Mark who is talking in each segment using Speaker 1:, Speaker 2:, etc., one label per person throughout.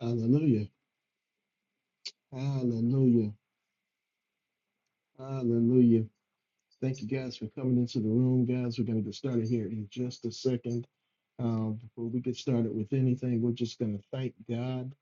Speaker 1: Hallelujah. Hallelujah. Hallelujah. Thank you guys for coming into the room, guys. We're going to get started here in just a second. Um, before we get started with anything, we're just going to thank God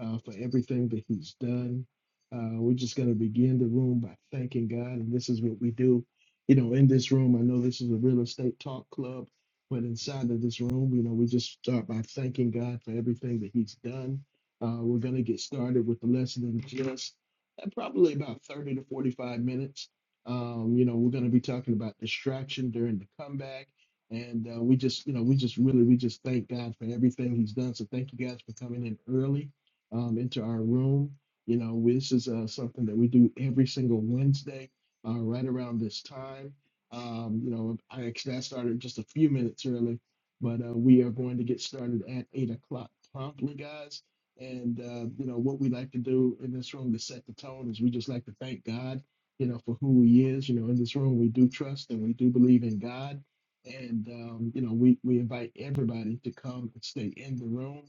Speaker 1: uh, for everything that He's done. Uh, we're just going to begin the room by thanking God, and this is what we do. You know, in this room, I know this is a real estate talk club, but inside of this room, you know, we just start by thanking God for everything that He's done. Uh, we're going to get started with the lesson in just uh, probably about 30 to 45 minutes. Um, you know, we're going to be talking about distraction during the comeback. And uh, we just, you know, we just really, we just thank God for everything He's done. So thank you guys for coming in early um, into our room. You know, we- this is uh, something that we do every single Wednesday uh, right around this time. Um, you know, I actually I started just a few minutes early, but uh, we are going to get started at eight o'clock promptly, guys. And uh, you know what we like to do in this room to set the tone is we just like to thank God you know, for who he is. You know, in this room, we do trust and we do believe in God. And, um, you know, we, we invite everybody to come and stay in the room.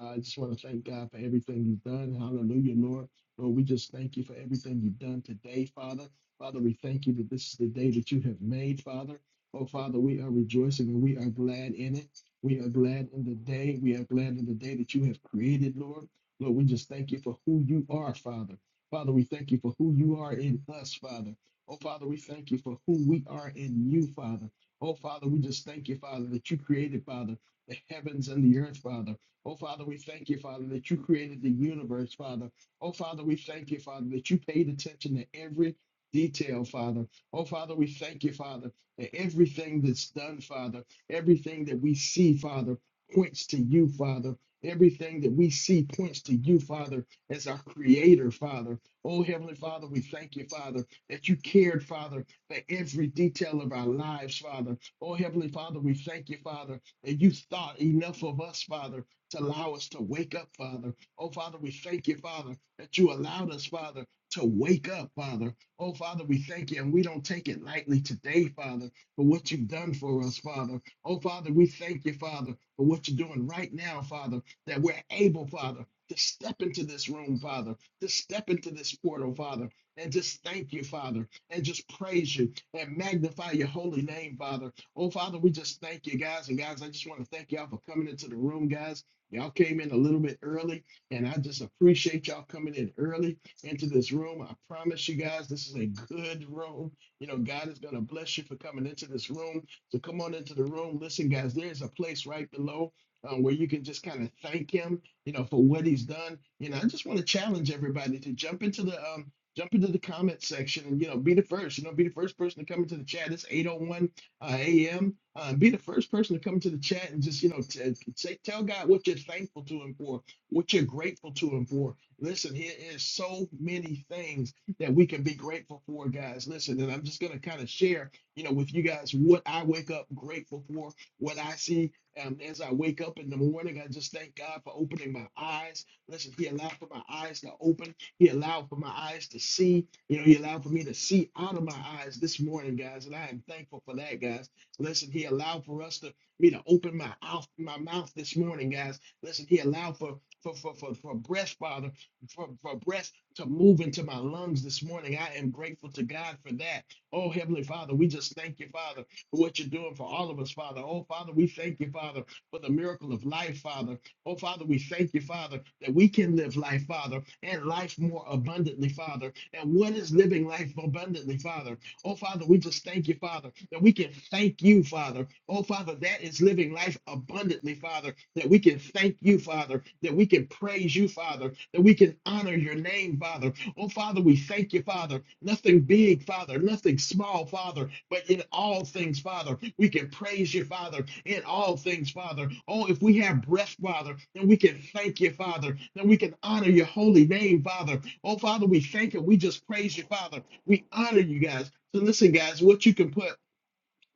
Speaker 1: Uh, I just want to thank God for everything you've done. Hallelujah, Lord. Lord, we just thank you for everything you've done today, Father. Father, we thank you that this is the day that you have made, Father. Oh, Father, we are rejoicing and we are glad in it. We are glad in the day. We are glad in the day that you have created, Lord. Lord, we just thank you for who you are, Father. Father, we thank you for who you are in us, Father. Oh, Father, we thank you for who we are in you, Father. Oh, Father, we just thank you, Father, that you created, Father, the heavens and the earth, Father. Oh, Father, we thank you, Father, that you created the universe, Father. Oh, Father, we thank you, Father, that you paid attention to every detail, Father. Oh, Father, we thank you, Father, that everything that's done, Father, everything that we see, Father, points to you, Father. Everything that we see points to you, Father, as our creator, Father. Oh, Heavenly Father, we thank you, Father, that you cared, Father, for every detail of our lives, Father. Oh, Heavenly Father, we thank you, Father, that you thought enough of us, Father, to allow us to wake up, Father. Oh, Father, we thank you, Father, that you allowed us, Father, to wake up, Father. Oh, Father, we thank you, and we don't take it lightly today, Father, for what you've done for us, Father. Oh, Father, we thank you, Father, for what you're doing right now, Father, that we're able, Father, to step into this room, Father just step into this portal, Father, and just thank you, Father, and just praise you and magnify your holy name, Father. Oh, Father, we just thank you, guys. And guys, I just want to thank y'all for coming into the room, guys. Y'all came in a little bit early, and I just appreciate y'all coming in early into this room. I promise you guys, this is a good room. You know, God is going to bless you for coming into this room. So come on into the room. Listen, guys, there's a place right below um, where you can just kind of thank Him you know, for what he's done. You know, I just want to challenge everybody to jump into the um jump into the comment section and you know be the first. You know, be the first person to come into the chat. It's 8:01 uh, a.m. Uh, be the first person to come into the chat and just you know t- say tell God what you're thankful to Him for, what you're grateful to Him for. Listen, here is so many things that we can be grateful for, guys. Listen, and I'm just gonna kind of share you know with you guys what I wake up grateful for, what I see um, as I wake up in the morning, I just thank God for opening my eyes. Listen, He allowed for my eyes to open. He allowed for my eyes to see. You know, He allowed for me to see out of my eyes this morning, guys, and I am thankful for that, guys. Listen, He allowed for us to me to open my mouth, my mouth this morning, guys. Listen, He allowed for for for for, for breath, Father, for, for breath to move into my lungs this morning. I am grateful to God for that. Oh, Heavenly Father, we just thank you, Father for what you're doing for all of us, Father. Oh, Father, we thank you, Father, for the miracle of life, Father. Oh, Father, we thank you, Father, that we can live life, Father, and life more abundantly, Father. And what is living life abundantly, Father? Oh, Father, we just thank you, Father, that we can thank you, Father. Oh, Father, that is living life abundantly, Father, that we can thank you, Father, that we can praise you, Father, that we can honor your name, Father. Oh, Father, we thank you, Father. Nothing big, Father, nothing small, Father. Father, but in all things, Father, we can praise you, Father, in all things, Father. Oh, if we have breath, Father, then we can thank you, Father. Then we can honor your holy name, Father. Oh, Father, we thank you. We just praise you, Father. We honor you guys. So listen, guys, what you can put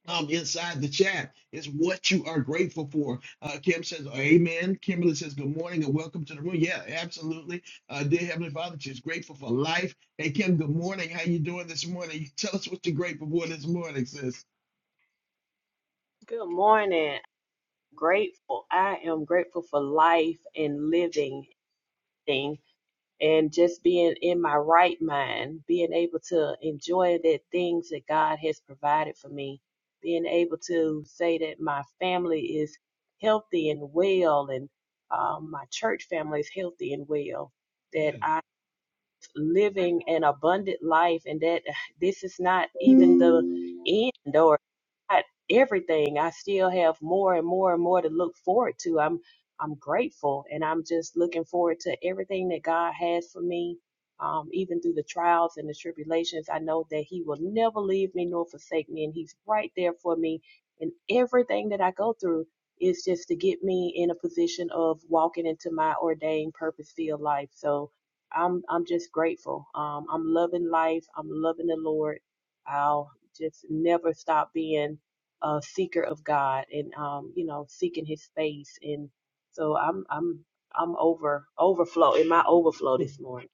Speaker 1: um, inside the chat. It's what you are grateful for. Uh, Kim says, Amen. Kimberly says, Good morning and welcome to the room. Yeah, absolutely. Uh, dear Heavenly Father, she's grateful for life. Hey, Kim, good morning. How you doing this morning? Tell us what you're grateful for this morning, sis.
Speaker 2: Good morning. Grateful. I am grateful for life and living thing and just being in my right mind, being able to enjoy the things that God has provided for me, being able to say that my family is healthy and well, and um, my church family is healthy and well, that
Speaker 1: Yeah.
Speaker 2: I'm living an abundant life, and that this is not even the end not everything. I still have more and more and more to look forward to. I'm I'm grateful and I'm just looking forward to everything that God has for me. Um, even through the trials and the tribulations, I know that He will never leave me nor forsake me, and He's right there for me. And everything that I go through is just to get me in a position of walking into my ordained purpose-filled life. So I'm I'm just grateful. Um, I'm loving life. I'm loving the Lord. I'll just never stop being a seeker of God and um, you know, seeking his face and so I'm I'm I'm over overflow in my overflow this morning.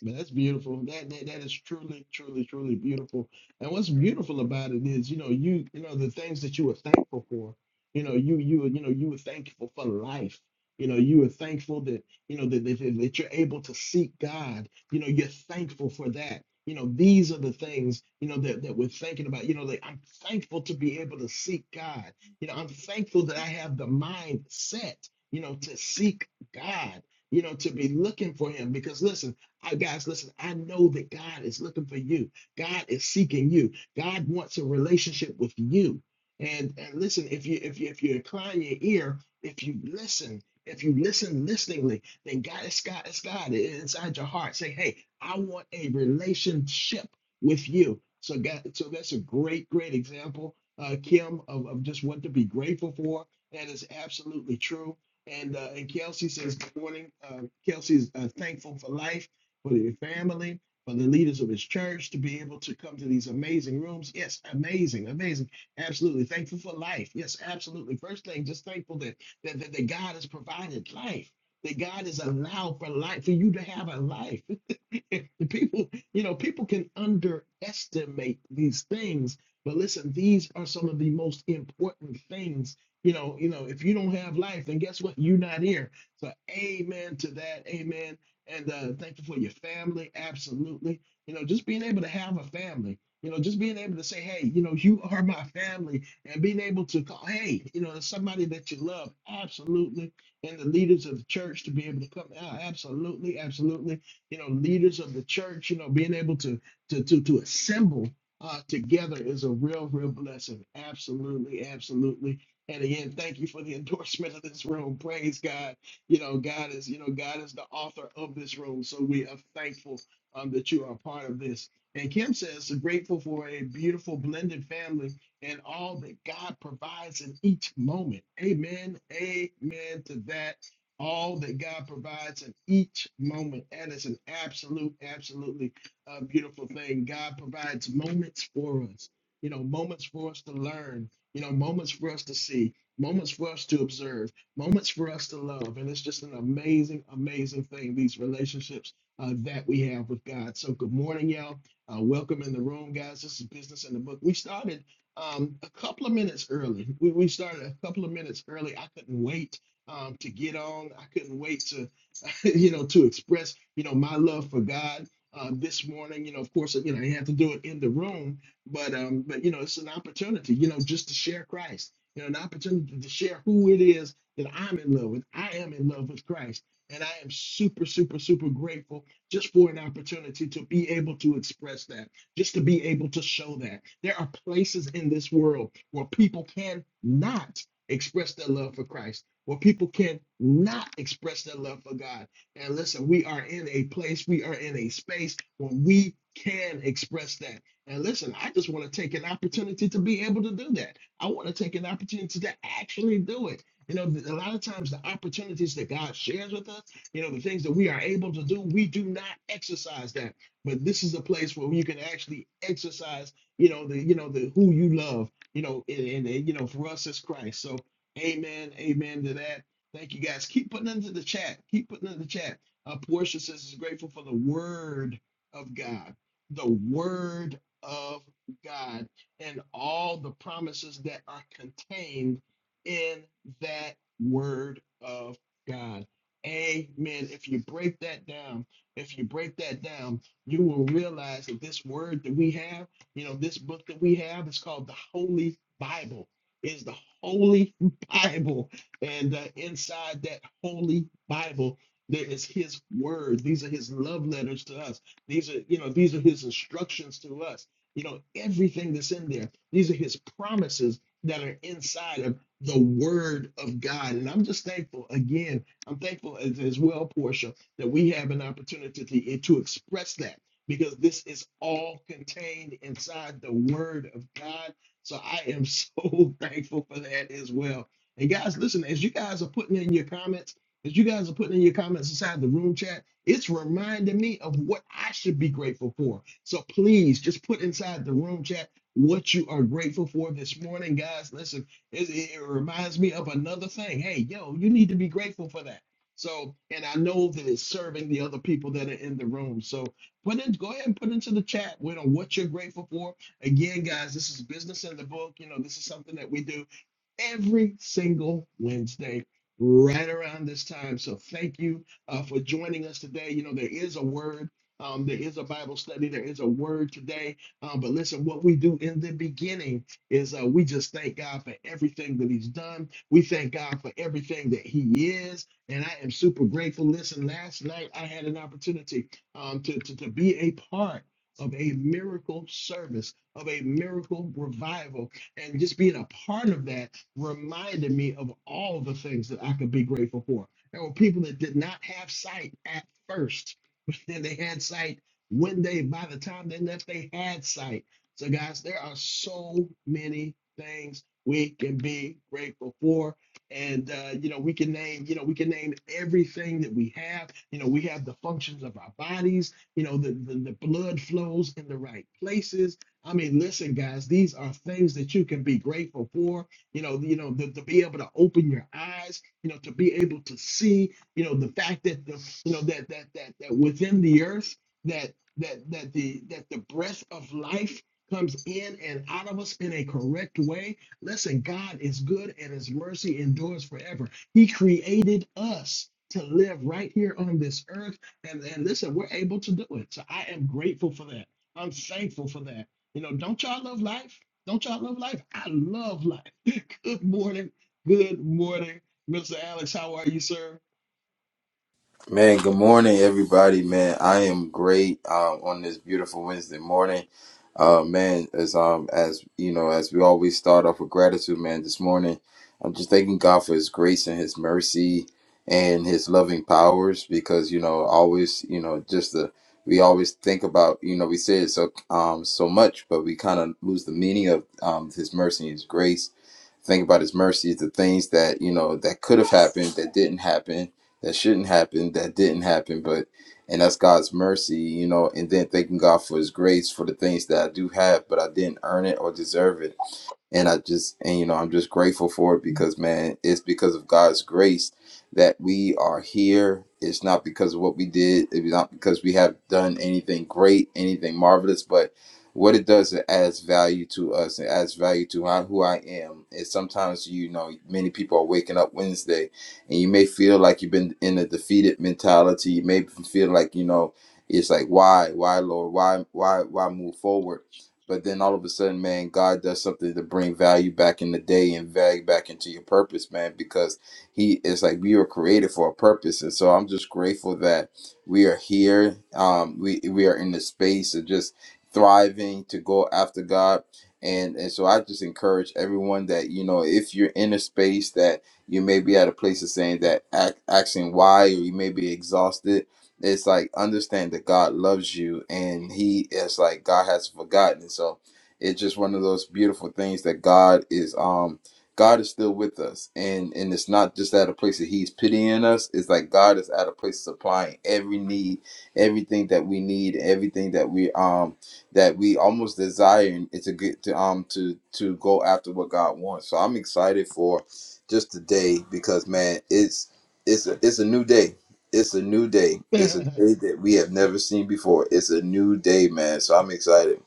Speaker 1: Man, that's beautiful. That, that that is truly, truly, truly beautiful. And what's beautiful about it is, you know, you you know the things that you were thankful for. You know, you you you know you were thankful for life. You know, you were thankful that you know that that, that you're able to seek God. You know, you're thankful for that. You know, these are the things you know that that we're thinking about. You know, like I'm thankful to be able to seek God. You know, I'm thankful that I have the mindset. You know, to seek God. You know, to be looking for Him because listen. I, guys, listen, I know that God is looking for you. God is seeking you. God wants a relationship with you. And, and listen, if you if you if you incline your ear, if you listen, if you listen listeningly, then God is God is God inside your heart. Say, hey, I want a relationship with you. So God, so that's a great, great example, uh, Kim, of, of just what to be grateful for. That is absolutely true. And uh, and Kelsey says, good morning. Uh, Kelsey's uh, thankful for life for your family, for the leaders of his church to be able to come to these amazing rooms. Yes, amazing, amazing. Absolutely. Thankful for life. Yes, absolutely. First thing, just thankful that that, that, that God has provided life, that God has allowed for life, for you to have a life. people, you know, people can underestimate these things, but listen, these are some of the most important things. You know, you know, if you don't have life, then guess what? You're not here. So, amen to that. Amen. And uh, thank you for your family. Absolutely. You know, just being able to have a family. You know, just being able to say, hey, you know, you are my family, and being able to call, hey, you know, there's somebody that you love. Absolutely and the leaders of the church to be able to come out. Absolutely, absolutely you know, leaders of the church, you know, being able to to to to assemble uh, together is a real, real blessing. Absolutely, absolutely. And again, thank you for the endorsement of this room. Praise God. You know, God is, you know, God is the author of this room. So we are thankful um, that you are a part of this. And Kim says, "So grateful for a beautiful blended family and all that God provides in each moment. Amen. Amen to that all that God provides in each moment. And it's an absolute, absolutely uh, beautiful thing. God provides moments for us, you know, moments for us to learn, you know, moments for us to see, moments for us to observe, moments for us to love. And it's just an amazing, amazing thing, these relationships uh, that we have with God. So, good morning, y'all. Uh, welcome in the room, guys. This is Business in the Book. We started um, a couple of minutes early. We, we started a couple of minutes early. I couldn't wait um, to get on. I couldn't wait to you know, to express, you know, my love for God uh, this morning. You know, of course, you know, you have to do it in the room, but um, but you know, it's an opportunity, you know, just to share Christ. You know, an opportunity to share who it is that I'm in love with. I am in love with Christ, and I am super, super, super grateful just for an opportunity to be able to express that, just to be able to show that. There are places in this world where people cannot express their love for Christ, where people cannot express their love for God and listen, we are in a place, we are in a space where we can express that. And listen, I just want to take an opportunity to be able to do that. I want to take an opportunity to actually do it. You know, a lot of times the opportunities that God shares with us, you know, the things that we are able to do, we do not exercise that. But this is a place where you can actually exercise, you know, the, you know, the who you love, you know, and, and, and you know, for us it's Christ. So amen, amen to that. Thank you guys. Keep putting into the chat. Keep putting into the chat. Uh, Portia says is grateful for the word of God, the word of God, and all the promises that are contained in that word of God. Amen. If you break that down, if you break that down, you will realize that this word that we have, you know, this book that we have is called the Holy Bible. Is the Holy Bible and uh, inside that holy Bible, there is his word. These are his love letters to us. These are, you know, these are his instructions to us. You know, everything that's in there. These are his promises that are inside of the word of God. And I'm just thankful again. I'm thankful as, as well, Portia, that we have an opportunity to, to express that because this is all contained inside the word of God. So I am so thankful for that as well. And guys, listen, as you guys are putting in your comments, as you guys are putting in your comments inside the room chat, it's reminding me of what I should be grateful for. So please just put inside the room chat what you are grateful for this morning, guys. Listen, it, it reminds me of another thing. Hey, yo, you need to be grateful for that. So, and I know that it's serving the other people that are in the room. So put in, go ahead and put into the chat, you know, what you're grateful for. Again, guys, this is business in the book. You know, this is something that we do every single Wednesday right around this time. So thank you uh, for joining us today. You know, there is a word. Um, there is a Bible study. There is a word today. Um, but listen, what we do in the beginning is uh, we just thank God for everything that He's done. We thank God for everything that He is. And I am super grateful. Listen, last night I had an opportunity um, to, to, to be a part of a miracle service, of a miracle revival and just being a part of that reminded me of all the things that I could be grateful for. There were people that did not have sight at first, but then they had sight when they, by the time they left, they had sight. So, guys, there are so many things we can be grateful for. And uh, you know, we can name, you know, we can name everything that we have. You know, we have the functions of our bodies, you know, the, the, the blood flows in the right places I mean, listen, guys, these are things that you can be grateful for. You know, you know, to, to be able to open your eyes, you know, to be able to see, you know, the fact that the, you know, that that that that within the earth, that that that the that the breath of life comes in and out of us in a correct way. Listen, God is good and his mercy endures forever. He created us to live right here on this earth. And and listen, we're able to do it. So I am grateful for that. I'm thankful for that. You know, don't y'all love life? Don't y'all love life? I love life. Good morning. Good morning, Mr. Alex. How are you, sir?
Speaker 3: Man, good morning, everybody. Man, I am great um, on this beautiful Wednesday morning. Uh, man, as um as you know, as we always start off with gratitude, man. This morning, I'm just thanking God for His grace and His mercy and His loving powers, because you know, always you know, just the we always think about you know, we say it so um so much, but we kind of lose the meaning of um His mercy and His grace think about his mercies, the things that, you know, that could have happened, that didn't happen, that shouldn't happen, that didn't happen, but and that's God's mercy, you know, and then thanking God for his grace for the things that I do have, but I didn't earn it or deserve it and I just and you know I'm just grateful for it because man, it's because of God's grace that we are here. It's not because of what we did. It's not because we have done anything great, anything marvelous, but what it does it adds value to us. It adds value to I- who I am. It's sometimes you know many people are waking up Wednesday, and you may feel like you've been in a defeated mentality. You may feel like you know it's like why, why Lord, why, why, why move forward but then all of a sudden, man, God does something to bring value back in the day and value back into your purpose, man, because He is like we were created for a purpose. And so I'm just grateful that we are here. Um, we we are in the space of just thriving to go after God. And and so I just encourage everyone that, you know, if you're in a space that you may be at a place of saying that act, asking why or you may be exhausted it's like understand that God loves you and he is like God has forgotten. So it's just one of those beautiful things that God is um God is still with us and and it's not just at a place that he's pitying us, it's like God is at a place supplying every need, everything that we need, everything that we um that we almost desire and it's a good to um to to go after what God wants. So I'm excited for just today because man it's it's a, it's a new day it's a new day. It's a day that we have never seen before. It's a new day, man. So I'm excited.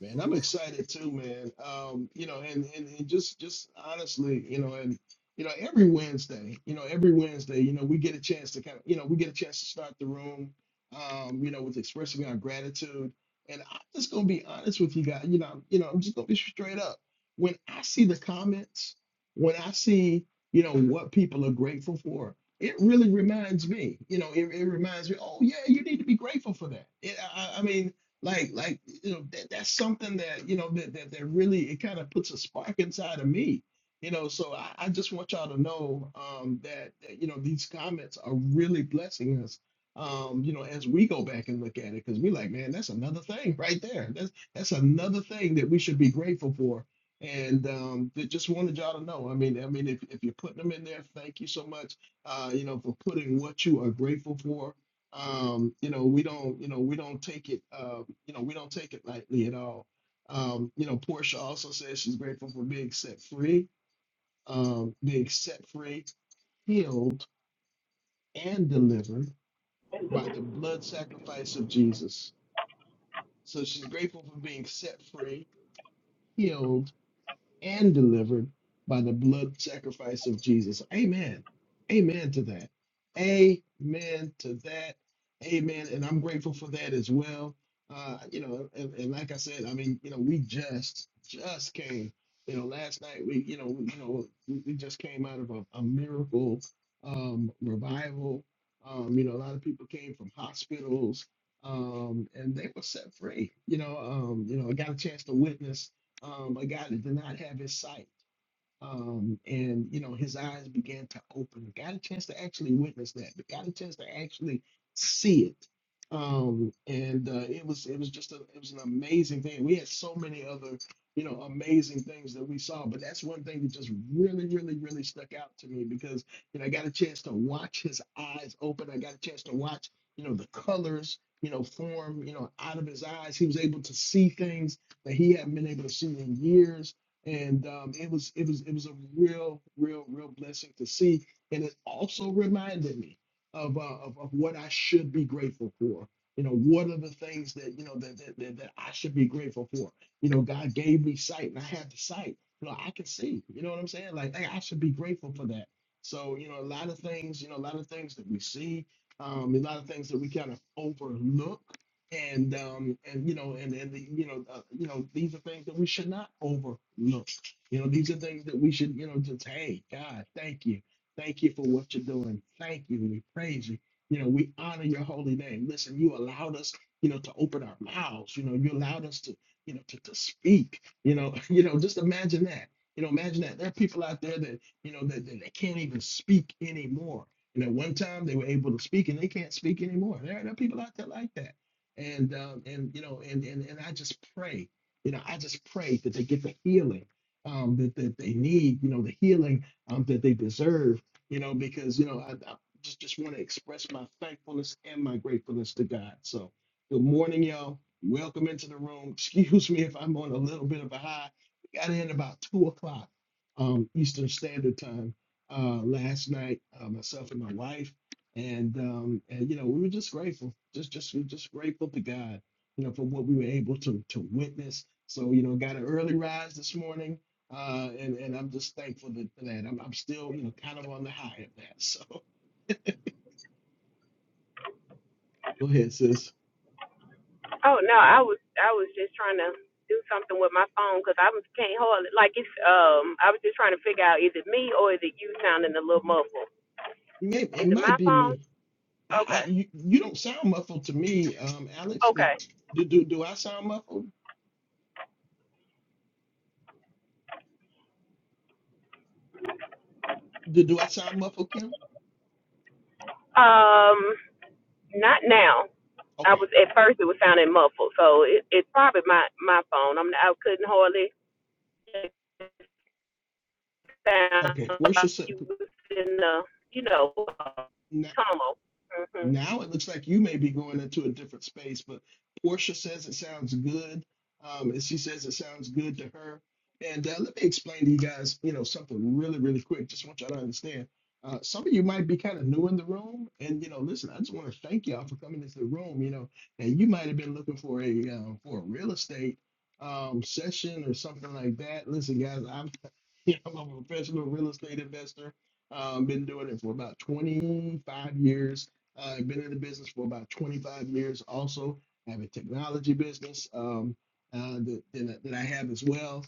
Speaker 1: Man, I'm excited too, man. Um, you know, and, and and just just honestly, you know, and you know, every Wednesday, you know, every Wednesday, you know, we get a chance to kind of, you know, we get a chance to start the room, um, you know, with expressing our gratitude. And I'm just gonna be honest with you guys, you know, you know, I'm just gonna be straight up. When I see the comments, when I see, you know, what people are grateful for, it really reminds me, you know, it, it reminds me, oh yeah, you need to be grateful for that. It, I, I I mean, like like you know that, that's something that you know that, that, that really it kind of puts a spark inside of me you know so i, I just want y'all to know um that, that you know these comments are really blessing us um you know as we go back and look at it because we like man that's another thing right there that's that's another thing that we should be grateful for and um that just wanted y'all to know i mean i mean if, if you're putting them in there thank you so much uh you know for putting what you are grateful for um, you know, we don't, you know, we don't take it. um you know, we don't take it lightly at all. Um, you know, Portia also says she's grateful for being set free, um, being set free, healed, and delivered by the blood sacrifice of Jesus. So she's grateful for being set free, healed, and delivered by the blood sacrifice of Jesus. Amen. Amen to that. Amen to that. Amen. And I'm grateful for that as well. Uh, you know, and, and like I said, I mean, you know, we just just came. You know, last night we, you know, we, you know, we, we just came out of a, a miracle um, revival. Um, you know, a lot of people came from hospitals, um, and they were set free. You know, um, you know, I got a chance to witness um, a guy that did not have his sight. Um, and you know, his eyes began to open. Got a chance to actually witness that. but Got a chance to actually see it. Um, and uh, it was it was just a it was an amazing thing. We had so many other you know amazing things that we saw, but that's one thing that just really really really stuck out to me because you know I got a chance to watch his eyes open. I got a chance to watch you know the colors you know form you know out of his eyes. He was able to see things that he hadn't been able to see in years and um, it was it was it was a real real real blessing to see and it also reminded me of, uh, of of what i should be grateful for you know what are the things that you know that that, that that i should be grateful for you know god gave me sight and i have the sight you know i can see you know what i'm saying like hey, i should be grateful for that so you know a lot of things you know a lot of things that we see um, a lot of things that we kind of overlook and um and you know and and the, you know uh, you know these are things that we should not overlook you know these are things that we should you know just hey god thank you thank you for what you're doing thank you we praise you you know we honor your holy name listen you allowed us you know to open our mouths you know you allowed us to you know to, to speak you know you know just imagine that you know imagine that there are people out there that you know that, that they can't even speak anymore and at one time they were able to speak and they can't speak anymore there, there are people out there like that and um, and you know and, and and I just pray you know I just pray that they get the healing um, that that they need you know the healing um, that they deserve you know because you know I, I just just want to express my thankfulness and my gratefulness to God so good morning y'all welcome into the room excuse me if I'm on a little bit of a high we got in about two o'clock um, Eastern Standard Time uh, last night uh, myself and my wife and um and you know we were just grateful just just we just grateful to god you know for what we were able to to witness so you know got an early rise this morning uh and and i'm just thankful that, for that I'm, I'm still you know kind of on the high of that so go ahead sis
Speaker 2: Oh no, I was I was just trying to do something with my phone because I was can't hold it. Like it's um, I was just trying to figure out is it me or is it you sounding a little muffled?
Speaker 1: May it
Speaker 2: Is it my
Speaker 1: might be
Speaker 2: phone?
Speaker 1: me i
Speaker 2: Okay,
Speaker 1: i you, you don't sound muffled to me um alex do
Speaker 2: okay.
Speaker 1: do, do, do i sound muffled do, do i sound muffled kim
Speaker 2: Um, not now. I
Speaker 1: okay
Speaker 2: was at first it was sounding muffled, so it, it's probably my my phone. I'm I couldn't hardly. found
Speaker 1: okay
Speaker 2: like you
Speaker 1: worship
Speaker 2: was in the, you know,
Speaker 1: Now it looks like you may be going into a different space, but Portia says it sounds good. Um, and she says it sounds good to her. And uh, let me explain to you guys, you know, something really, really quick. Just want y'all to understand. Uh, some of you might be kind of new in the room, and you know, listen, I just want to thank y'all for coming into the room. You know, and you might have been looking for a uh, for a real estate um, session or something like that. Listen, guys, I'm you know, I'm a professional real estate investor. Um, been doing it for about 25 years. Uh, I've been in the business for about 25 years. Also, I have a technology business um, uh, that, that, that I have as well.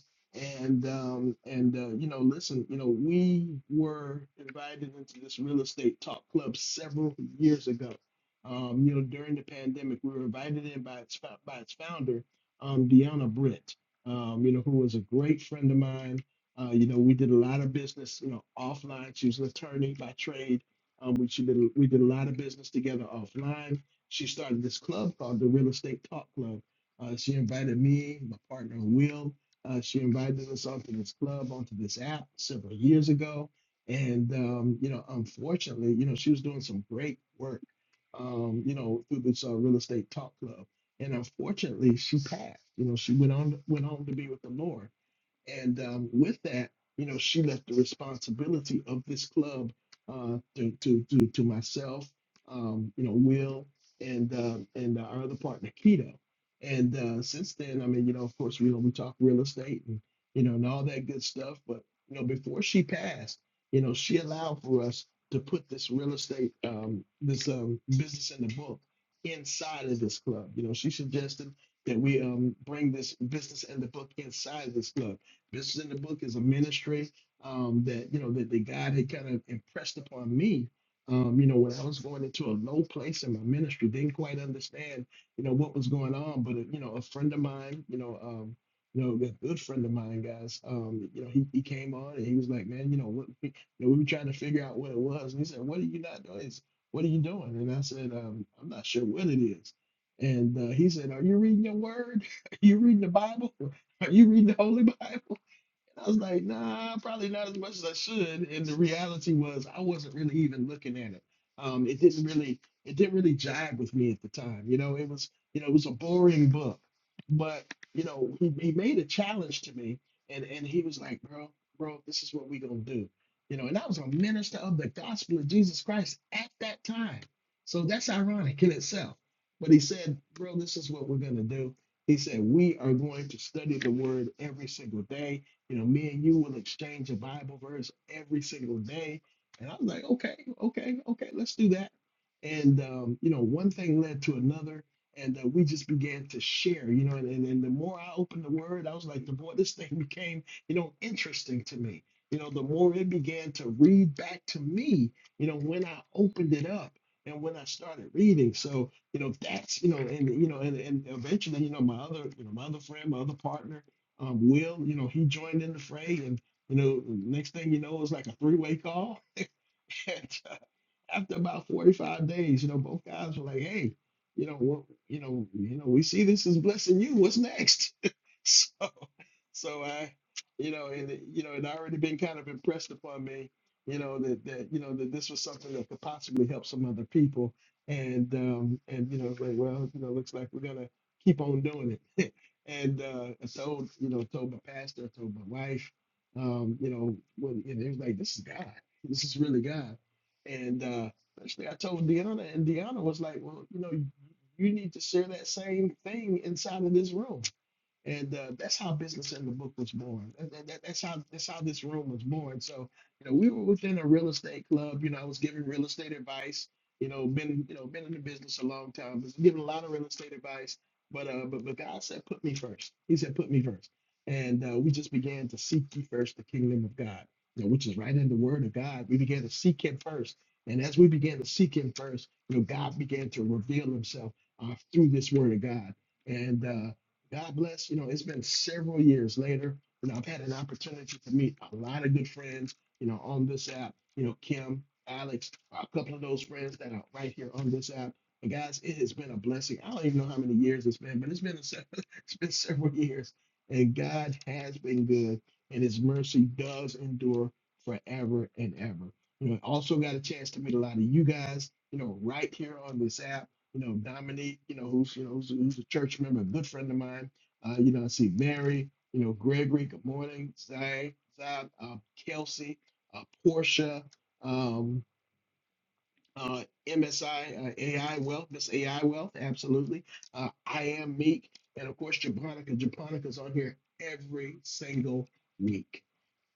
Speaker 1: And um, and uh, you know, listen, you know, we were invited into this real estate talk club several years ago. Um, you know, during the pandemic, we were invited in by its fou- by its founder, um, Deanna Britt. Um, you know, who was a great friend of mine. Uh, you know, we did a lot of business, you know, offline. She was an attorney by trade um, we she did a- we did a lot of business together offline. She started this club called the Real Estate Talk Club. Uh, she invited me, my partner Will. Uh, she invited us onto this club, onto this app several years ago. And um, you know, unfortunately, you know, she was doing some great work, um, you know, through this uh, Real Estate Talk Club. And unfortunately, she passed. You know, she went on went on to be with the Lord. And um, with that, you know, she left the responsibility of this club uh, to, to to to myself, um, you know, Will, and um, and our other partner Keto. And uh, since then, I mean, you know, of course, we know we talk real estate and you know and all that good stuff. But you know, before she passed, you know, she allowed for us to put this real estate, um, this um, business in the book inside of this club. You know, she suggested that we um, bring this business and the book inside this club Business in the book is a ministry um, that you know that, that God had kind of impressed upon me. Um, you know, when I was going into a low place in my ministry, didn't quite understand, you know, what was going on. But you know, a friend of mine, you know, um, you know, a good friend of mine, guys, um, you know, he, he came on and he was like, man, you know, what, you know, we were trying to figure out what it was. And he said, what are you not doing? It's- What are you doing? And I said, um, I'm not sure what it is. And uh, he said, Are you reading your word? Are you reading the Bible? Are you reading the Holy Bible? I was like, nah, probably not as much as I should. And the reality was I wasn't really even looking at it. Um, it didn't really it didn't really jive with me at the time. You know, it was you know, it was a boring book. But, you know, he, he made a challenge to me and, and he was like, Bro, bro, this is what we gonna do. You know, and I was a minister of the gospel of Jesus Christ at that time. So that's ironic in itself. But he said, Bro, this is what we're gonna do. He said, We are going to study the word every single day you know, me and you will exchange a Bible verse every single day. And I'm like, okay, okay, okay, let's do that. And, um, you know, one thing led to another. And uh, we just began to share, you know, and, and, and the more I opened the word, I was like, the more this thing became, you know, interesting to me. You know, the more it began to read back to me, you know, when I opened it up and when I started reading. So, you know, that's, you know, and, you know, and, and eventually, you know, my other, you know, my other friend, my other partner, um, Will, you know, he joined in the fray, and you know, next thing you know, it's like a three-way call. And uh, after about 45 days, you know, both guys were like, "Hey, you know, what, you know, you know, we see this is blessing you. What's next?" So so I, you know, and it- you know, it had already been kind of impressed upon me, you know, that that you know that this was something that could possibly help some other people, and um, and you know, it's like, well, you know, looks like we're gonna keep on doing it. and uh, I told you know, told my pastor, I told my wife, um, you know, when and it was like, this is God, this is really God, and uh, actually, I told Deanna, and Deanna was like, well, you know, you need to share that same thing inside of this room and uh, that's how business in the book was born. That, that, that- that's how that's how this room was born. So you know, we were within a real estate club. You know, I was giving real estate advice. You know, been you know been in the business a long time, was giving a lot of real estate advice. But uh, but but God said, put me first. He said, put me first, and uh, we just began to seek ye first the kingdom of God, you know, which is right in the Word of God. We began to seek Him first, and as we began to seek Him first, you know, God began to reveal Himself uh, through this Word of God, and. Uh, God bless. You know, it's been several years later. You know, I've had an opportunity to meet a lot of good friends, you know, on this app, you know, Kim, Alex, a couple of those friends that are right here on this app. And guys, it has been a blessing. I don't even know how many years it's been, but it's been a, se- it's been several years. And God has been good, and his mercy does endure forever and ever. You know, I also got a chance to meet a lot of you guys, you know, right here on this app you know, Dominique, you know, who's you know who's, who's a church member, a good friend of mine. Uh, you know, I see Mary, you know, Gregory, good morning, Zay, Zab, uh, Kelsey, uh, Portia, um, uh, MSI, uh, AI Wealth, Miss AI Wealth, absolutely. Uh, I am Meek, and of course, Japonica. Japonica's on here every single week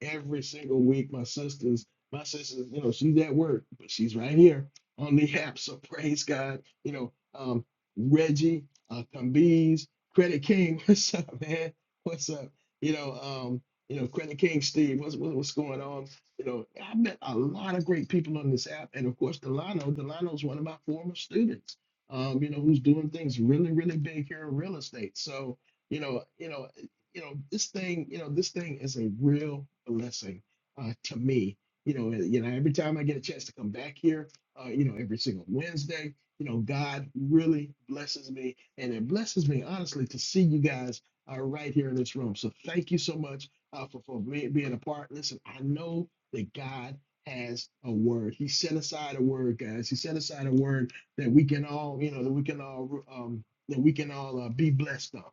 Speaker 1: every single week. My sisters, my sisters, you know, she's at work, but she's right here on the app. So praise God. You know, um, Reggie, uh, Kambiz, Credit King, what's up, man? What's up? You know, um, you know, Credit King, Steve, what's what, what's going on? You know, I met a lot of great people on this app, and of course, Delano. Delano's one of my former students. Um, you know, who's doing things really, really big here in real estate. So, you know, you know you know, this thing, you know, this thing is a real blessing uh, to me. You know, and, you know, every time I get a chance to come back here, uh, you know, every single Wednesday, you know, God really blesses me, and it blesses me honestly to see you guys uh, right here in this room. So thank you so much uh, for for be- being a part. Listen, I know that God has a word. He set aside a word, guys. He set aside a word that we can all, you know, that we can all um, that we can all uh, be blessed on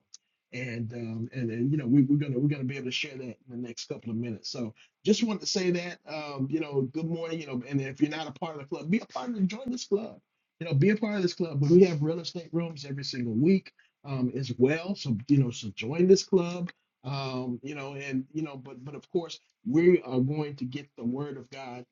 Speaker 1: and um, and and you know we, we're gonna we're gonna be able to share that in the next couple of minutes. So just wanted to say that um, you know good morning you know and if you're not a part of the club, be a part of the join this club. You know be a part of this club. But we have real estate rooms every single week um, as well. So you know so join this club. Um, you know and you know but but of course we are going to get the word of God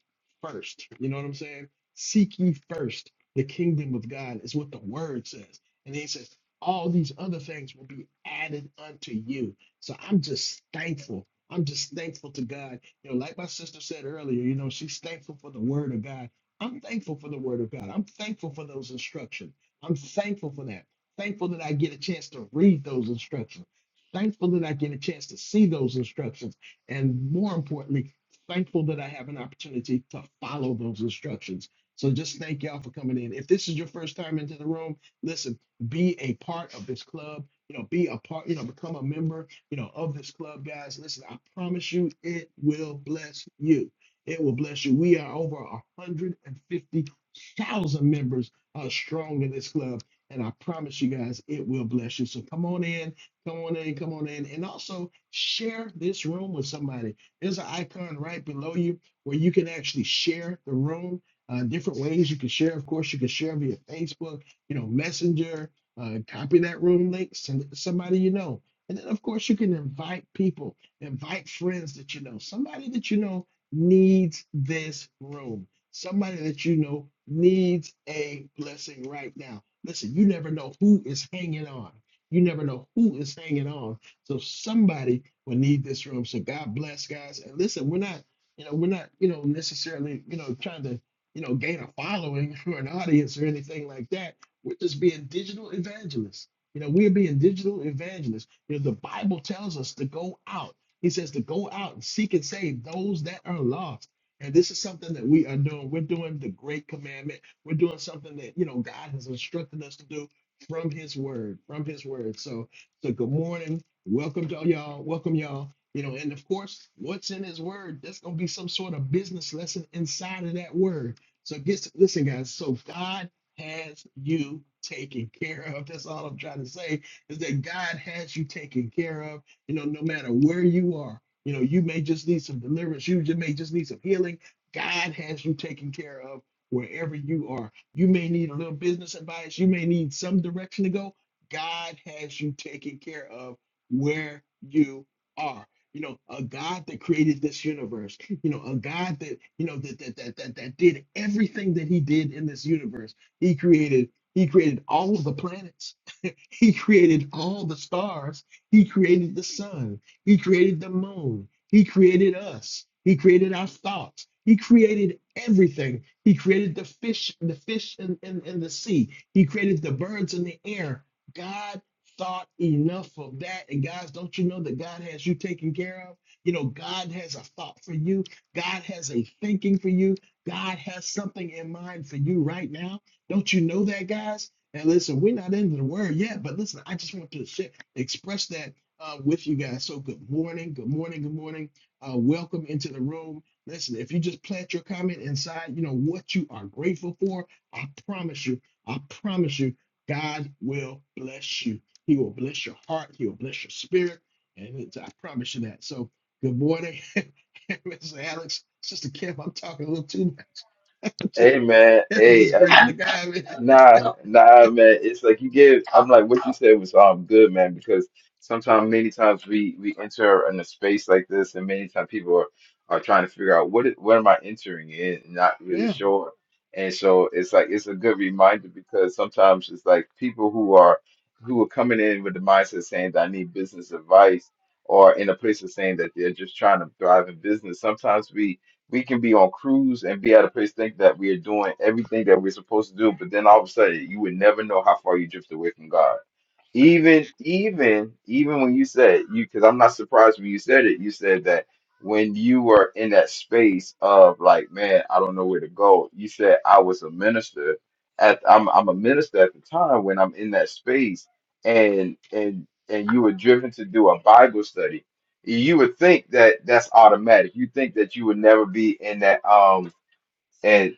Speaker 1: first. You know what I'm saying? Seek ye first the kingdom of God is what the word says. And then he says, all these other things will be added unto you. So I'm just thankful. I'm just thankful to God. You know, like my sister said earlier, you know, she's thankful for the word of God. I'm thankful for the word of God. I'm thankful for those instructions. I'm thankful for that. Thankful that I get a chance to read those instructions. Thankful that I get a chance to see those instructions. And more importantly, thankful that I have an opportunity to follow those instructions. So just thank y'all for coming in. If this is your first time into the room, listen be a part of this club. You know, be a part, you know, become a member, you know, of this club, guys. Listen, I promise you, it will bless you. It will bless you. We are over 150,000 members uh, strong in this club. And I promise you guys, it will bless you. So come on in, come on in, come on in. And also share this room with somebody. There's an icon right below you where you can actually share the room. Uh, different ways you can share. Of course, you can share via Facebook, you know, Messenger. Uh, copy that room link, send it to somebody you know. And then, of course, you can invite people, invite friends that you know. Somebody that you know needs this room. Somebody that you know needs a blessing right now. Listen, you never know who is hanging on. You never know who is hanging on. So somebody will need this room. So God bless, guys. And listen, we're not, you know, we're not, you know, necessarily, you know, trying to, you know, gain a following or an audience or anything like that we're just being digital evangelists. You know, we're being digital evangelists. You know, the Bible tells us to go out. He says to go out and seek and save those that are lost. And this is something that we are doing. We're doing the great commandment. We're doing something that, you know, God has instructed us to do from his word, from his word. So, so good morning. Welcome to all y'all. Welcome y'all. You know, and of course, what's in his word, there's going to be some sort of business lesson inside of that word. So, get, listen, guys. So, God has you taken care of. That's all I'm trying to say is that God has you taken care of. You know, no matter where you are, you know, you may just need some deliverance. You just may just need some healing. God has you taken care of wherever you are. You may need a little business advice. You may need some direction to go. God has you taken care of where you are. You know, a God that created this universe. You know, a God that you know that that that that, that did everything that He did in this universe he created he created all of the planets. He created all the stars. He created the sun. He created the moon. He created us. He created our thoughts. He created everything. He created the fish, the fish in, in, in the sea. He created the birds in the air. God thought enough of that. And guys, don't you know that God has you taken care of? You know, God has a thought for you. God has a thinking for you. God has something in mind for you right now. Don't you know that, guys? And listen, we're not into the word yet, but listen, I just want to share, express that uh, with you guys. So, good morning, good morning, good morning. Uh, welcome into the room. Listen, if you just plant your comment inside, you know what you are grateful for. I promise you, I promise you, God will bless you. He will bless your heart. He will bless your spirit, and it's, I promise you that. So, good morning, Mr. Alex, Sister Kim. I'm talking a little too much. I'm just,
Speaker 3: Hey man,
Speaker 1: I'm
Speaker 3: hey,
Speaker 1: just
Speaker 3: uh,
Speaker 1: grateful to God, man.
Speaker 3: Nah, nah, man. It's like you get. I'm like what you said was um good, man. Because sometimes, many times we we enter in a space like this, and many times people are are trying to figure out what is, what am I entering in, and not really
Speaker 1: Yeah.
Speaker 3: sure. And so it's like it's a good reminder because sometimes it's like people who are who are coming in with the mindset saying that I need business advice, or in a place of saying that they're just trying to thrive in business. Sometimes we we can be on cruise and be at a place think that we are doing everything that we're supposed to do, but then all of a sudden you would never know how far you drift away from God. Even even even when you said you because I'm not surprised when you said it, you said that when you were in that space of like, man, I don't know where to go, you said I was a minister at I'm I'm a minister at the time when I'm in that space and and and you were driven to do a Bible study you would think that that's automatic. You think that you would never be in that um and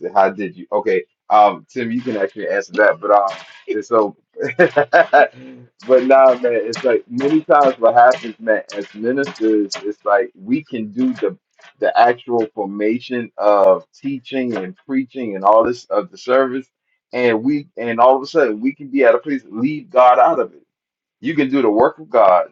Speaker 3: so how did you okay um Tim you can actually answer that but um it's so but nah man it's like many times what happens man as ministers it's like we can do the the actual formation of teaching and preaching and all this of the service and we and all of a sudden we can be at a place leave God out of it. You can do the work of God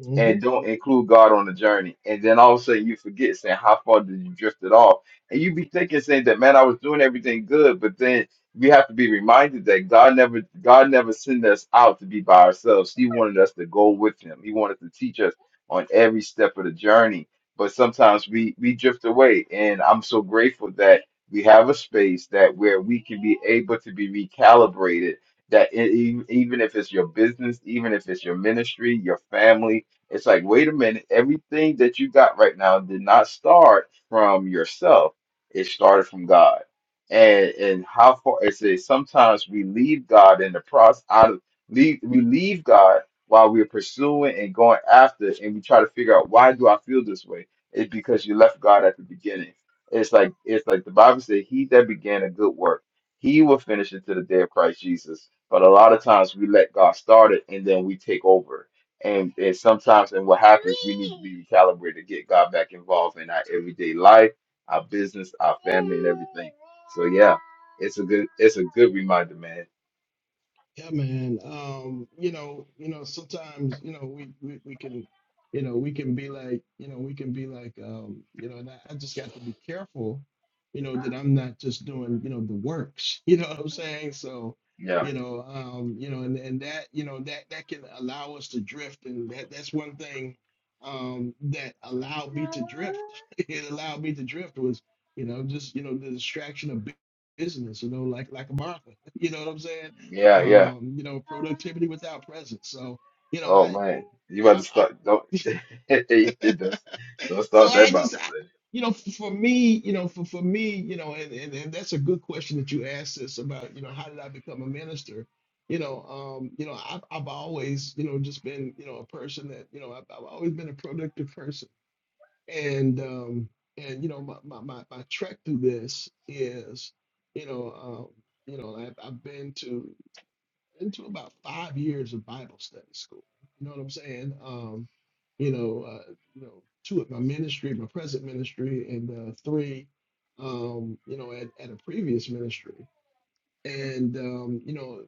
Speaker 1: Mm-hmm.
Speaker 3: and don't include God on the journey. And then all of a sudden you forget saying, How far did you drift it off? And you be thinking saying that man, I was doing everything good, but then we have to be reminded that God never God never sent us out to be by ourselves. He wanted us to go with him. He wanted to teach us on every step of the journey. But sometimes we we drift away. And I'm so grateful that we have a space that where we can be able to be recalibrated. That e- e- even if it's your business, even if it's your ministry, your family, it's like, wait a minute, everything that you got right now did not start from yourself. It started from God. And and how far it says sometimes we leave God in the process out of leave we leave God while we're pursuing and going after it, and we try to figure out why do I feel this way? It's because you left God at the beginning. It's like it's like the Bible said, He that began a good work, he will finish it to the day of Christ Jesus. But a lot of times we let God start it and then we take over and, and sometimes, and what happens, we need to be recalibrated to get God back involved in our everyday life, our business, our family, and everything. So yeah, it's a good, it's a good reminder, man.
Speaker 1: Yeah, man. Um, you know, you know, sometimes, you know, we, we, we can, you know, we can be like, you know, we can be like, um, you know, and I, I just got to be careful, you know, that I'm not just doing, you know, the works, you know what I'm saying? So,
Speaker 3: Yeah,
Speaker 1: you know, um, you know, and, and that, you know, that, that can allow us to drift. And that, that's one thing, um, that allowed me to drift. It allowed me to drift was, you know, just, you know, the distraction of bu- business, you know, like, like Martha, you know what I'm saying?
Speaker 3: yeah, yeah.
Speaker 1: um, you know, productivity without presence. So, you know, I,
Speaker 3: Oh man, you
Speaker 1: yeah,
Speaker 3: about to
Speaker 1: I, I
Speaker 3: start? Don't, don't, don't
Speaker 1: so
Speaker 3: start
Speaker 1: I
Speaker 3: that
Speaker 1: just,
Speaker 3: Bible
Speaker 1: I, you know, f- for me, you know, for, for me, you know, and, and, and that's a good question that you asked us about, you know, how did I become a minister? You know, um, you know, I've, I've always, you know, just been, you know, a person that, you know, I've, I've always been a productive person. And, um, and, you know, my, my, my, my trek through this is, you know, um, you know, I've, I've been to, into about five years of Bible study school. You know what I'm saying? Um, you know, uh, you know, two at my ministry, my present ministry, and uh, three, um, you know, at, at a previous ministry. And um, you know,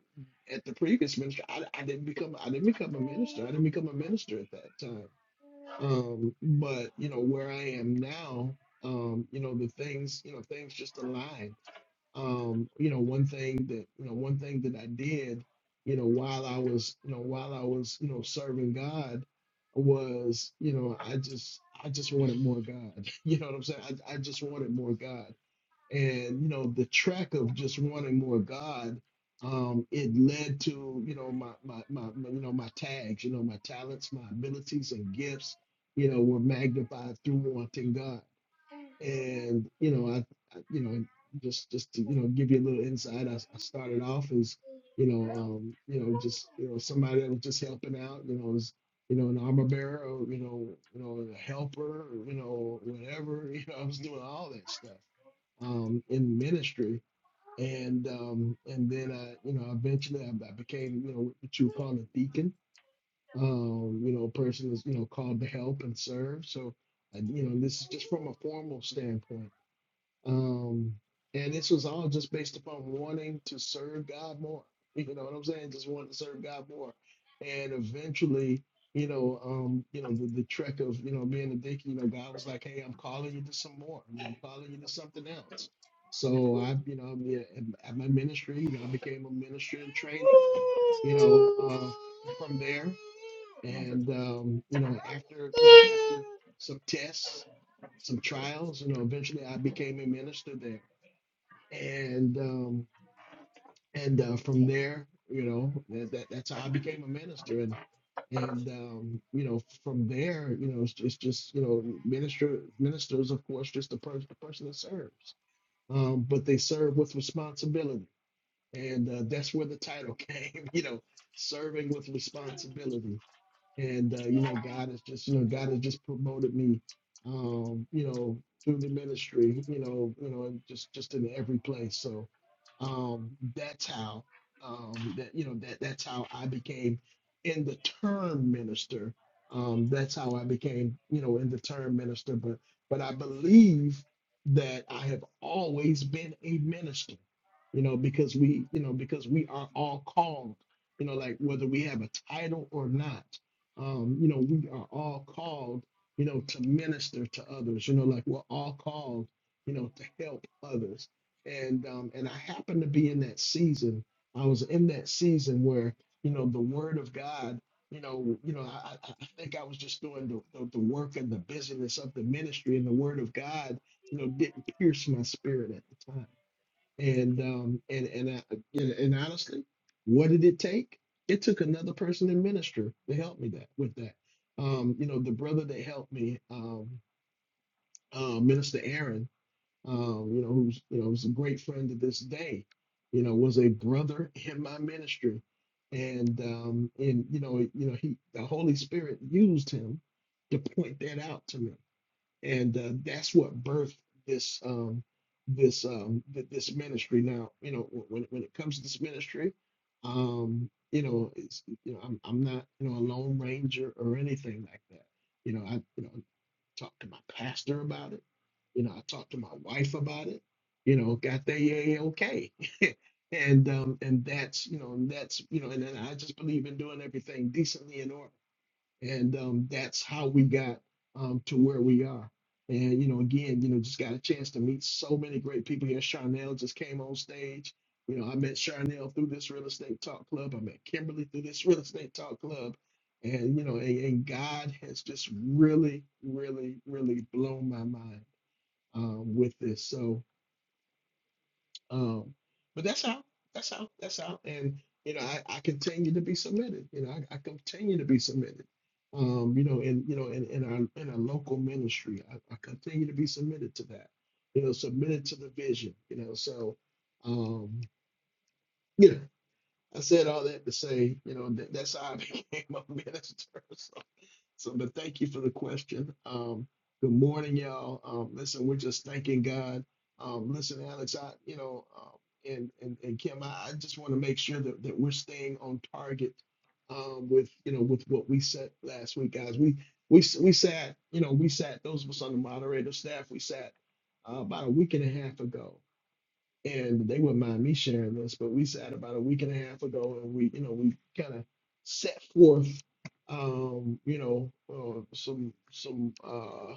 Speaker 1: at the previous ministry, I, I didn't become I didn't become a minister. I didn't become a minister at that time. Um, but you know, where I am now, um, you know, the things, you know, things just align um, you know, one thing that you know, one thing that I did, you know, while I was, you know, while I was, you know, serving God was, you know, I just I just wanted more God. You know what I'm saying? I, I just wanted more God. And, you know, the track of just wanting more God, um, it led to, you know, my, my my my you know, my tags, you know, my talents, my abilities and gifts, you know, were magnified through wanting God and you know I, I you know just just to you know give you a little insight I I started off as you know um you know just you know somebody that was just helping out you know was you know an armor bearer or you know you know a helper or, you know whatever you know I was doing all that stuff um in ministry and um and then I you know eventually I, I became you know what you would call a deacon um you know a person that's you know called to help and serve so I, you know this is just from a formal standpoint um, and this was all just based upon wanting to serve God more. You know what I'm saying? Just wanting to serve God more. And eventually, you know, um, you know, the, the trek of, you know, being a dick, you know, God was like, Hey, I'm calling you to some more. You know, I'm calling you to something else. So I, you know, yeah, at at my ministry, you know, I became a minister in training, you know, uh, from there
Speaker 3: study.
Speaker 1: and um, you know after you know after some tests some trials you know eventually i became a minister there and um, and uh, from there you know that, that that's how i became a minister and and um, you know from there you know it's, it's just you know minister ministers of course just a, per- a person that serves um, but they serve with responsibility and uh, that's where the title came you know serving with responsibility and uh, you know god has just you know god has just promoted me um you know through the ministry you know you know and just just in every place so um that's how um that you know that that's how i became in the term minister um that's how i became you know in the term minister but but i believe that i have always been a minister you know because we you know because we are all called you know like whether we have a title or not um, you know, we are all called, you know, to minister to others. You know, like we're all called, you know, to help others. And um, and I happened to be in that season. I was in that season where, you know, the Word of God. You know, you know, I, I I think I was just doing the, the, the work and the busyness of the ministry, and the Word of God, you know, didn't pierce my spirit at the time and um, and and I, and and honestly, what did it take? It took another person in ministry to help me that with that. Um, you know, the brother that helped me, um, uh, Minister Aaron, um, you know, who's you know, who's a great friend to this day. You know, was a brother in my ministry, and um, and you know, you know, he the Holy Spirit used him to point that out to me and uh, that's what birthed this um, this um, th- this ministry. Now, you know, wh- when when it comes to this ministry, um, you know, it's you know, I'm I'm not you know a lone ranger or anything like that. You know, I you know talked to my pastor about it. You know, I talked to my wife about it. You know, got the yay okay. And um and that's you know and that's you know and then I just believe in doing everything decently in order and um, that's how we got um, to where we are. And you know, again, you know, just got a chance to meet so many great people here. Charnel just came on stage. You know, I met Charnel through this real estate talk club. I met Kimberly through this real estate talk club. And you know, and, and God has just really, really, really blown my mind um, with this. So um, but that's how, That's how, That's how, And you know, I, I continue to be submitted. You know, I, I continue to be submitted. Um, you know, and you know, in, in our in our local ministry, I, I continue to be submitted to that. You know, submitted to the vision. You know, so um, you know, I said all that to say, you know, that, that's how I became a minister. So, but thank you for the question. Um, good morning, y'all. Um, listen, we're just thanking God. Um, listen, Alex, I, you know, um, and, and and Kim, I, I just want to make sure that, that we're staying on target um, with you know with what we said last week, guys. We we s- we sat, you know, we sat those of us on the moderator staff. We sat uh, about a week and a half ago, and they wouldn't mind me sharing this, but we sat about a week and a half ago, and we you know we kind of set forth um, you know, uh, some some uh,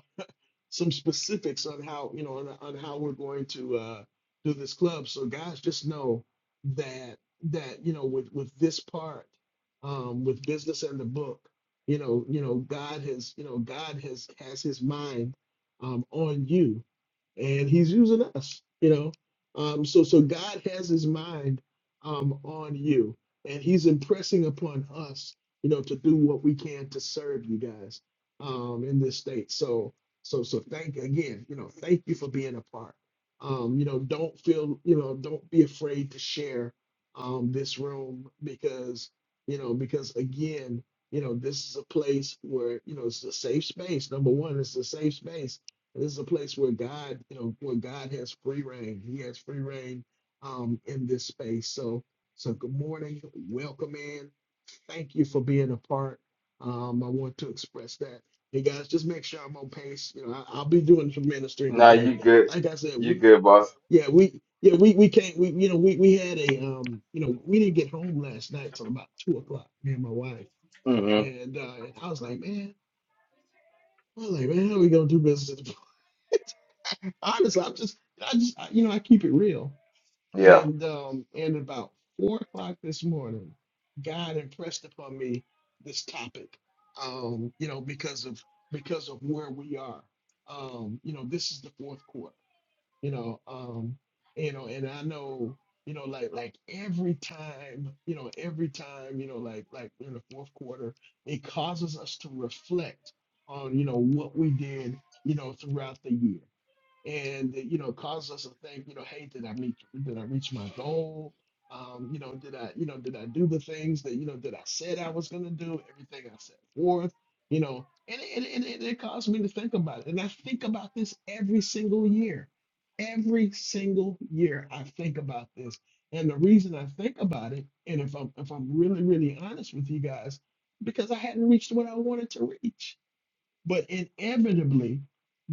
Speaker 1: some specifics on how you know on, on how we're going to uh, do this club. So guys, just know that that you know with with this part, um, with business and the book, you know you know God has you know God has has His mind um, on you, and He's using us. You know, um, so so God has His mind um, on you, and He's impressing upon us. You know, to do what we can to serve you guys um, in this state. So, so so thank again, you know, thank you for being a part. Um, you know, don't feel, you know, don't be afraid to share um this room because, you know, because again, you know, this is a place where, you know, it's a safe space. Number one, it's a safe space. And this is a place where God, you know, where God has free reign. He has free reign um in this space. So so good morning, welcome in thank you for being a part. Um, I want to express that. Hey guys, just make sure I'm on pace. You know, I, I'll be doing some ministry
Speaker 3: Nah,
Speaker 1: today.
Speaker 3: you good,
Speaker 1: Like I said,
Speaker 3: you
Speaker 1: we
Speaker 3: good, boss.
Speaker 1: yeah we yeah we we can't we you know we we had a um you know we didn't get home last night till about two o'clock. Me and my wife
Speaker 3: hmm
Speaker 1: and uh, and I was like man, I was like man, how are we gonna do business? at the Honestly, I'm just I just I, you know I keep it real
Speaker 3: Yeah.
Speaker 1: And um, and about four o'clock this morning, God impressed upon me this topic. Um, you know, because of because of where we are. Um, you know, this is the fourth quarter. You know, um, you know, and I know, you know, like like every time, you know, every time, you know, like like in the fourth quarter, it causes us to reflect on, you know, what we did, you know, throughout the year and you know cause us to think you know hey did i meet did i reach my goal um you know did i you know did i do the things that you know that i said i was going to do everything i set forth you know and, it- and, and it caused me to think about it and i think about this every single year every single year i think about this and the reason i think about it and if i'm if i'm really really honest with you guys because i hadn't reached what i wanted to reach but inevitably,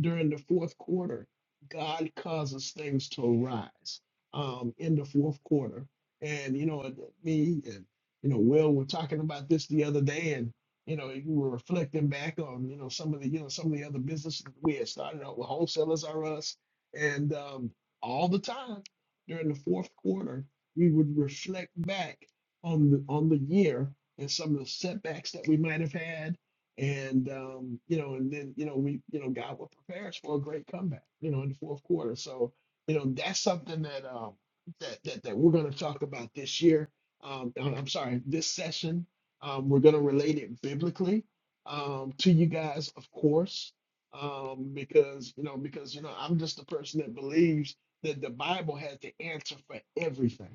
Speaker 1: during the fourth quarter, God causes things to arise um, in the fourth quarter. And, you know, me and, you know, Will were talking about this the other day and, you know, we were reflecting back on, you know, some of the, you know, some of the other businesses that we had started out with wholesalers are us. And um, all the time during the fourth quarter, we would reflect back on the on the year and some of the setbacks that we might have had and um, you know, and then you know, we you know, God will prepare us for a great comeback, you know, in the fourth quarter. So, you know, that's something that um that that, that we're gonna talk about this year. Um I'm I'm sorry, this session. Um, we're gonna relate it biblically um to you guys, of course. Um, because you know, because you know, I'm just a person that believes that the Bible has the answer for everything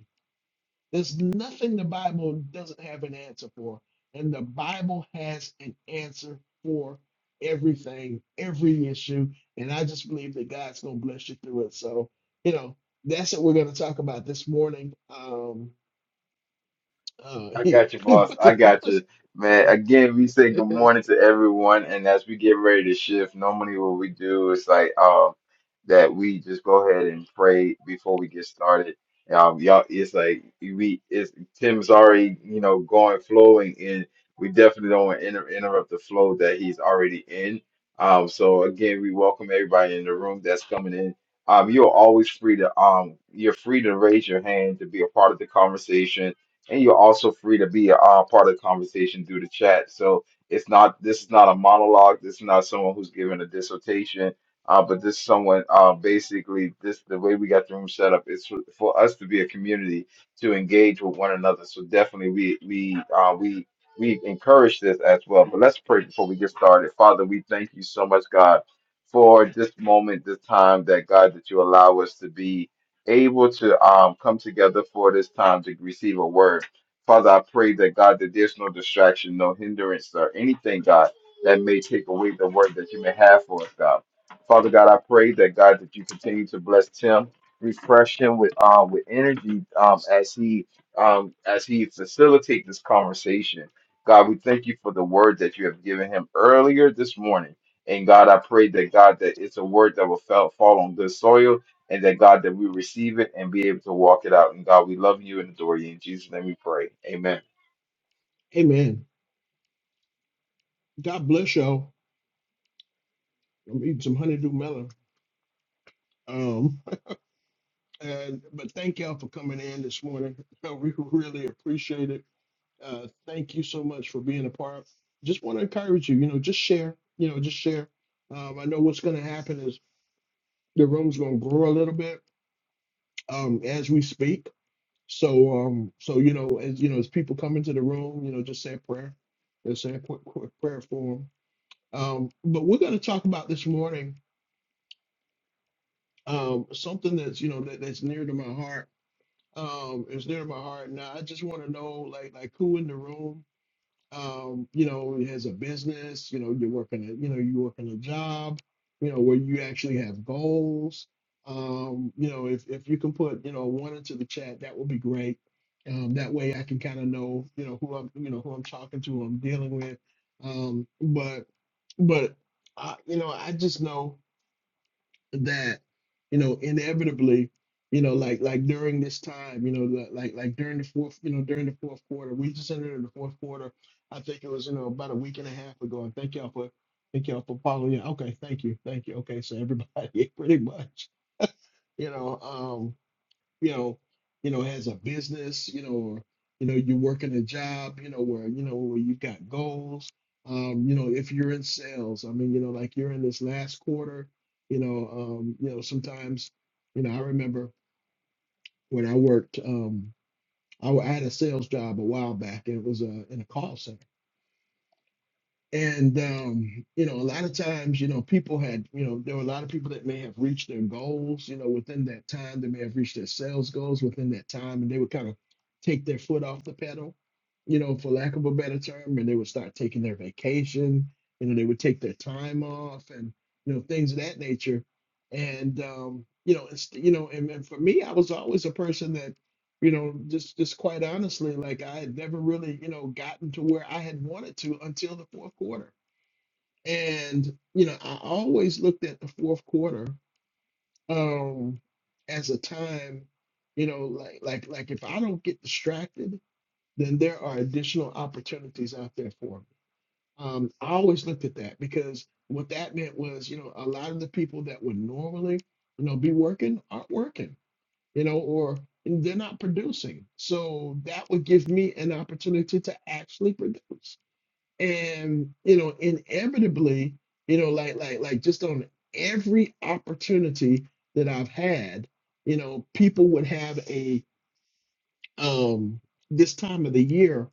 Speaker 1: there's nothing the Bible doesn't have an answer for. And the Bible has an answer for everything, every issue. And I just believe that God's going to bless you through it. So, you know, that's what we're going to talk about this morning. Um, uh,
Speaker 3: I got you, boss.
Speaker 1: what the-
Speaker 3: I got you. Man, again, we say good morning to everyone. And as we get ready to shift, normally what we do is like um that we just go ahead and pray before we get started. Um, y'all, it's like we it's Tim's already, you know, going flowing and we definitely don't want to inter interrupt the flow that he's already in. Um, so again, we welcome everybody in the room that's coming in. Um, you're always free to um you're free to raise your hand to be a part of the conversation and you're also free to be uh, part of the conversation through the chat. So it's not this is not a monologue. This is not someone who's giving a dissertation. Uh, but this is someone uh, basically this the way we got the room set up is for, for us to be a community to engage with one another. So definitely we we uh, we we encourage this as well. But let's pray before we get started. Father, we thank you so much, God, for this moment, this time that God that you allow us to be able to um, come together for this time to receive a word. Father, I pray that God, that there's no distraction, no hindrance, or anything, God, that may take away the word that you may have for us, God. Father God, I pray that God, that you continue to bless Tim, refresh him with um with energy um as he um as he facilitates this conversation. God, we thank you for the word that you have given him earlier this morning. And God, I pray that God, that it's a word that will fall fall on good soil and that God that we receive it and be able to walk it out. And God, we love you and adore you. In Jesus' name we pray. Amen.
Speaker 1: Amen. God bless y'all. I'm eating some honeydew melon. Um, and, but thank y'all for coming in this morning. We really appreciate it. Uh, thank you so much for being a part. Just want to encourage you, you know, just share, you know, just share. Um, I know what's going to happen is the room's going to grow a little bit um, as we speak. So, um, so you know, as you know, as people come into the room, you know, just say a prayer, just say a quick, quick prayer for them. Um, but we're going to talk about this morning um, something that's you know that, that's near to my heart. Um, it's near to my heart. Now, I just want to know, like, like who in the room um, you know, as a business, you know, you're working at, you know, you work in a job, you know, where you actually have goals. Um, you know, if if you can put, you know, one into the chat, that would be great. Um, that way I can kind of know, you know, who I'm, you know, who I'm talking to, who I'm dealing with. Um, but but I, you know, I just know that you know inevitably you know like like during this time you know li- like like during the fourth you know during the fourth quarter we just entered in the fourth quarter i think it was you know about a week and a half ago and thank y'all for thank y'all for following okay thank you thank you okay so everybody pretty much you know um, you know, you know, has a business, you know, or you know, you're working a job, you know, where you know where you've got goals. Um, you know, if you're in sales, I mean, you know, like you're in this last quarter, you know, um, you know, sometimes, you know, I remember when I worked, um, I, w- I had a sales job a while back, and it was uh, in a call center and um, you know, a lot of times, you know, people had, you know, there were a lot of people that may have reached their goals, you know, within that time. They may have reached their sales goals within that time, and they would kind of take their foot off the pedal, you know, for lack of a better term, and they would start taking their vacation, you know, they would take their time off and you know, things of that nature. And um, you know, it's you know, and, and for me, I was always a person that you know just just quite honestly like i had never really you know gotten to where i had wanted to until the fourth quarter and you know i always looked at the fourth quarter um as a time you know like like like if i don't get distracted then there are additional opportunities out there for me um i always looked at that because what that meant was you know a lot of the people that would normally you know be working aren't working you know, or and they're not producing. So that would give me an opportunity to actually produce. And you know, inevitably, you know, like like like just on every opportunity that I've had, you know, people would have a um this time of the year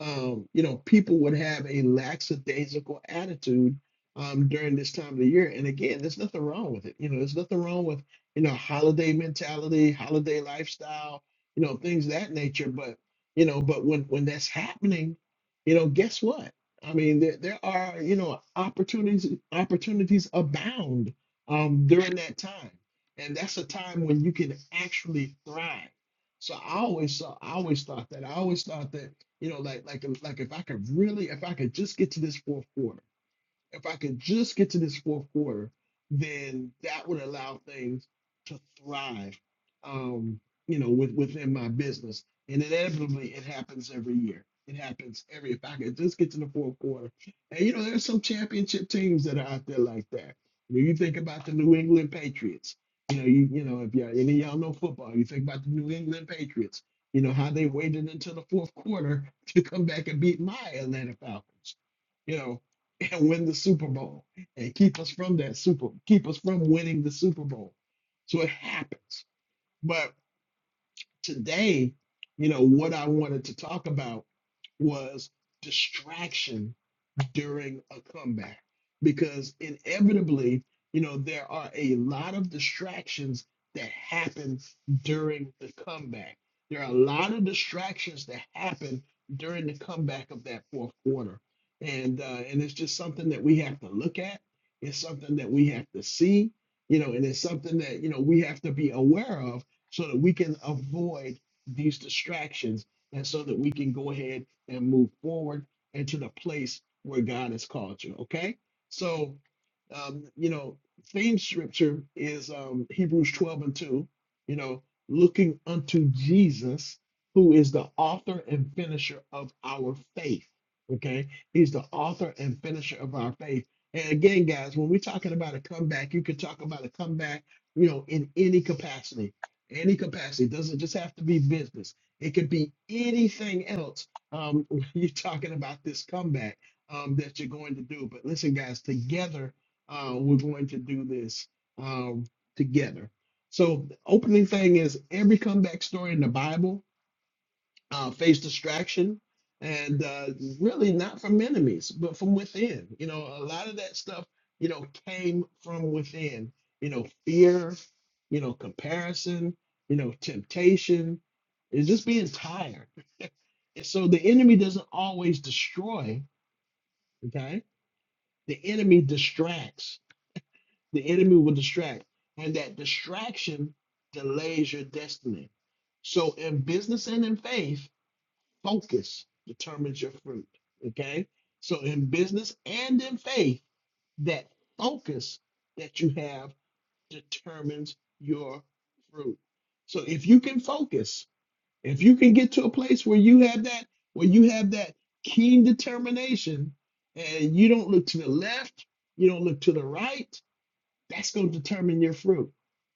Speaker 1: um, you know, people would have a lackadaisical attitude um, during this time of the year. And again, there's nothing wrong with it. You know, there's nothing wrong with, you know, holiday mentality, holiday lifestyle, you know, things of that nature. But, you know, but when when that's happening, you know, guess what? I mean, there, there are, you know, opportunities, opportunities abound um, during that time. And that's a time when you can actually thrive so I always saw, I always thought that. I always thought that, you know, like like like if I could really, if I could just get to this fourth quarter. If I could just get to this fourth quarter, then that would allow things to thrive, um, you know, with, within my business. And inevitably, it happens every year. It happens every. If I could just get to the fourth quarter, and you know, there's some championship teams that are out there like that. When you think about the New England Patriots, you know, you you know, if y'all any of y'all know football, you think about the New England Patriots. You know how they waited until the fourth quarter to come back and beat my Atlanta Falcons. You know, and win the Super Bowl and keep us from that Super, keep us from winning the Super Bowl. So it happens. But today, you know, what I wanted to talk about was distraction during a comeback because inevitably, you know, there are a lot of distractions that happen during the comeback. There are a lot of distractions that happen during the comeback of that fourth quarter. And uh, and it's just something that we have to look at. It's something that we have to see, you know, and it's something that, you know, we have to be aware of so that we can avoid these distractions and so that we can go ahead and move forward into the place where God has called you. Okay, so um, you know, theme scripture is um, Hebrews 12 and 2. You know, looking unto Jesus, who is the author and finisher of our faith. Okay, he's the author and finisher of our faith. And again, guys, when we're talking about a comeback, you could talk about a comeback, you know, in any capacity. Any capacity It doesn't just have to be business. It could be anything else um, when you're talking about this comeback um, that you're going to do. But listen, guys, together uh, we're going to do this um, together. So the opening thing is every comeback story in the Bible uh, faced distraction and uh, really not from enemies, but from within. You know, a lot of that stuff, you know, came from within. You know, fear, you know, comparison, you know, temptation, is just being tired. And so the enemy doesn't always destroy, okay? The enemy distracts. The enemy will distract. And that distraction delays your destiny. So in business and in faith, focus determines your fruit, okay? So in business and in faith, that focus that you have determines your fruit. So if you can focus, If you can get to a place where you have that, where you have that keen determination and you don't look to the left, you don't look to the right, that's going to determine your fruit.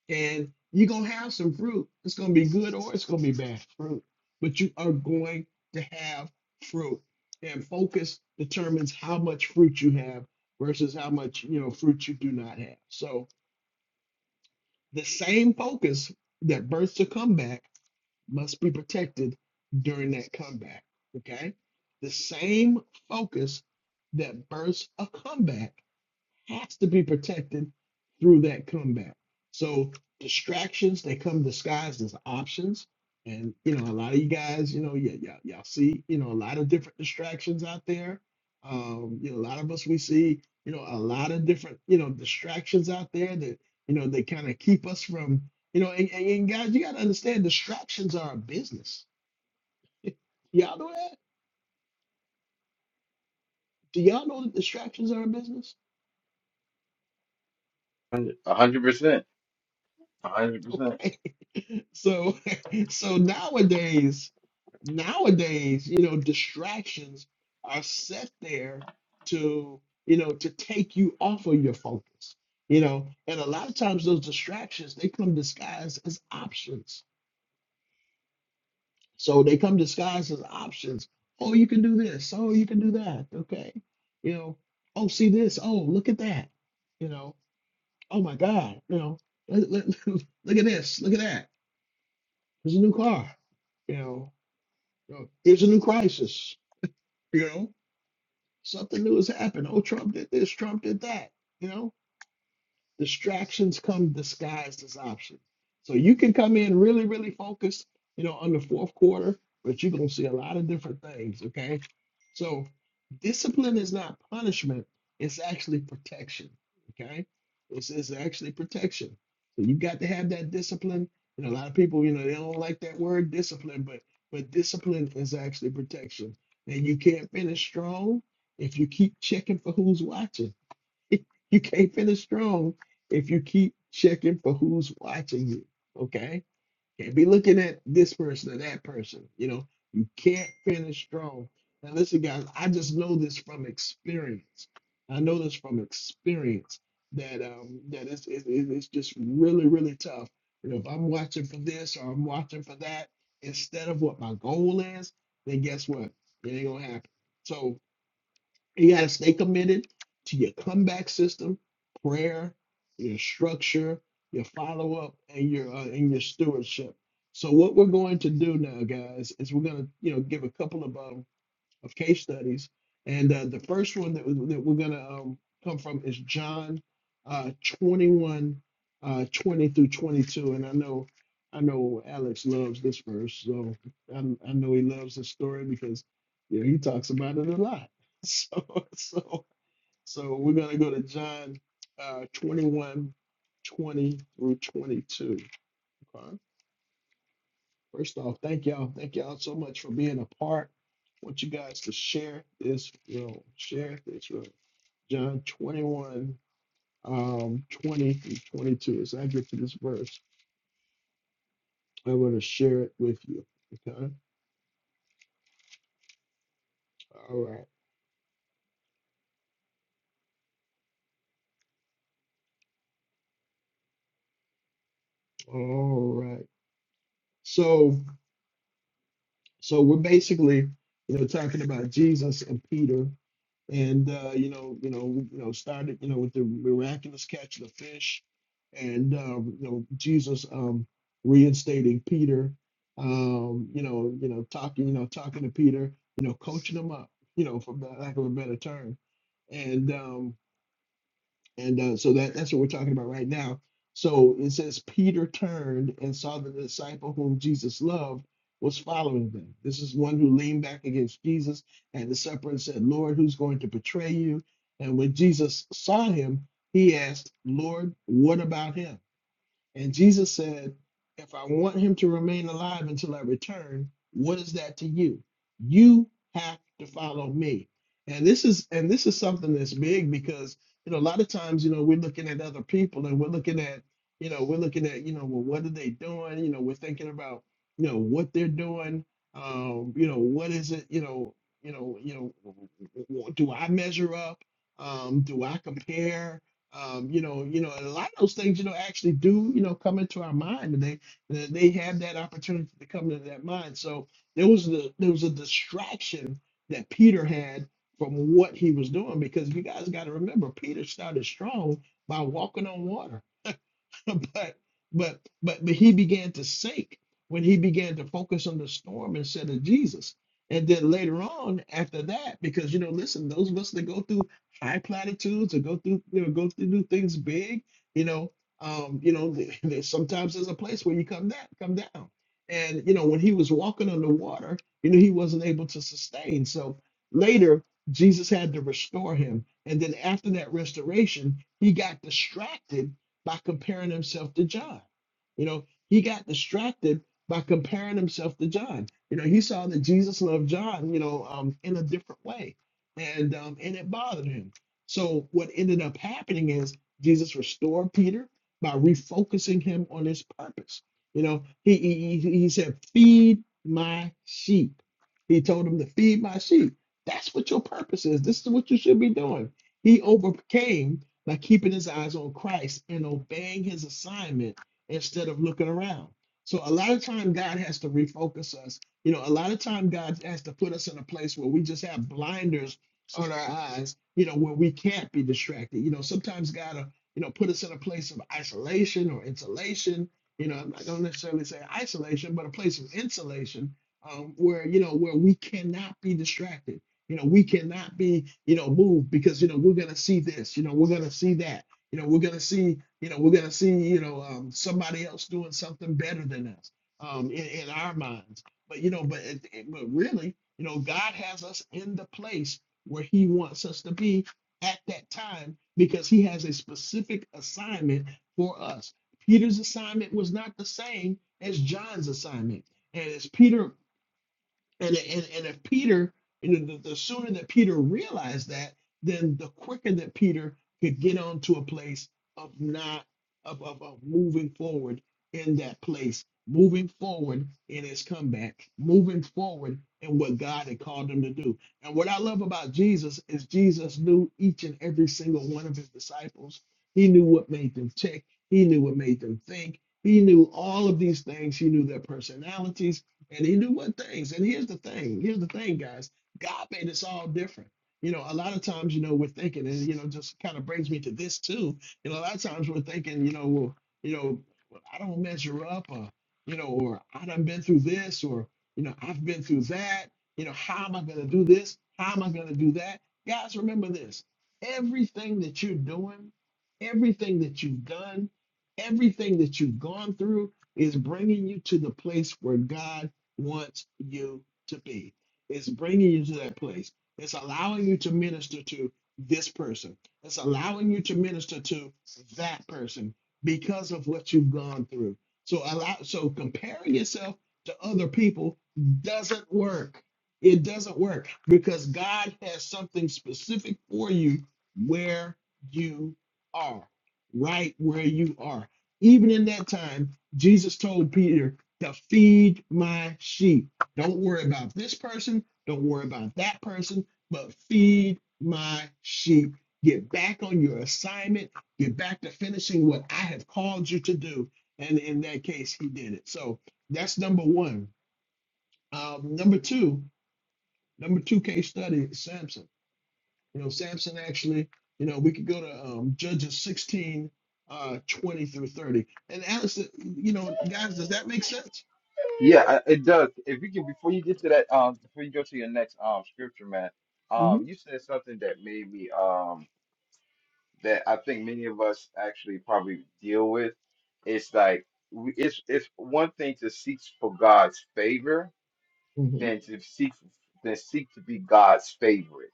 Speaker 1: And you're going to have some fruit. It's going to be good or it's going to be bad fruit, but you are going to have fruit. And focus determines how much fruit you have versus how much, you know, fruit you do not have. So the same focus that births a comeback must be protected during that comeback. Okay? The same focus that births a comeback has to be protected through that comeback. So distractions they come disguised as options, and you know a lot of you guys, you know, yeah, y'all, y'all see, you know, a lot of different distractions out there. Um, you know, a lot of us we see, you know, a lot of different, you know, distractions out there that you know they kind of keep us from, you know, and, and, and guys, you got to understand distractions are a business. Y'all know that? Do y'all know that distractions are a business?
Speaker 3: A hundred percent. A hundred percent.
Speaker 1: Okay So so nowadays, nowadays, you know, distractions are set there to, you know, to take you off of your focus. You know, and a lot of times those distractions they come disguised as options. So they come disguised as options. Oh, you can do this. Oh, you can do that. Okay. You know, oh, see this. Oh, look at that. You know, oh my God. You know, look, look, look at this. Look at that. There's a new car. You know, You know, here's a new crisis. You know, something new has happened. Oh, Trump did this. Trump did that. You know, distractions come disguised as options. So you can come in really, really focused, you know, on the fourth quarter, but you're gonna see a lot of different things. Okay. So discipline is not punishment, it's actually protection. Okay. It's, it's actually protection. So you got to have that discipline. You know, a lot of people, you know, they don't like that word discipline, but but discipline is actually protection. And you can't finish strong if you keep checking for who's watching. you can't finish strong if you keep checking for who's watching you. Okay? Can't be looking at this person or that person. You know, you can't finish strong. Now, listen, guys, I just know this from experience. I know this from experience that um that it's it, it- it's just really really tough. You know, if I'm watching for this or I'm watching for that instead of what my goal is, then guess what? It ain't gonna happen. So you got to stay committed to your comeback system, prayer, your structure, your follow up, and your uh, and your stewardship. So what we're going to do now, guys, is we're going to you know give a couple of um, of case studies. And uh, the first one that, we- that we're going to um, come from is John uh, 21, uh, 20 through 22. And I know, I know Alex loves this verse. So I, I know he loves this story because, you know, he talks about it a lot. So, so, so we're going to go to John uh, 21, twenty through 22. Okay? First off, thank y'all. Thank y'all so much for being a part. I want you guys to share this room. Share this room. John 21, um, 20 through 22. As I get to this verse, I want to share it with you. Okay. All right. All right. So, so we're basically, you know, talking about Jesus and Peter and uh, you know, you know, we, you know, started, you know, with the miraculous catch of the fish, and um, you know, Jesus um, reinstating Peter, um, you know, you know, talking, you know, talking to Peter, you know, coaching him up, you know, for ba- lack of a better term, and um, and uh, so that, that's what we're talking about right now. So it says, Peter turned and saw that the disciple whom Jesus loved was following them. This is one who leaned back against Jesus at the supper and said, Lord, who's going to betray you? And when Jesus saw him, he asked, Lord, what about him? And Jesus said, If I want him to remain alive until I return, what is that to you? You have to follow me. And this is and this is something that's big because you know a lot of times you know we're looking at other people and we're looking at you know we're looking at you know well what are they doing you know we're thinking about you know what they're doing um you know what is it you know you know you know w- w- w- do I measure up um do I compare um, you know, you know, and a lot of those things, you know, actually do, you know, come into our mind, and they they they had that opportunity to come into that mind. So there was the there was a distraction that Peter had from what he was doing because you guys got to remember Peter started strong by walking on water. but but but but he began to sink when he began to focus on the storm instead of Jesus. And then later on, after that, because you know, listen, those of us that go through high platitudes or go through you know, go through do things big, you know, um, you know, there's sometimes there's a place where you come down, come down. And you know, when he was walking on the water, you know, he wasn't able to sustain. So later, Jesus had to restore him. And then after that restoration, he got distracted by comparing himself to John. You know, he got distracted by comparing himself to John. You know, he saw that Jesus loved John, you know, um, in a different way, and um, and it bothered him. So what ended up happening is Jesus restored Peter by refocusing him on his purpose. You know, he he, he he said, "Feed my sheep." He told him to feed my sheep. That's what your purpose is. This is what you should be doing. He overcame by keeping his eyes on Christ and obeying his assignment instead of looking around. So a lot of time God has to refocus us. You know, a lot of time God has to put us in a place where we just have blinders on our eyes, you know, where we can't be distracted. You know, sometimes God will, you know, put us in a place of isolation or insulation. You know, I'm not gonna necessarily say isolation, but a place of insulation um, where, you know, where we cannot be distracted you know, we cannot be, you know, moved because, you know, we're going to see this, you know, we're going to see that, you know, we're going to see, you know, we're going to see, you know, um, somebody else doing something better than us um, in, in our minds. But, you know, but, it, it- but really, you know, God has us in the place where he wants us to be at that time because he has a specific assignment for us. Peter's assignment was not the same as John's assignment. And as Peter and, and, and if Peter, you know, the, the sooner that Peter realized that, then the quicker that Peter could get onto a place of not, of, of, of moving forward in that place, moving forward in his comeback, moving forward in what God had called him to do. And what I love about Jesus is Jesus knew each and every single one of his disciples. He knew what made them tick. He knew what made them think. He knew all of these things. He knew their personalities and he do what things. And here's the thing. Here's the thing, guys. God made us all different. You know, a lot of times, you know, we're thinking, and you know, just kind of brings me to this too. You know, a lot of times we're thinking, you know, well, you know, well, I don't measure up, or you know, or I done been through this, or you know, I've been through that. You know, how am I going to do this? How am I going to do that? Guys, remember this: everything that you're doing, everything that you've done, everything that you've gone through is bringing you to the place where God wants you to be. It's bringing you to that place. It's allowing you to minister to this person. It's allowing you to minister to that person because of what you've gone through. So allow so comparing yourself to other people doesn't work. It doesn't work because God has something specific for you where you are, right where you are. Even in that time, Jesus told Peter, to feed my sheep. Don't worry about this person. Don't worry about that person, but feed my sheep. Get back on your assignment. Get back to finishing what I have called you to do. And in that case, he did it. So that's number one. Um, number two, number two case study, is Samson. You know, Samson actually, you know, we could go to um, Judges 16, uh, 20 through 30. And Alex, you know, guys, does that make sense?
Speaker 3: Yeah, I- it does. If you can before you get to that, um before you go to your next um scripture, man,
Speaker 1: hmm
Speaker 3: um, you said something that made me um that I think many of us actually probably deal with. It's like we, it's it's one thing to seek for God's favor
Speaker 1: hmm
Speaker 3: than to seek than seek to be God's favorite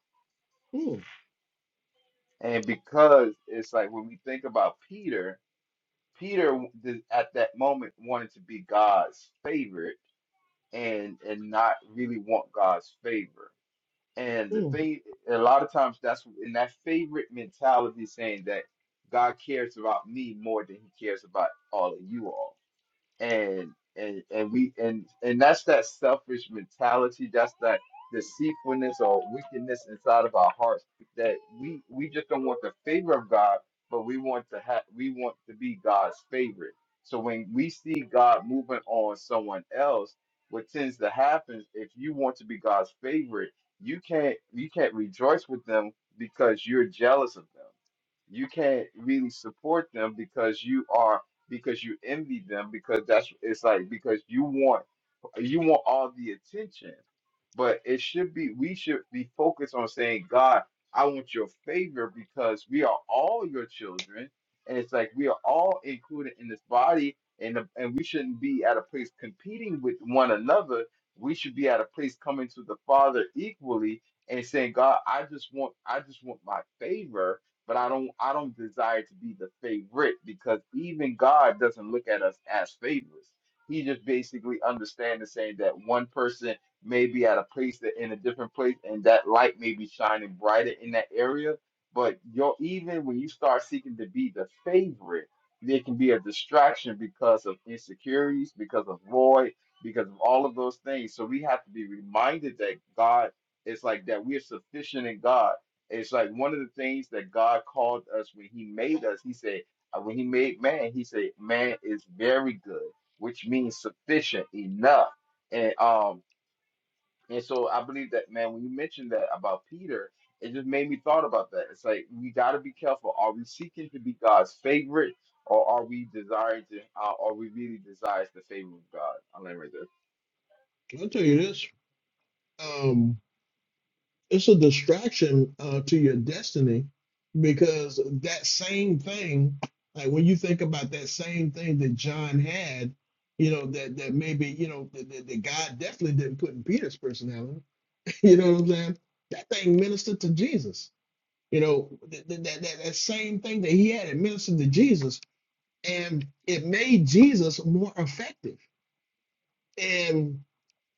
Speaker 3: And because it's like when we think about Peter, Peter w- th- at that moment wanted to be God's favorite and and not really want God's favor. And the
Speaker 1: Mm,
Speaker 3: thing, a lot of times, that's in that favorite mentality, saying that God cares about me more than He cares about all of you all and and and we and and that's that selfish mentality that's that deceitfulness or wickedness inside of our hearts that we we just don't want the favor of god but we want to have we want to be god's favorite so when we see god moving on someone else what tends to happen if you want to be god's favorite you can't you can't rejoice with them because you're jealous of them you can't really support them because you are because you envy them because that's it's like because you want you want all the attention but it should be we should be focused on saying god i want your favor because we are all your children and it's like we are all included in this body and the, and we shouldn't be at a place competing with one another we should be at a place coming to the father equally and saying god i just want i just want my favor but I don't I don't desire to be the favorite because even God doesn't look at us as favorites. He just basically understands saying that one person may be at a place that in a different place and that light may be shining brighter in that area. But you're even when you start seeking to be the favorite, there can be a distraction because of insecurities, because of void, because of all of those things. So we have to be reminded that God is like that. We are sufficient in God it's like one of the things that God called us when He made us. He said, uh, when He made man, He said, man is very good, which means sufficient enough. And um, and so I believe that man, when you mentioned that about Peter, it just made me thought about that. It's like we got to be careful. Are we seeking to be God's favorite, or are we desiring to? Uh, are we really desires the favor of God? I land right there.
Speaker 1: I'll tell you this. Um, it's a distraction uh, to your destiny because that same thing, like when you think about that same thing that John had, you know, that that maybe, you know, that, that, that God definitely didn't put in Peter's personality. You know what I'm saying? That thing ministered to Jesus. You know, that, that, that, that that same thing that he had, it ministered to Jesus. And it made Jesus more effective.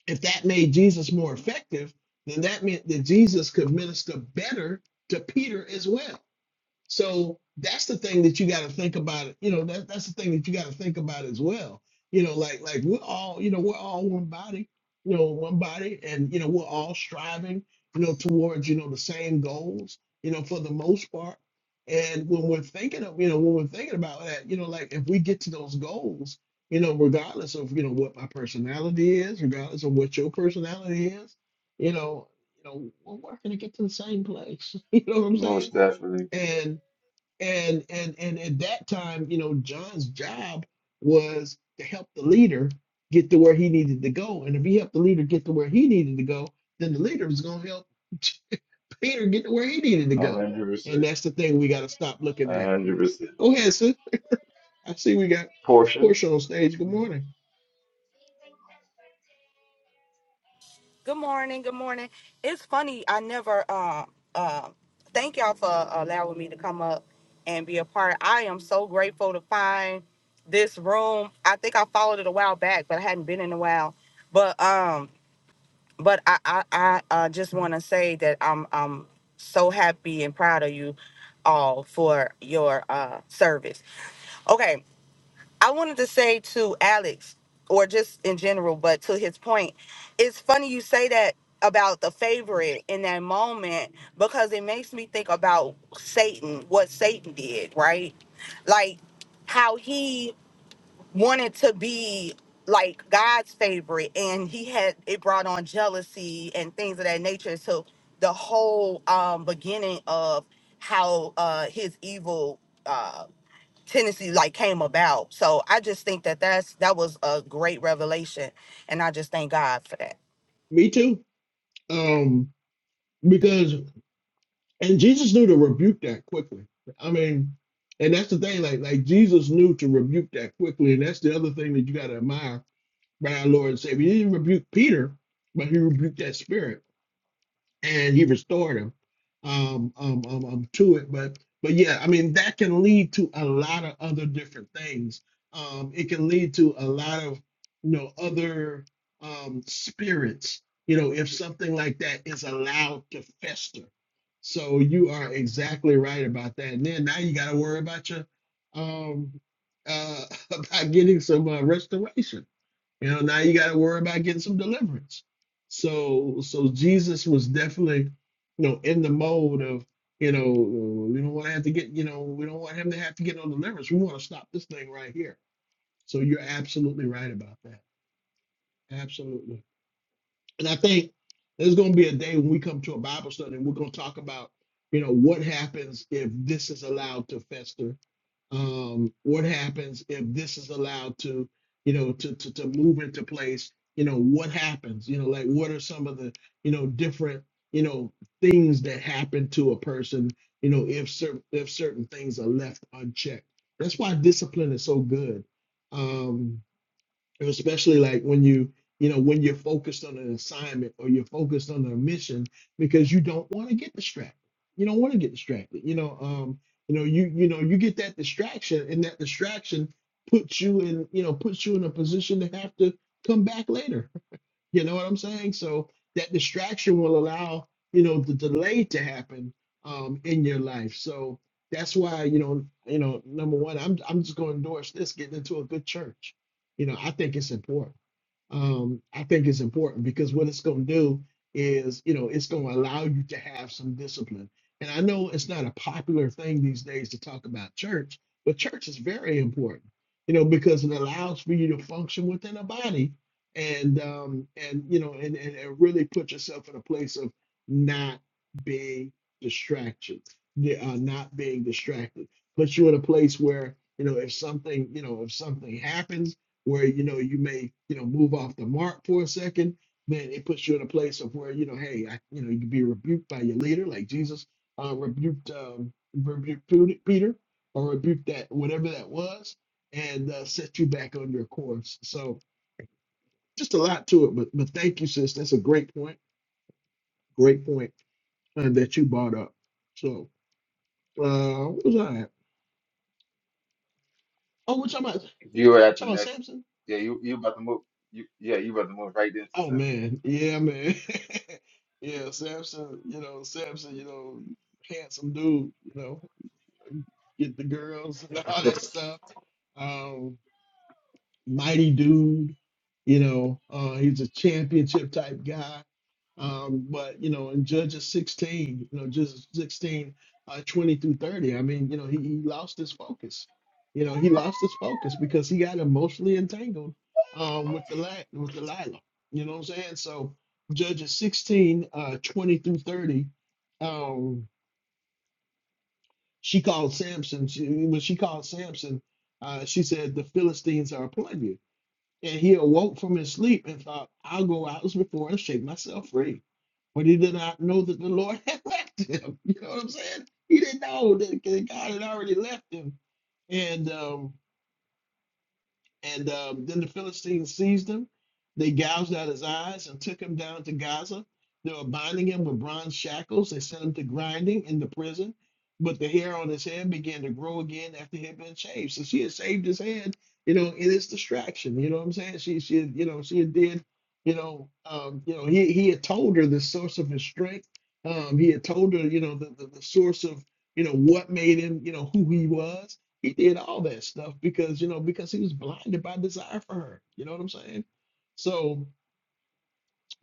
Speaker 1: if that made Jesus more effective, then that meant that Jesus could minister better to Peter as well. So that's the thing that you got to think about. You know, that, that's the thing that you got to think about as well. You know, like like we're all, you know, we're all one body, you know, one body, and you know, we're all striving, you know, towards you know the same goals, you know, for the most part. And when we're thinking of, you know, when we're thinking about that, you know, like if we get to those goals, you know, regardless of you know what my personality is, regardless of what your personality is, you know, you know, we're working to get to the same place. You know what I'm saying?
Speaker 3: Most definitely,
Speaker 1: And and and and at that time you know john's job was to help the leader get to where he needed to go and if he helped the leader get to where he needed to go then the leader was going to help peter get to where he needed to
Speaker 3: a
Speaker 1: go
Speaker 3: hundred
Speaker 1: and
Speaker 3: percent,
Speaker 1: that's the thing we got to stop looking
Speaker 3: a
Speaker 1: at
Speaker 3: hundred percent.
Speaker 1: go ahead sis i see we got
Speaker 3: Portion.
Speaker 1: portia on stage good morning
Speaker 4: Good morning. Good morning. It's funny. I never. Um. Uh, thank y'all for allowing me to come up and be a part. I am so grateful to find this room. I think I followed it a while back, but I hadn't been in a while. But um. But I I, I uh, just want to say that I'm I'm so happy and proud of you all for your uh service. Okay. I wanted to say to Alex, or just in general, but to his point, it's funny you say that about the favorite in that moment because it makes me think about Satan, what Satan did, right? Like how he wanted to be like God's favorite and he had it brought on jealousy and things of that nature. So the whole um beginning of how uh his evil uh Tennessee like came about. So I just think that that's that was a great revelation, and I just thank God for that.
Speaker 1: me too um because and jesus knew to rebuke that quickly i mean and that's the thing like like jesus knew to rebuke that quickly and that's the other thing that you got to admire by our Lord and Savior. He didn't rebuke Peter, but he rebuked that spirit and he restored him um, um, um, um, to it. But but yeah, I mean that can lead to a lot of other different things. Um, it can lead to a lot of you know other um, spirits. You know, if something like that is allowed to fester. So you are exactly right about that. And then now you got to worry about your um, uh, about getting some uh, restoration you know, now you got to worry about getting some deliverance. So, so Jesus was definitely, you know, in the mode of, you know, we don't want to have to get, you know, we don't want him to have to get no deliverance. We want to stop this thing right here. So you're absolutely right about that. Absolutely. And I think there's going to be a day when we come to a Bible study and we're going to talk about, you know, what happens if this is allowed to fester um, what happens if this is allowed to, you know, to, to to move into place? You know, what happens? You know, like what are some of the, you know, different, you know, things that happen to a person, you know, if certain if certain things are left unchecked. That's why discipline is so good. Um, especially like when you you know when you're focused on an assignment or you're focused on a mission because you don't want to get distracted you don't want to get distracted you know um you know you you know you get that distraction and that distraction puts you in you know puts you in a position to have to come back later you know what I'm saying? So that distraction will allow, you know, the delay to happen um, in your life. So that's why, you know, you know, number one, I'm I'm just going to endorse this, getting into a good church. You know, I think it's important um, I think it's important because what it's going to do is, you know, it's going to allow you to have some discipline. And I know it's not a popular thing these days to talk about church, but church is very important, you know, because it allows for you to function within a body and, um, and you know, and, and, and really put yourself in a place of not being distracted, yeah, uh, not being distracted. Puts you in a place where, you know, if something, you know, if something happens, where you know you may you know move off the mark for a second then it puts you in a place of where you know hey I, you know you can be rebuked by your leader like jesus uh, rebuked um, rebuked Pe- peter or rebuked that whatever that was and uh, set you back on your course so just a lot to it but, but thank you sis that's a great point great point uh, that you brought up so uh what was i at? oh we're talking about, we're
Speaker 3: You were at the
Speaker 1: talking about
Speaker 3: next.
Speaker 1: samson
Speaker 3: Yeah, you you about to move. You, yeah, you about to move right into
Speaker 1: Oh
Speaker 3: something.
Speaker 1: man, yeah, man, yeah, Samson, you know, Samson, you know, handsome dude, you know, get the girls and all that stuff. Um, mighty dude. You know, uh, he's a championship type guy. Um, but you know, in Judges 16, you know, Judges 16, uh, 20 through 30, I mean, you know, he, he lost his focus. You know, he lost his focus because he got emotionally entangled um, with the la- with Delilah. You know what I'm saying? So Judges 16, uh, 20 through 30, um, she called Samson. She, when she called Samson, uh, she said, "The Philistines are upon you." And he awoke from his sleep and thought, I'll go out as before and shake myself free. But he did not know that the Lord had left him. You know what I'm saying? He didn't know that that God had already left him. And um, and um, then the Philistines seized him. They gouged out his eyes and took him down to Gaza. They were binding him with bronze shackles. They sent him to grinding in the prison. But the hair on his head began to grow again after he had been shaved. So she had shaved his head, you know, in his distraction. You know what I'm saying? She, she, had, you know, she had did, you know, um, you know, he, he had told her the source of his strength. Um, he had told her, you know, the, the, the source of, you know, what made him, you know, who he was he did all that stuff because, you know, because he was blinded by desire for her. You know what I'm saying? So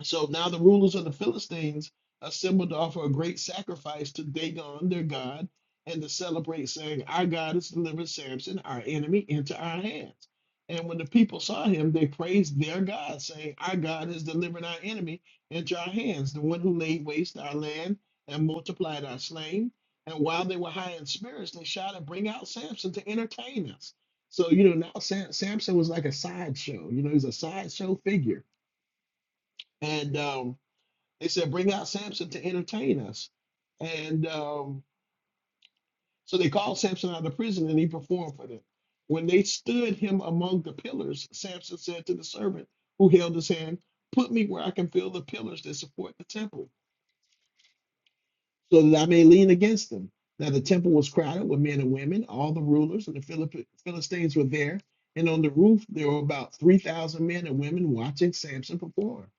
Speaker 1: so now the rulers of the Philistines assembled to offer a great sacrifice to Dagon, their god, and to celebrate, saying, Our God has delivered Samson, our enemy, into our hands. And when the people saw him, they praised their God, saying, Our God has delivered our enemy into our hands, the one who laid waste our land and multiplied our slain. And while they were high in spirits, they shouted, Bring out Samson to entertain us. So, you know, now Sam- Samson was like a sideshow. You know, he's a sideshow figure. And, um, they said, Bring out Samson to entertain us. And um, so they called Samson out of prison and he performed for them. When they stood him among the pillars, Samson said to the servant who held his hand, Put me where I can feel the pillars that support the temple. so that I may lean against them. Now the temple was crowded with men and women. All the rulers and the Philip- Philistines were there, and on the roof there were about three thousand men and women watching Samson perform.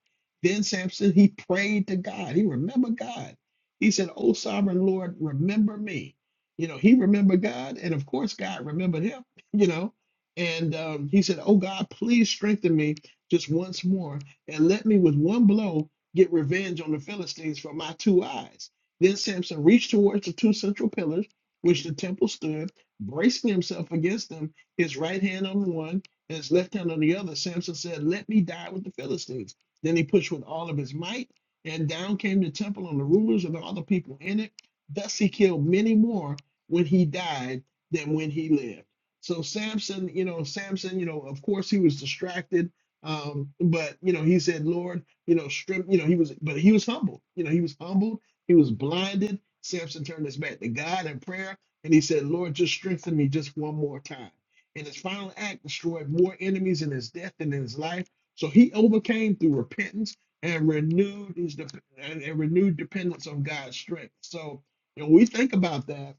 Speaker 1: Then Samson he prayed to God. He remembered God. He said, "O Sovereign Lord, remember me." You know, he remembered God, and of course God remembered him. You know, and um, he said, "Oh God, please strengthen me just once more, and let me with one blow get revenge on the Philistines for my two eyes." Then Samson reached towards the two central pillars, which the temple stood, bracing himself against them, his right hand on one and his left hand on the other. Samson said, Let me die with the Philistines. Then he pushed with all of his might, and down came the temple and the rulers and all the people in it. Thus he killed many more when he died than when he lived. So Samson, you know, Samson, you know, of course he was distracted. Um, but you know, he said, Lord, you know, strip, you know, he was but he was humble. You know, he was humbled he was blinded. Samson turned his back to God in prayer, and he said, Lord, just strengthen me just one more time. And his final act destroyed more enemies in his death than in his life. So he overcame through repentance and renewed his dep- and and renewed dependence on God's strength. So you know, we think about that.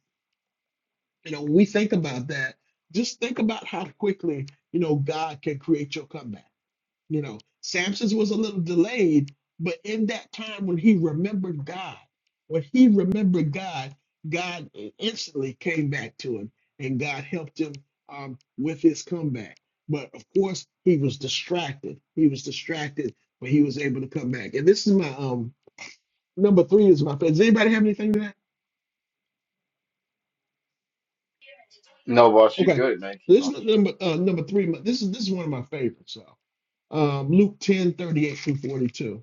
Speaker 1: You know, we think about that. Just think about how quickly you know God can create your comeback you know, Samson's was a little delayed, but in that time when he remembered God, when he remembered God, God instantly came back to him and God helped him um, with his comeback. But of course, he was distracted. He was distracted, but he was able to come back. And this is my um number three is my favorite. Does anybody have anything to that?
Speaker 3: No, boss, you
Speaker 1: Okay.
Speaker 3: good, man.
Speaker 1: so
Speaker 3: Keep
Speaker 1: This
Speaker 3: on.
Speaker 1: is number uh, number three. This is this is one of my favorites. So um, Luke ten thirty eight 38 through 42.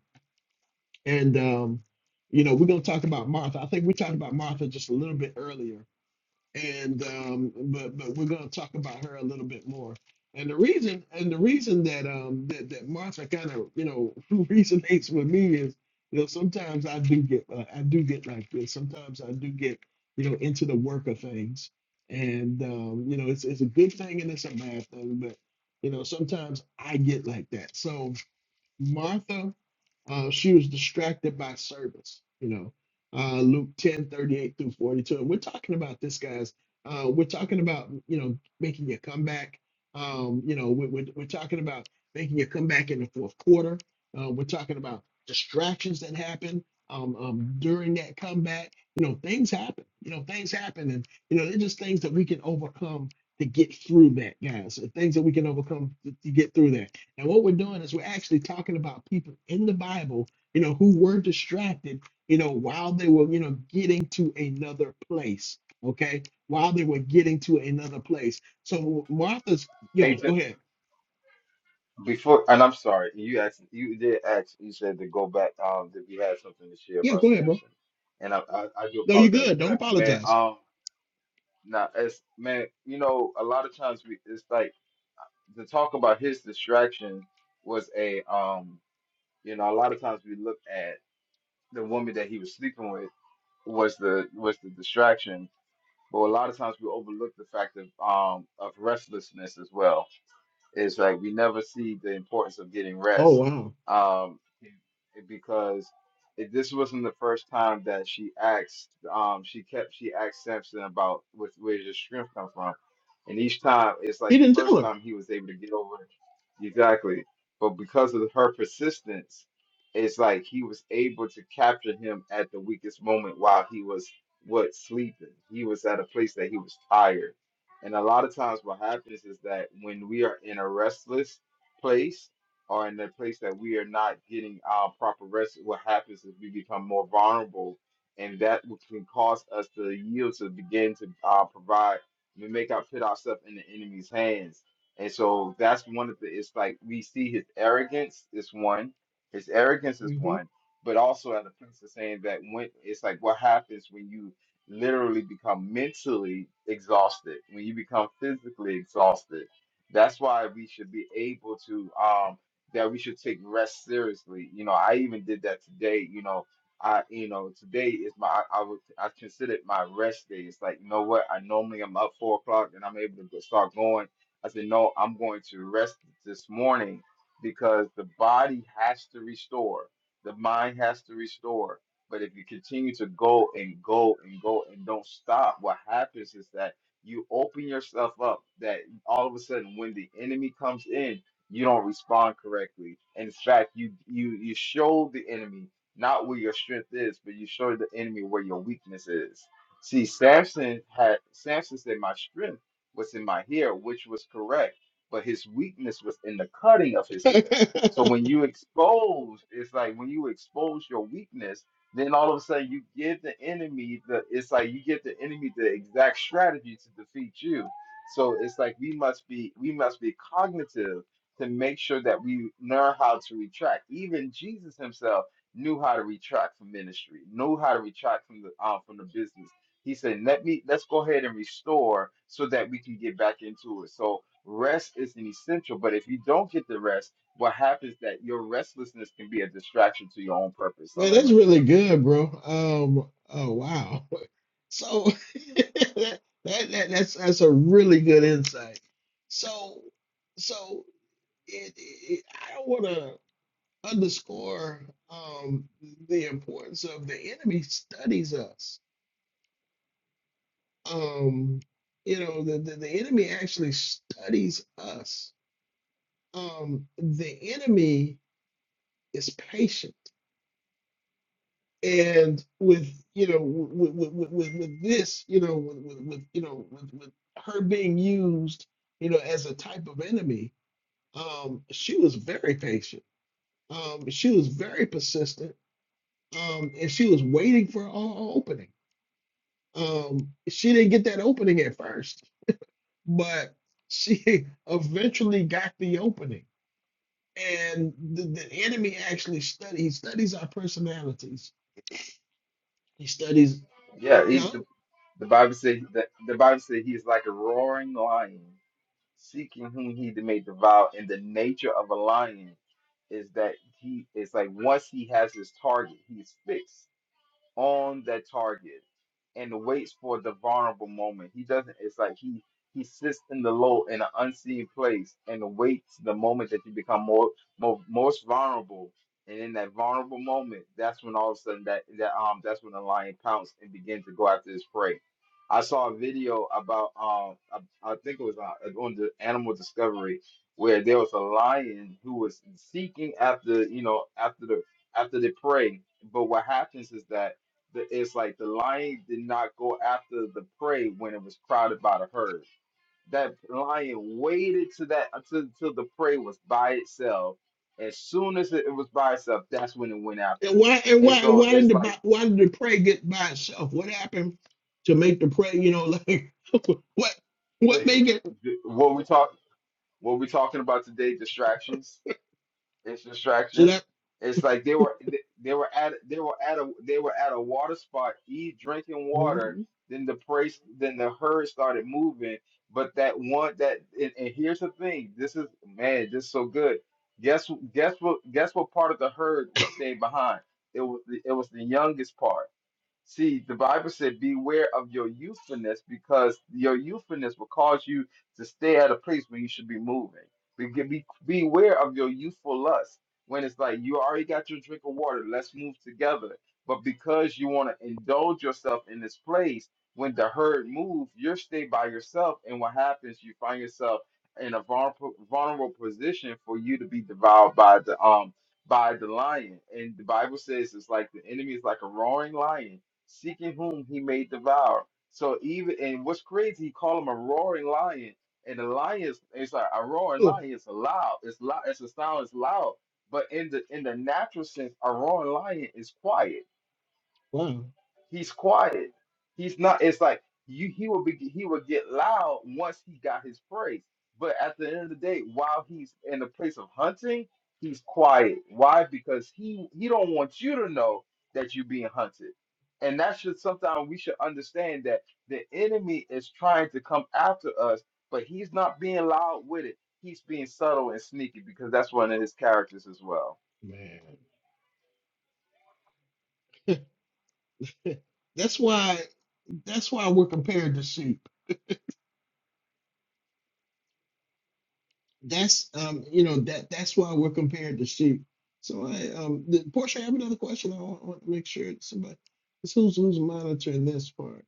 Speaker 1: And um, you know, we're gonna talk about Martha. I think we talked about Martha just a little bit earlier, and um, but but we're gonna talk about her a little bit more. And the reason and the reason that um that, that Martha kind of you know resonates with me is you know sometimes I do get uh, I do get like this. Sometimes I do get you know into the work of things, and um, you know it's it's a good thing and it's a bad thing, but you know sometimes I get like that. So Martha, uh, she was distracted by service, you know. Uh, Luke 10 38 through 42. And we're talking about this, guys. Uh, we're talking about, you know, making a comeback. Um, you know, we're, we're, we're talking about making a comeback in the fourth quarter. Uh, we're talking about distractions that happen um, um, during that comeback. You know, things happen. You know, things happen. And, you know, they're just things that we can overcome to get through that, guys. Things that we can overcome to, to get through that and what we're doing is we're actually talking about people in the Bible, you know, who were distracted, you know, while they were, you know, getting to another place. Okay. While they were getting to another place. So Martha's, yo,
Speaker 3: Hey, t-
Speaker 1: go ahead.
Speaker 3: before and I'm sorry, you asked. You did ask. You said to go back. Um, that we had something to share
Speaker 1: Yeah,
Speaker 3: about
Speaker 1: go ahead,
Speaker 3: Samson,
Speaker 1: bro.
Speaker 3: and I I, I do
Speaker 1: No, you are
Speaker 3: apologize
Speaker 1: good.
Speaker 3: for
Speaker 1: Don't
Speaker 3: that, man.
Speaker 1: apologize.
Speaker 3: Um, now as man, you know, a lot of times we it's like the talk about his distraction was a um, you know, a lot of times we look at the woman that he was sleeping with was the was the distraction But a lot of times we overlook the fact of um, of restlessness as well. It's like we never see the importance of getting
Speaker 1: Oh,
Speaker 3: rest,
Speaker 1: wow.
Speaker 3: um, because if this wasn't the first time that she asked, um, she kept she asked Samson about what, where does your strength come from, and each time it's
Speaker 1: He
Speaker 3: like the
Speaker 1: didn't tell
Speaker 3: first
Speaker 1: her.
Speaker 3: time he was able to get over it. exactly, but because of her persistence, it's like he was able to capture him at the weakest moment while he was what sleeping. He was at a place that he was tired and a lot of times, what happens is that when we are in a restless place or in a place that we are not getting our proper rest, what happens is we become more vulnerable, and that w- can cause us to yield to begin to uh, provide. We make our put ourselves in the enemy's hands, and so that's one of the. It's like we see his arrogance is one, his arrogance is
Speaker 1: hmm
Speaker 3: one, but also at a place of saying that when it's like what happens when you literally become mentally exhausted, when you become physically exhausted. That's why we should be able to um that we should take rest seriously. You know, I even did that today, you know, I you know, today is my I, I would I considered my rest day. It's like, you know what, I normally I'm up four o'clock and I'm able to go, start going. I said, no, I'm going to rest this morning because the body has to restore, the mind has to restore but if you continue to go and go and go and don't stop, what happens is that you open yourself up that all of a sudden when the enemy comes in, you don't respond correctly. In fact, you you you show the enemy not where your strength is, but you show the enemy where your weakness is. See, Samson had Samson said, My strength was in my hair, which was correct, but his weakness was in the cutting of his hair. So when you expose, it's like when you expose your weakness then all of a sudden you give the enemy the it's like you give the enemy the exact strategy to defeat you. So it's like we must be we must be cognitive to make sure that we learn how to retract. Even Jesus himself knew how to retract from ministry, knew how to retract from the uh, from the business. He said, "Let me let's go ahead and restore so that we can get back into it." So rest is an essential, but if you don't get the rest, what happens that your restlessness can be a distraction to your own purpose. I
Speaker 1: Man,
Speaker 3: learned
Speaker 1: that's
Speaker 3: right there.
Speaker 1: really good, bro. Um, oh, wow. So that, that, that's, that's a really good insight. So, so it, it I want to underscore um, the importance of the enemy studies us. Um, you know, the, the, the enemy actually studies us. Um, the enemy is patient. And with, you know, with, with, with, with this, you know, with, with, with you know, with, with her being used, you know, as a type of enemy, um, she was very patient. Um, she was very persistent um, and she was waiting for an opening. Um, she didn't get that opening at first, but she eventually got the opening. And the, the enemy actually study he studies our personalities. He studies
Speaker 3: Yeah, he,
Speaker 1: no.
Speaker 3: the, the Bible said the, the Bible said he is like a roaring lion, seeking whom he may devour. And the nature of a lion is that he is like once he has his target, he's fixed on the target and waits for the vulnerable moment. He doesn't. It's like he he sits in the low in an unseen place and waits the moment that you become more, more most vulnerable. And in that vulnerable moment, that's when all of a sudden that that um that's when the lion pounced and began to go after his prey. I saw a video about um I, I think it was on, on the Animal Discovery where there was a lion who was seeking after you know after the after the prey. But what happens is that the, it's like the lion did not go after the prey when it was crowded by the herd. That lion waited to that until, until the prey was by itself. As soon as it was by itself, that's when it went after.
Speaker 1: And why and
Speaker 3: it. And
Speaker 1: why and
Speaker 3: so
Speaker 1: why did
Speaker 3: it's
Speaker 1: the
Speaker 3: like
Speaker 1: Bi- why did the prey get by itself? What happened to make the prey? You know, like what what make it
Speaker 3: what we talk what we talking about today, distractions. It's
Speaker 1: so
Speaker 3: distraction.
Speaker 1: that?
Speaker 3: It's like they were they were at they were at a they were at a water spot, eat drinking water.
Speaker 1: Mhm.
Speaker 3: Then the praise then the herd started moving. But that one that and, and here's the thing. This is man, this is so good. Guess guess what guess what part of the herd was staying behind? It was the, it was the youngest part. See, the Bible said, Beware of your youthfulness, because your youthfulness will cause you to stay at a place where you should be moving. Be, be, beware of your youthful lust when it's like you already got your drink of water, let's move together. But because you want to indulge yourself in this place, when the herd move, you stay by yourself. And what happens, you find yourself in a vulnerable, vulnerable position for you to be devoured by the um by the lion. And the Bible says it's like the enemy is like a roaring lion seeking whom he may devour. So even and what's crazy, he called him a roaring lion, and the lion is it's like a roaring
Speaker 1: Yeah.
Speaker 3: lion. It's a loud. It's loud. It's a sound. It's loud. But in the in the natural sense, a roaring lion is quiet
Speaker 1: Wow,
Speaker 3: He's quiet. He's not. It's like you. He will be. He will get loud once he got his praise. But at the end of the day, while he's in the place of hunting, he's quiet. Why? Because he he don't want you to know that you're being hunted. And that should sometimes we should understand that the enemy is trying to come after us, but he's not being loud with it. He's being subtle and sneaky because that's one of his characters as well.
Speaker 1: man. That's why that's why we're compared to sheep. That's um you know that that's why we're compared to sheep. So I um the, Portia, I have another question. I want, I want to make sure it's somebody it's who's who's monitoring this part.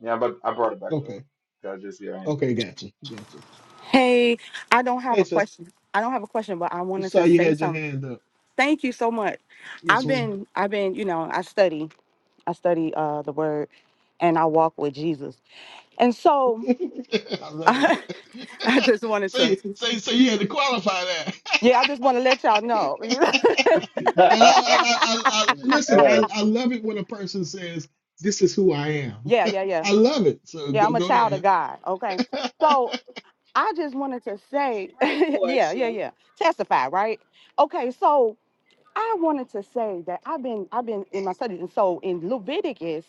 Speaker 3: Yeah, but I brought it back
Speaker 1: Okay,
Speaker 3: up. That's just here.
Speaker 1: okay, gotcha, gotcha.
Speaker 4: Hey, I don't have
Speaker 1: Hey,
Speaker 4: a
Speaker 1: sir,
Speaker 4: question. I don't have a question, but I
Speaker 1: just
Speaker 4: wanted to
Speaker 1: saw you
Speaker 4: say
Speaker 1: had your
Speaker 4: something.
Speaker 1: hand up.
Speaker 4: Thank you so much.
Speaker 1: Yes,
Speaker 4: I've
Speaker 1: ma'am.
Speaker 4: been, I've been, you know, I study, I study uh, the word, and I walk with Jesus. And so,
Speaker 1: I love
Speaker 4: I,
Speaker 1: it.
Speaker 4: just wanted
Speaker 1: so
Speaker 4: to,
Speaker 1: you so you- so you had to qualify that.
Speaker 4: yeah, I just want to let y'all know.
Speaker 1: And I, I, I, I, I listen.
Speaker 3: Uh,
Speaker 1: I, I love it when a person says, "This is who I am."
Speaker 4: yeah, yeah, yeah,
Speaker 1: I love it. So
Speaker 4: yeah.
Speaker 1: go,
Speaker 4: I'm a
Speaker 1: go
Speaker 4: child of
Speaker 1: ahead.
Speaker 4: God. Okay, so I just wanted to say,
Speaker 2: Right,
Speaker 4: yeah, yeah,
Speaker 2: Portia.
Speaker 4: yeah. Testify, right? Okay, so I wanted to say that I've been I've been in my studies, and so in Leviticus,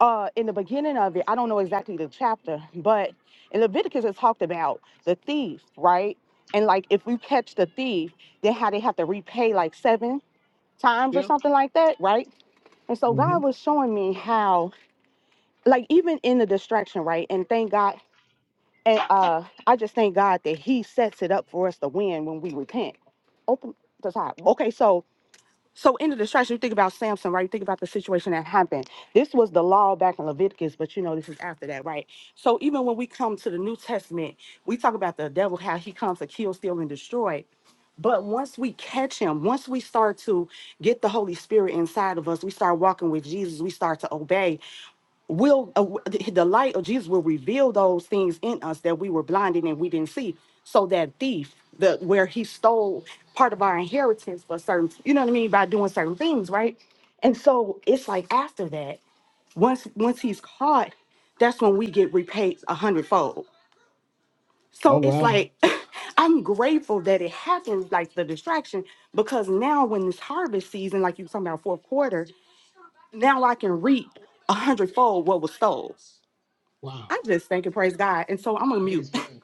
Speaker 4: uh, in the beginning of it, I don't know exactly the chapter, but in Leviticus it talked about the thief, right? And like if you catch the thief, then how they have to repay like seven times or
Speaker 1: yeah.
Speaker 4: something like that, right? And so
Speaker 1: hmm
Speaker 4: God was showing me how, like even in the distraction, right? And thank God and uh, I just thank God that He sets it up for us to win when we repent. Open the top. Okay, so so in the distraction, you think about Samson, right? You think about the situation that happened. This was the law back in Leviticus, but you know this is after that, right? So even when we come to the New Testament, we talk about the devil, how he comes to kill, steal, and destroy. But once we catch him, once we start to get the Holy Spirit inside of us, we start walking with Jesus, we start to obey will uh, w- the the light of Jesus will reveal those things in us that we were blinded and we didn't see. So that thief, the where he stole part of our inheritance for certain, you know what I mean, by doing certain things, right? And so it's like after that, once once he's caught, that's when we get repaid a hundredfold.
Speaker 1: Oh
Speaker 4: So it's
Speaker 1: wow.
Speaker 4: like I'm grateful that it happened, like the distraction, because now when this harvest season, like you were talking about fourth quarter, now I can reap a hundredfold what was stole.
Speaker 1: Wow.
Speaker 4: I am just thank praise God. And so I'm gonna mute.
Speaker 1: Praise God.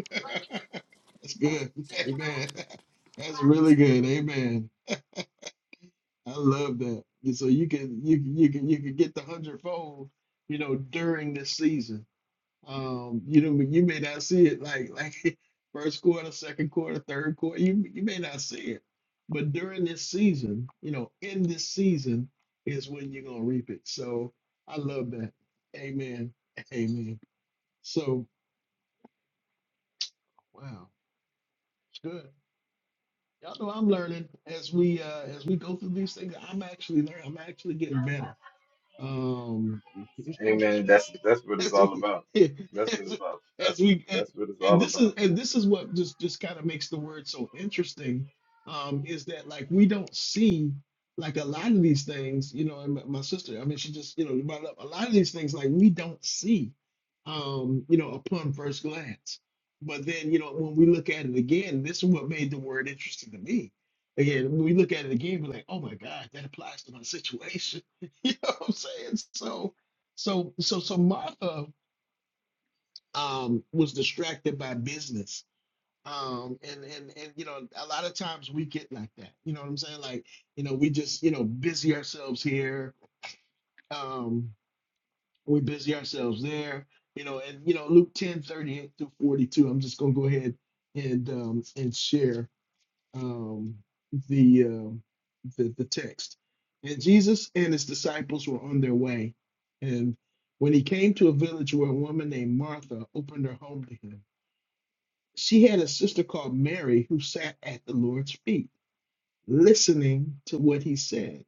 Speaker 1: That's good. Amen. That's really good. Amen. I love that. And So you can you can- you can you can get the hundredfold, you know, during this season. Um, you know, you may not see it like like first quarter, second quarter, third quarter. You you may not see it, but during this season, you know, in this season is when you're gonna reap it. So I love that. Amen. Amen. So wow, it's good. Y'all know I'm learning as we uh as we go through these things. I'm actually learning. I'm actually getting better. Um,
Speaker 3: amen. That's that's what
Speaker 1: as
Speaker 3: it's
Speaker 1: as
Speaker 3: all
Speaker 1: we,
Speaker 3: about. That's what
Speaker 1: as,
Speaker 3: it's all. That's
Speaker 1: as we, and,
Speaker 3: that's what it's
Speaker 1: and
Speaker 3: all
Speaker 1: this
Speaker 3: about.
Speaker 1: is, and
Speaker 3: man.
Speaker 1: this is what just just kind of makes the word so interesting, um, is that like we don't see like a lot of these things, you know, and my, my sister, I mean, she just, you know, brought up a lot of these things like we don't see, um, you know, upon first glance. But then, you know, when we look at it again, this is what made the word interesting to me. Again, when we look at it again, we're like, oh my God, that applies to my situation You know what I'm saying? So, so, so, so Martha um, was distracted by business. Um, and, and, and, you know, a lot of times we get like that, you know what I'm saying? Like, you know, we just, you know, busy ourselves here. Um, we busy ourselves there, you know, and, you know, Luke 10, 38 through 42, I'm just going to go ahead and, um, and share. um, the, uh, the the text. And Jesus and his disciples were on their way, and when he came to a village where a woman named Martha opened her home to him, she had a sister called Mary who sat at the Lord's feet, listening to what he said.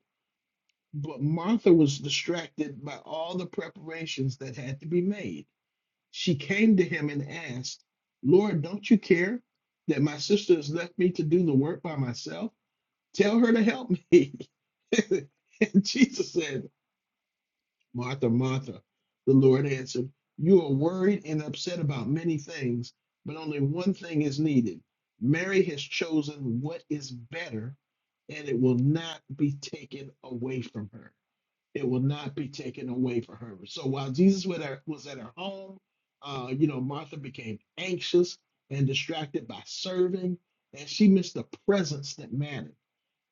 Speaker 1: But Martha was distracted by all the preparations that had to be made. She came to him and asked, Lord, don't you care that my sister has left me to do the work by myself? Tell her to help me. and Jesus said, Martha, Martha, the Lord answered, You are worried and upset about many things, but only one thing is needed. Mary has chosen what is better, and it will not be taken away from her. It will not be taken away from her. So while Jesus was at her, was at her home, uh, you know, Martha became anxious and distracted by serving, and she missed the presence that mattered.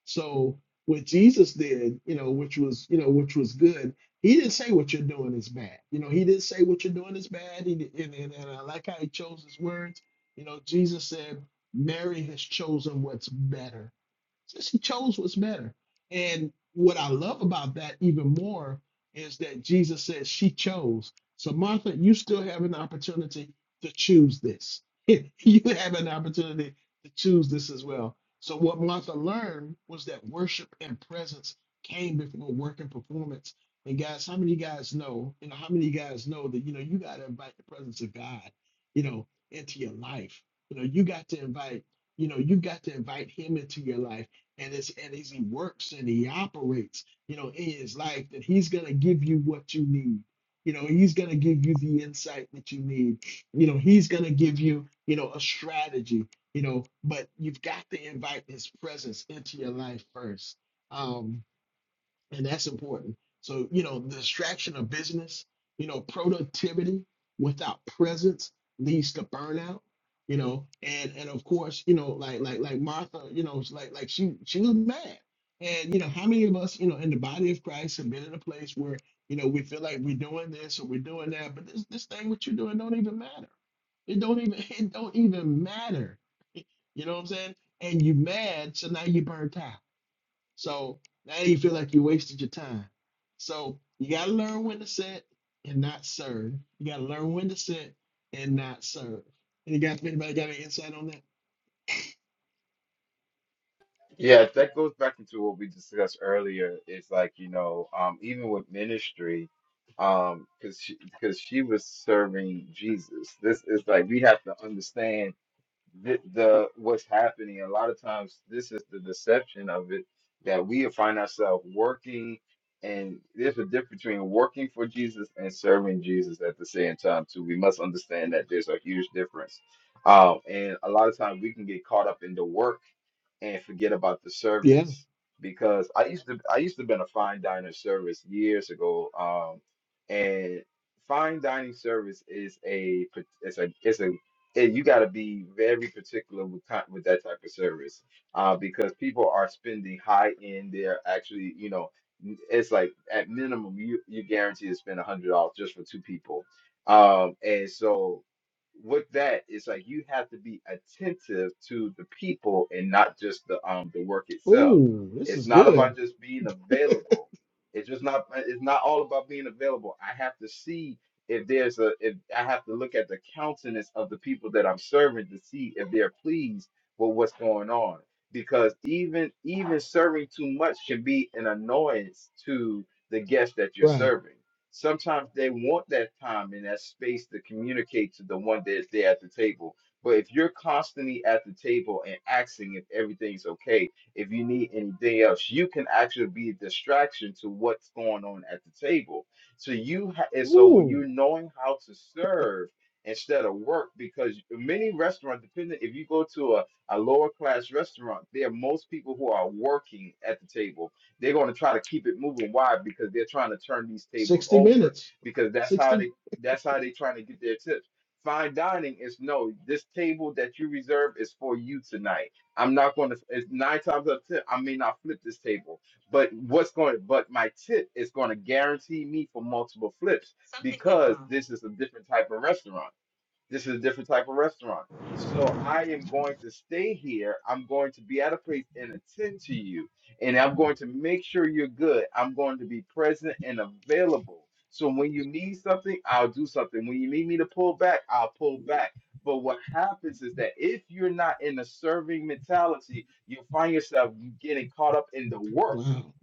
Speaker 1: So what Jesus did, you know, which was, you know, which was good, he didn't say what you're doing is bad. You know, he didn't say what you're doing is bad. He did, and, and, and I like how he chose his words. You know, Jesus said, Mary has chosen what's better since he chose what's better. And what I love about that even more is that Jesus says she chose. So, Martha, you still have an opportunity to choose this. you have an opportunity to choose this as well. So, what Martha learned was that worship and presence came before work and performance. And guys, how many of you guys know, you know, how many of you guys know that, you know, you got to invite the presence of God, you know, into your life. You know, you got to invite you know you got to invite him into your life and as and as he works and he operates, you know, in his life, that he's gonna give you what you need. You know, he's gonna give you the insight that you need. You know, he's gonna give you, you know, a strategy. You know, but you've got to invite his presence into your life first. Um, and that's important. So, you know, the distraction of business, you know, productivity without presence leads to burnout, you know, and and of course, you know, like like like Martha, you know, it's like like she she was mad. And you know, how many of us, you know, in the body of Christ have been in a place where, you know, we feel like we're doing this or we're doing that, but this this thing what you're doing don't even matter. It don't even it don't even matter. You know what I'm saying? And you mad, so now you burnt out so now you feel like you wasted your time. So you gotta learn when to sit and not serve. You gotta learn when to sit and not serve. Any guys, anybody got any insight on that?
Speaker 3: Yeah, that goes back into what we discussed earlier. It's like you know, um, even with ministry, um, because she because she was serving Jesus. This is like we have to understand. the, the what's happening a lot of times this is the deception of it that we find ourselves working and there's a difference between working for jesus and serving jesus at the same time too we must understand that there's a huge difference um, and a lot of times we can get caught up in the work and forget about the
Speaker 1: Yeah.
Speaker 3: service because I used to I used to been a fine diner service years ago. Um, and fine dining service is a pa- it's a it's a it, you got to be very particular with kind, with that type of service uh, because people are spending high end. They're actually you know n- it's like at minimum you you guarantee to spend a hundred dollars just for two people. Um, and so with that it's like you have to be attentive to the people and not just the um the work itself
Speaker 1: Ooh, this
Speaker 3: it's
Speaker 1: is
Speaker 3: not
Speaker 1: good.
Speaker 3: about just being available it's just not it's not all about being available i have to see if there's a if i have to look at the countenance of the people that i'm serving to see if they're pleased with what's going on because even even serving too much can be an annoyance to the guest that you're
Speaker 1: Right.
Speaker 3: serving Sometimes they want that time and that space to communicate to the one that they're at the table. But if you're constantly at the table and asking if everything's okay, if you need anything else, you can actually be a distraction to what's going on at the table. So you ha- and so when
Speaker 1: Ooh,
Speaker 3: you're knowing how to serve instead of work, because many restaurants, depending if you go to a, a lower class restaurant, there are most people who are working at the table they're going to try to keep it moving. Why? Because they're trying to turn these tables
Speaker 1: 60
Speaker 3: over.
Speaker 1: minutes.
Speaker 3: Because that's how
Speaker 1: 60.
Speaker 3: they that's how they trying to get their tips. Fine dining is no. This table that you reserve is for you tonight. I'm not going to. It's nine times out of ten, I may not flip this table, but what's going? But my tip is going to guarantee me for multiple flips because this is a different type of restaurant this is a different type of restaurant. So I am going to stay here. I'm going to be at a place and attend to you. And I'm going to make sure you're good. I'm going to be present and available. So when you need something, I'll do something. When you need me to pull back, I'll pull back. But what happens is that if you're not in a serving mentality, you find yourself getting caught up in the work
Speaker 1: Wow.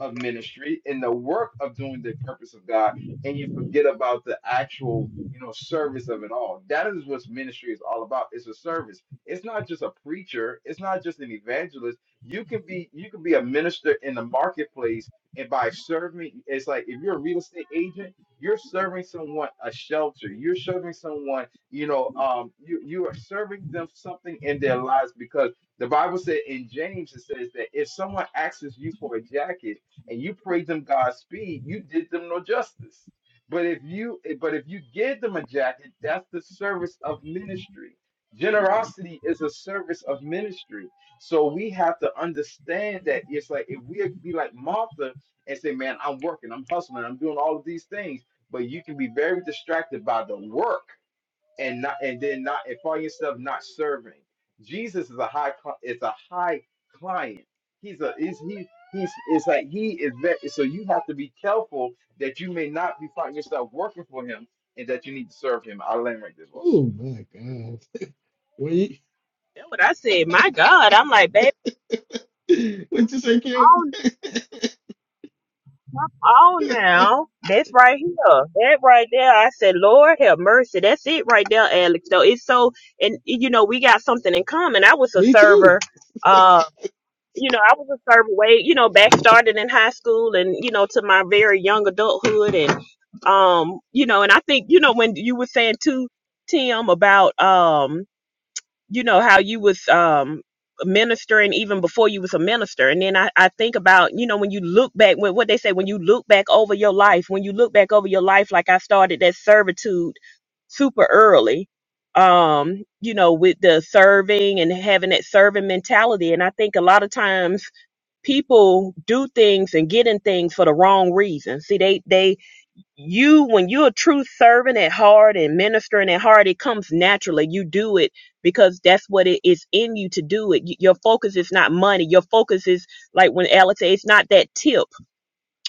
Speaker 3: of ministry and the work of doing the purpose of God, and you forget about the actual, you know, service of it all. That is what ministry is all about. It's a service. It's not just a preacher. It's not just an evangelist. You can be you can be a minister in the marketplace, and by serving, it's like if you're a real estate agent, you're serving someone a shelter. You're serving someone, you know, um, you you are serving them something in their lives because the Bible said in James it says that if someone asks you for a jacket and you prayed them Godspeed, you did them no justice. But if you but if you give them a jacket, that's the service of ministry. Generosity is a service of ministry. So we have to understand that it's like if we be like Martha and say, Man, I'm working, I'm hustling, I'm doing all of these things, but you can be very distracted by the work and not and then not and find yourself not serving. Jesus is a high cli- is a high client. He's a is he he's it's like he is very so you have to be careful that you may not be finding yourself working for him and that you need to serve him. I'll land right there, boss.
Speaker 1: Oh my God. What you,
Speaker 2: That's what I said. My God, I'm like, babe,
Speaker 1: what you say, Kim?
Speaker 2: on, on now. That's right here. That right there. I said, Lord have mercy. That's it right there, Alex. Though it's so, and you know, we got something in common. I was a
Speaker 1: Me
Speaker 2: server.
Speaker 1: too.
Speaker 2: Uh, you know, I was a server way, you know, back started in high school and, you know, to my very young adulthood. And, um, you know, and I think, you know, when you were saying too, Tim, about, um. you know how you was um ministering even before you was a minister and then I, I think about you know when you look back when what they say when you look back over your life when you look back over your life like i started that servitude super early um you know with the serving and having that serving mentality and i think a lot of times people do things and get in things for the wrong reason see they they you when you're a true servant at heart and ministering at heart it comes naturally you do it because that's what it is in you to do it Y- your focus is not money your focus is like when alex said it's not that tip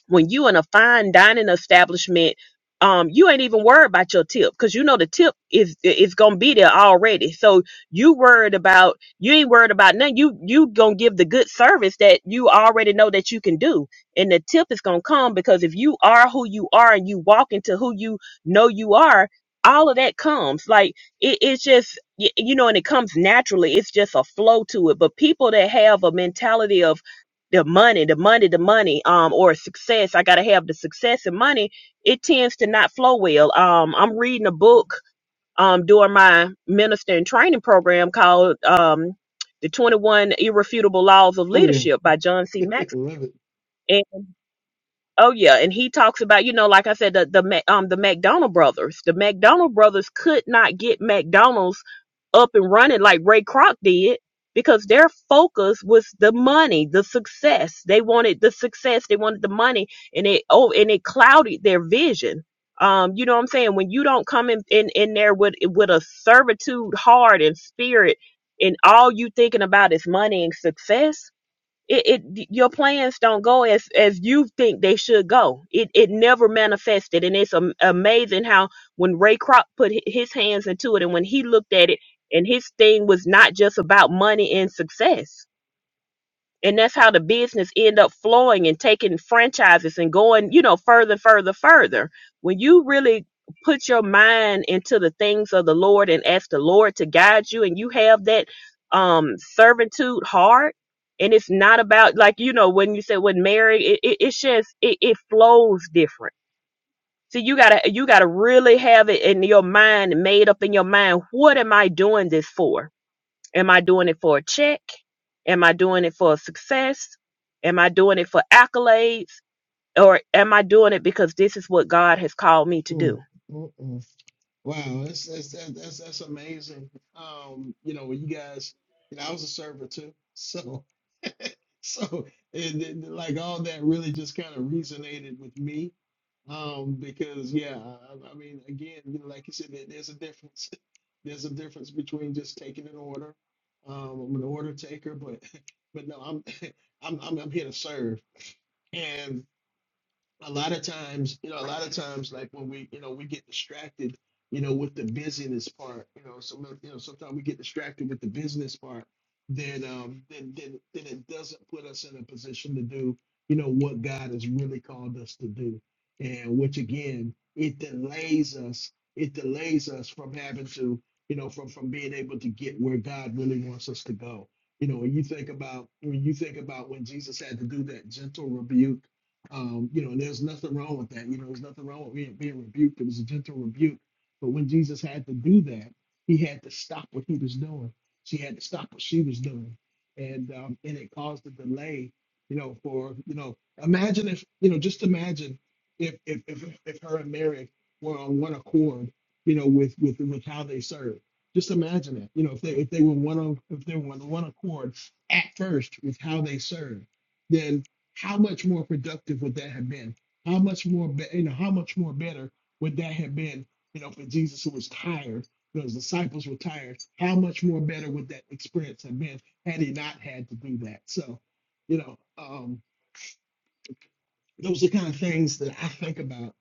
Speaker 2: when you in a fine dining establishment, um, you ain't even worried about your tip because you know the tip is is gonna be there already. So you worried about you ain't worried about nothing. You you gonna give the good service that you already know that you can do, and the tip is gonna come because if you are who you are and you walk into who you know you are, all of that comes. Like it, it's just y- you know, and it comes naturally. It's just a flow to it. But people that have a mentality of the money, the money, the money, um, or success. I gotta have the success and money. It tends to not flow well. Um, I'm reading a book um during my minister and training program called um the 21 Irrefutable Laws of
Speaker 1: Oh yeah.
Speaker 2: Leadership by John C. Maxwell.
Speaker 1: Love it.
Speaker 2: Oh yeah, and he talks about you know, like I said, the the Mac- um the McDonald brothers. The McDonald brothers could not get McDonald's up and running like Ray Kroc did because their focus was the money, the success. They wanted the success, they wanted the money, and it oh and it clouded their vision. Um, you know what I'm saying? When you don't come in in, in there with with a servitude heart and spirit, and all you thinking about is money and success it, it your plans don't go as as you think they should go. It it never manifested, and it's am- amazing how when Ray Kroc put hi- his hands into it, and when he looked at it, and his thing was not just about money and success and that's how the business end up flowing and taking franchises and going you know further further further when you really put your mind into the things of the lord and ask the lord to guide you and you have that um servitude heart and it's not about like you know when you said with mary it, it, it's just it, it flows different so you gotta you gotta really have it in your mind made up in your mind what am i doing this for Am I doing it for a check? Am I doing it for a success? Am I doing it for accolades? Or am I doing it because this is what God has called me to
Speaker 1: Mm,
Speaker 2: do?
Speaker 1: mm, mm. Wow, that's that's that, that's that's amazing. Um, you know, when you guys, you know, I was a server too, so so and, then like all that really just kind of resonated with me, um, because yeah, I, I I mean, again, you know, like you said, there- there's a difference. There's a difference between just taking an order. Um, I'm an order taker, but but no, I'm I'm I'm, I'm here to serve, and a lot of times, you know, a lot of times, like when we, you know, we get distracted, you know, with the business part, you know, some, you know, sometimes we get distracted with the business part, then, um, then, then, then it doesn't put us in a position to do, you know, what God has really called us to do, and which again, it delays us, it delays us from having to, you know, from from being able to get where God really wants us to go. You know, when you think about when you think about when Jesus had to do that gentle rebuke um, you know, and there's nothing wrong with that. You know, there's nothing wrong with being, being rebuked. It was a gentle rebuke. But when Jesus had to do that, he had to stop what he was doing. She had to stop what she was doing. And um, and it caused a delay, you know, for, you know, imagine if, you know, just imagine if if if, if her and Mary were on one accord, you know, with with with how they served. Just imagine that, you know, if they if they were one of if they were on one accord at first with how they served then how much more productive would that have been? How much more, be- you know, how much more better would that have been, you know, for Jesus who was tired, those disciples were tired. How much more better would that experience have been had he not had to do that? So, you know, um, those are the kind of things that I think about,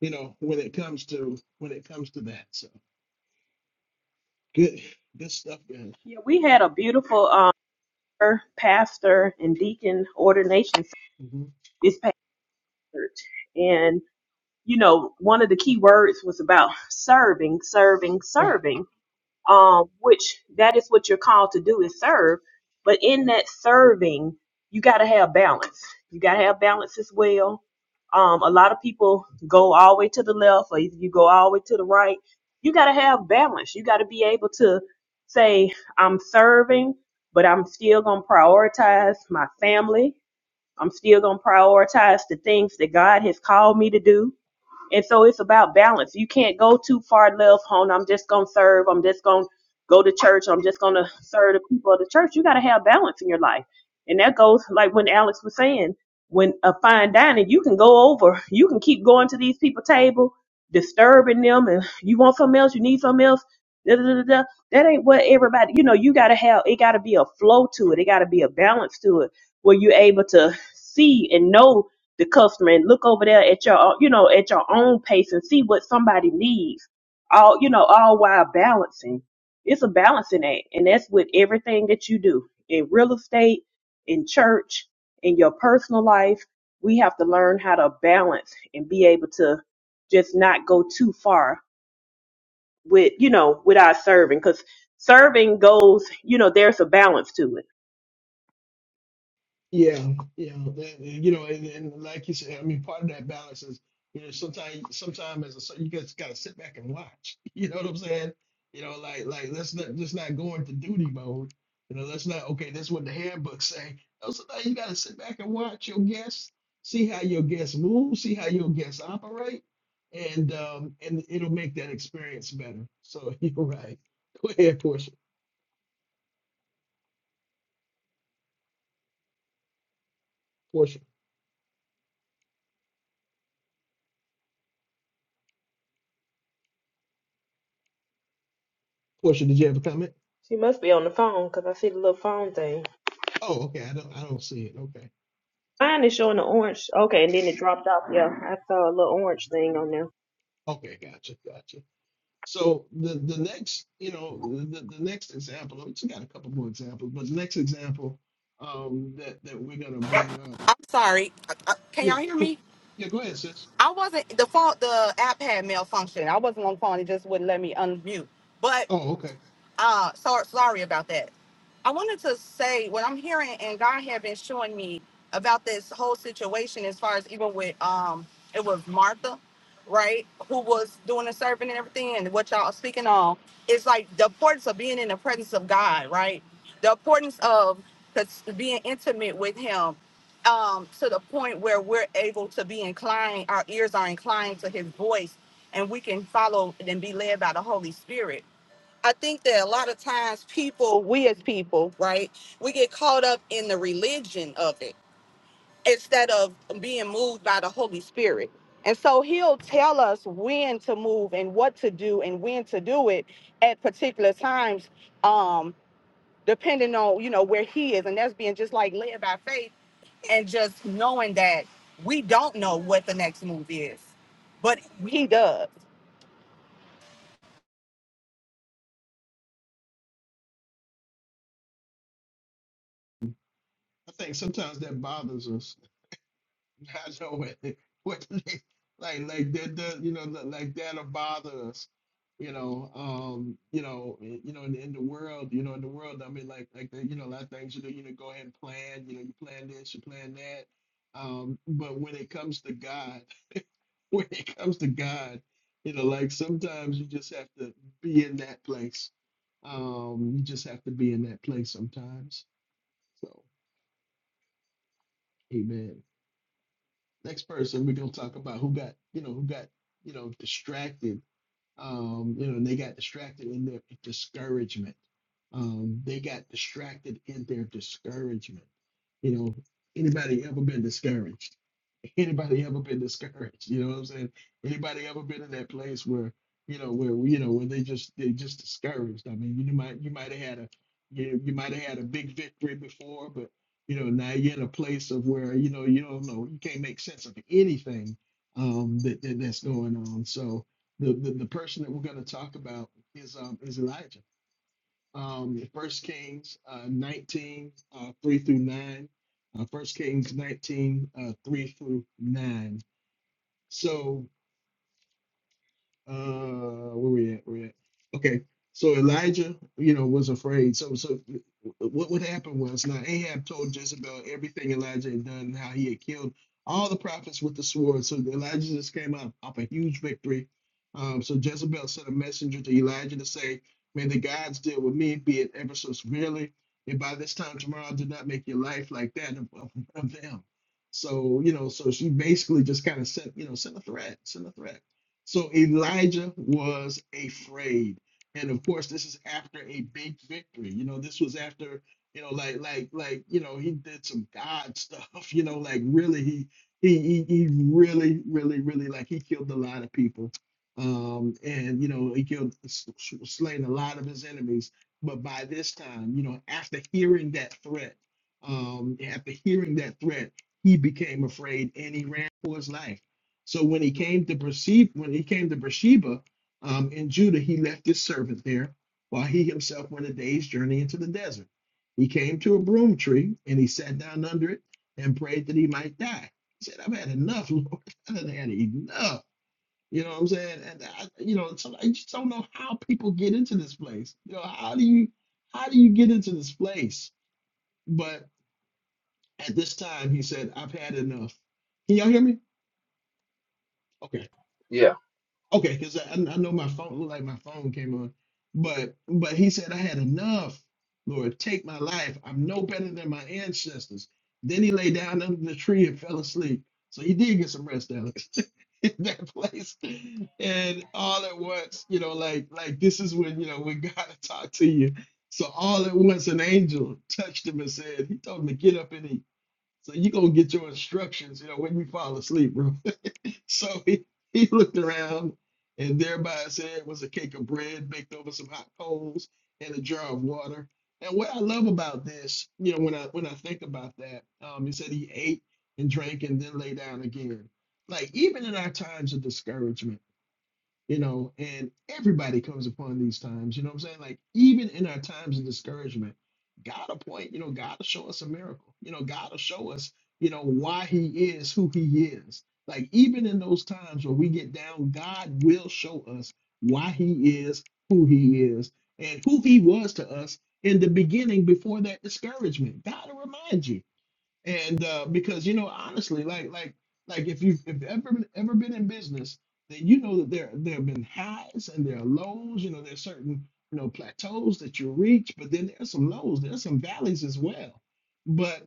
Speaker 1: you know, when it comes to when it comes to that. So good, good stuff, guys.
Speaker 2: Yeah, we had a beautiful um, pastor and deacon ordination
Speaker 1: Mhm.
Speaker 2: this past church. And, you know, one of the key words was about serving, serving,
Speaker 1: Right.
Speaker 2: serving. um, which that is what you're called to do is serve. But in that serving, you got to have balance. You got to have balance as well. Um, a lot of people go all the way to the left or you go all the way to the right. You got to have balance. You got to be able to say, I'm serving, but I'm still going to prioritize my family. I'm still going to prioritize the things that God has called me to do. And so it's about balance. You can't go too far left on I'm just gonna serve, I'm just gonna go to church, I'm just gonna serve the people of the church. You gotta have balance in your life. And that goes like when Alex was saying, when a fine dining, you can go over, you can keep going to these people's table, disturbing them and you want something else, you need something else. da, da, da. da. That ain't what everybody, you know, you got to have, it got to be a flow to it. It got to be a balance to it where you're able to see and know the customer and look over there at your you know at your own pace and see what somebody needs all you know all while balancing it's a balancing act and that's with everything that you do in real estate in church in your personal life we have to learn how to balance and be able to just not go too far with you know with our serving because serving goes you know there's a balance to it
Speaker 1: Yeah, yeah, that- you know, and, and like you said, I mean, part of that balance is, you know, sometimes, sometimes as a son, you just gotta sit back and watch. You know what I'm saying? You know, like, like let's not let's not go into duty mode. You know, let's not. Okay, that's what the handbook say. No, sometimes you gotta sit back and watch your guests, see how your guests move, see how your guests operate, and um, and it'll make that experience better. So you're right. Go ahead, Portia. Portia, Portia, did you have a comment?
Speaker 2: she must be on the phone because i see the little phone thing
Speaker 1: Oh, okay. I don't, I don't see it. Okay.
Speaker 2: Mine is showing the orange. Okay, and then it dropped off. Yeah, I saw a little orange thing on there.
Speaker 1: Okay, gotcha, gotcha. So the the next, you know, the, the next example, we just got a couple more examples, but the next example um that that we're gonna bring up.
Speaker 4: I'm sorry. Uh, uh, Can
Speaker 1: Yeah,
Speaker 4: y'all hear
Speaker 1: go,
Speaker 4: me?
Speaker 1: yeah, go ahead, sis.
Speaker 4: I wasn't the phone. The app had malfunction. I wasn't on the phone. It just wouldn't let me unmute. But
Speaker 1: Oh, okay.
Speaker 4: uh, so, sorry about that. I wanted to say what I'm hearing and God had been showing me about this whole situation as far as even with um it was Martha, right, who was doing the serving and everything and what y'all are speaking on. It's like the importance of being in the presence of God, right? The importance of cons- being intimate with him um to the point where we're able to be inclined, our ears are inclined to his voice and we can follow and be led by the Holy Spirit I think that a lot of times people, we as people, right, we get caught up in the religion of it instead of being moved by the Holy Spirit. And so he'll tell us when to move and what to do and when to do it at particular times, um, depending on, you know, where he is. And that's being just like led by faith and just knowing that we don't know what the next move is, but he does.
Speaker 1: I think sometimes that bothers us. I know what, what they- like like that does you know li- like that'll bother us, you know. Um, you know, i- you know, in, in the world, you know, in the world, I mean, like like the, you know, a lot of things you do, you know, go ahead and plan, you know, you plan this, you plan that. Um, but when it comes to God, when it comes to God, you know, like sometimes you just have to be in that place. Um, you just have to be in that place sometimes. So, Amen. next person we're gonna talk about who got you know who got you know distracted um you know and they got distracted in their discouragement um they got distracted in their discouragement you know anybody ever been discouraged Anybody ever been discouraged? You know what I'm saying? Anybody ever been in that place where you know where you know where they just they just discouraged? I mean, you might you might have had a you, you might have had a big victory before, but you know now you're in a place of where you know you don't know you can't make sense of anything um, that, that that's going on. So the, the the person that we're going to talk about is um, is Elijah um, First Kings uh, 19, uh, 3 through 9. Uh, First Kings 19, uh, 3 through 9. So uh where we at where we at okay so elijah you know was afraid so so what would happen was now ahab told jezebel everything elijah had done how he had killed all the prophets with the sword so elijah just came up off a huge victory um so jezebel sent a messenger to elijah to say may the gods deal with me be it ever so severely and by this time tomorrow do not make your life like that of, of, of them so you know so she basically just kind of sent you know sent a threat sent a threat so Elijah was afraid. And of course, this is after a big victory. You know, this was after, you know, like like like, you know, he did some God stuff, you know, like really he he he, he really, really, really like he killed a lot of people. Um, and you know, he killed s- s- slain a lot of his enemies. But by this time, you know, after hearing that threat, um, after hearing that threat, he became afraid and he ran for his life so when he came to Beersheba, when he came to Beersheba um, in Judah, he left his servant there while he himself went a day's journey into the desert. He came to a broom tree and he sat down under it and prayed that he might die. He said, I've had enough, Lord. I've had enough. You know what I'm saying? And I, you know, so I just don't know how people get into this place. You know, how do you how do you get into this place? But at this time, he said, I've had enough. Can y'all hear me? Okay.
Speaker 3: Yeah.
Speaker 1: Okay, because I, I know my phone looked like my phone came on, but but he said I had enough. Lord, take my life. I'm no better than my ancestors. Then he lay down under the tree and fell asleep. So he did get some rest, Alex, in that place. And all at once, you know, like like this is when you know when God talked to you. So all at once, an angel touched him and said, He told him to get up and eat. So you gonna get your instructions, you know, when you fall asleep, bro. so he, he looked around, and there by his head was a cake of bread baked over some hot coals and a jar of water. And what I love about this, you know, when I when I think about that, um, he said he ate and drank and then lay down again. Like even in our times of discouragement you know, and everybody comes upon these times, you know what I'm saying? Like, even in our times of discouragement, God will point, you know, God will show us a miracle. You know, God will show us, you know, why He is who He is. Like, even in those times where we get down, God will show us why He is who He is and who He was to us in the beginning before that discouragement. God will remind you and uh, because you know honestly like like like if you've if ever been- ever been in business then you know that there there have been highs and there are lows you know there's certain you know plateaus that you reach but then there's some lows there's some valleys as well but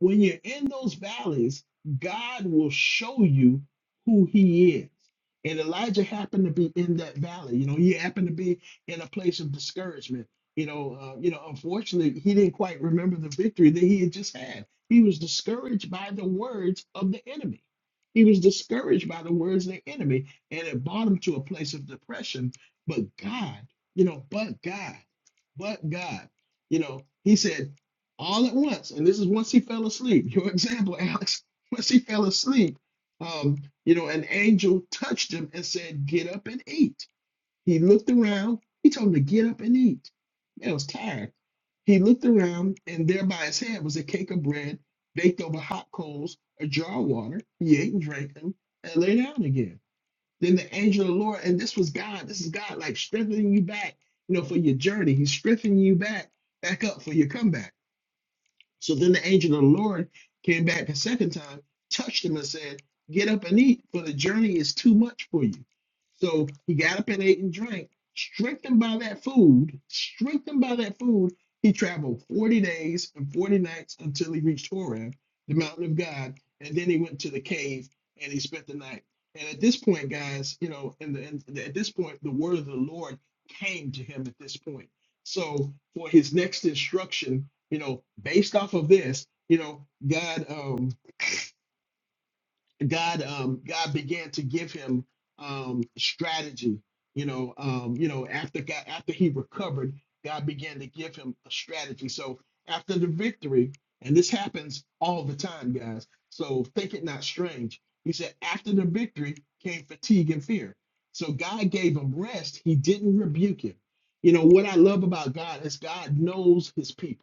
Speaker 1: when you're in those valleys god will show you who he is and elijah happened to be in that valley you know he happened to be in a place of discouragement you know uh, you know unfortunately he didn't quite remember the victory that he had just had he was discouraged by the words of the enemy. He was discouraged by the words of the enemy, and it brought him to a place of depression. But God, you know, but God, but God, you know, he said all at once, and this is once he fell asleep. Your example, Alex, once he fell asleep, um, you know, an angel touched him and said, Get up and eat he looked around. He told him to get up and eat. Man was tired. He looked around, and there by his head was a cake of bread baked over hot coals, a jar of water. He ate and drank them and lay down again. Then the angel of the Lord, and this was God, this is God like strengthening you back, you know, for your journey. He's strengthening you back, back up for your comeback. So then the angel of the Lord came back a second time, touched him, and said, Get up and eat, for the journey is too much for you. So he got up and ate and drank. Strengthened by that food, strengthened by that food, he traveled 40 days and 40 nights until he reached Horeb, the mountain of God. And then he went to the cave and he spent the night. And at this point, guys, you know, and, the, and at this point, the word of the Lord came to him at this point. So for his next instruction, you know based off of this you know god um god um god began to give him um strategy you know um you know after god after he recovered god began to give him a strategy so after the victory and this happens all the time guys so think it not strange he said after the victory came fatigue and fear so god gave him rest he didn't rebuke him you know what i love about god is god knows his people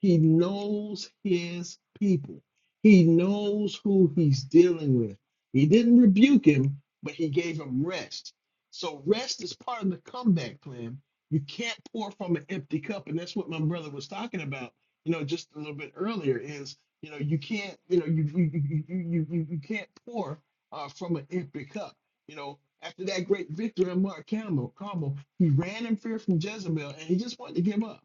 Speaker 1: he knows his people. He knows who he's dealing with. He didn't rebuke him, but he gave him rest. So rest is part of the comeback plan. You can't pour from an empty cup, and that's what my brother was talking about. You know, just a little bit earlier is you know you can't you know you you you you you, you you can't pour uh, from an empty cup. You know, after that great victory on Mark Carmel, Carmel, he ran in fear from Jezebel, and he just wanted to give up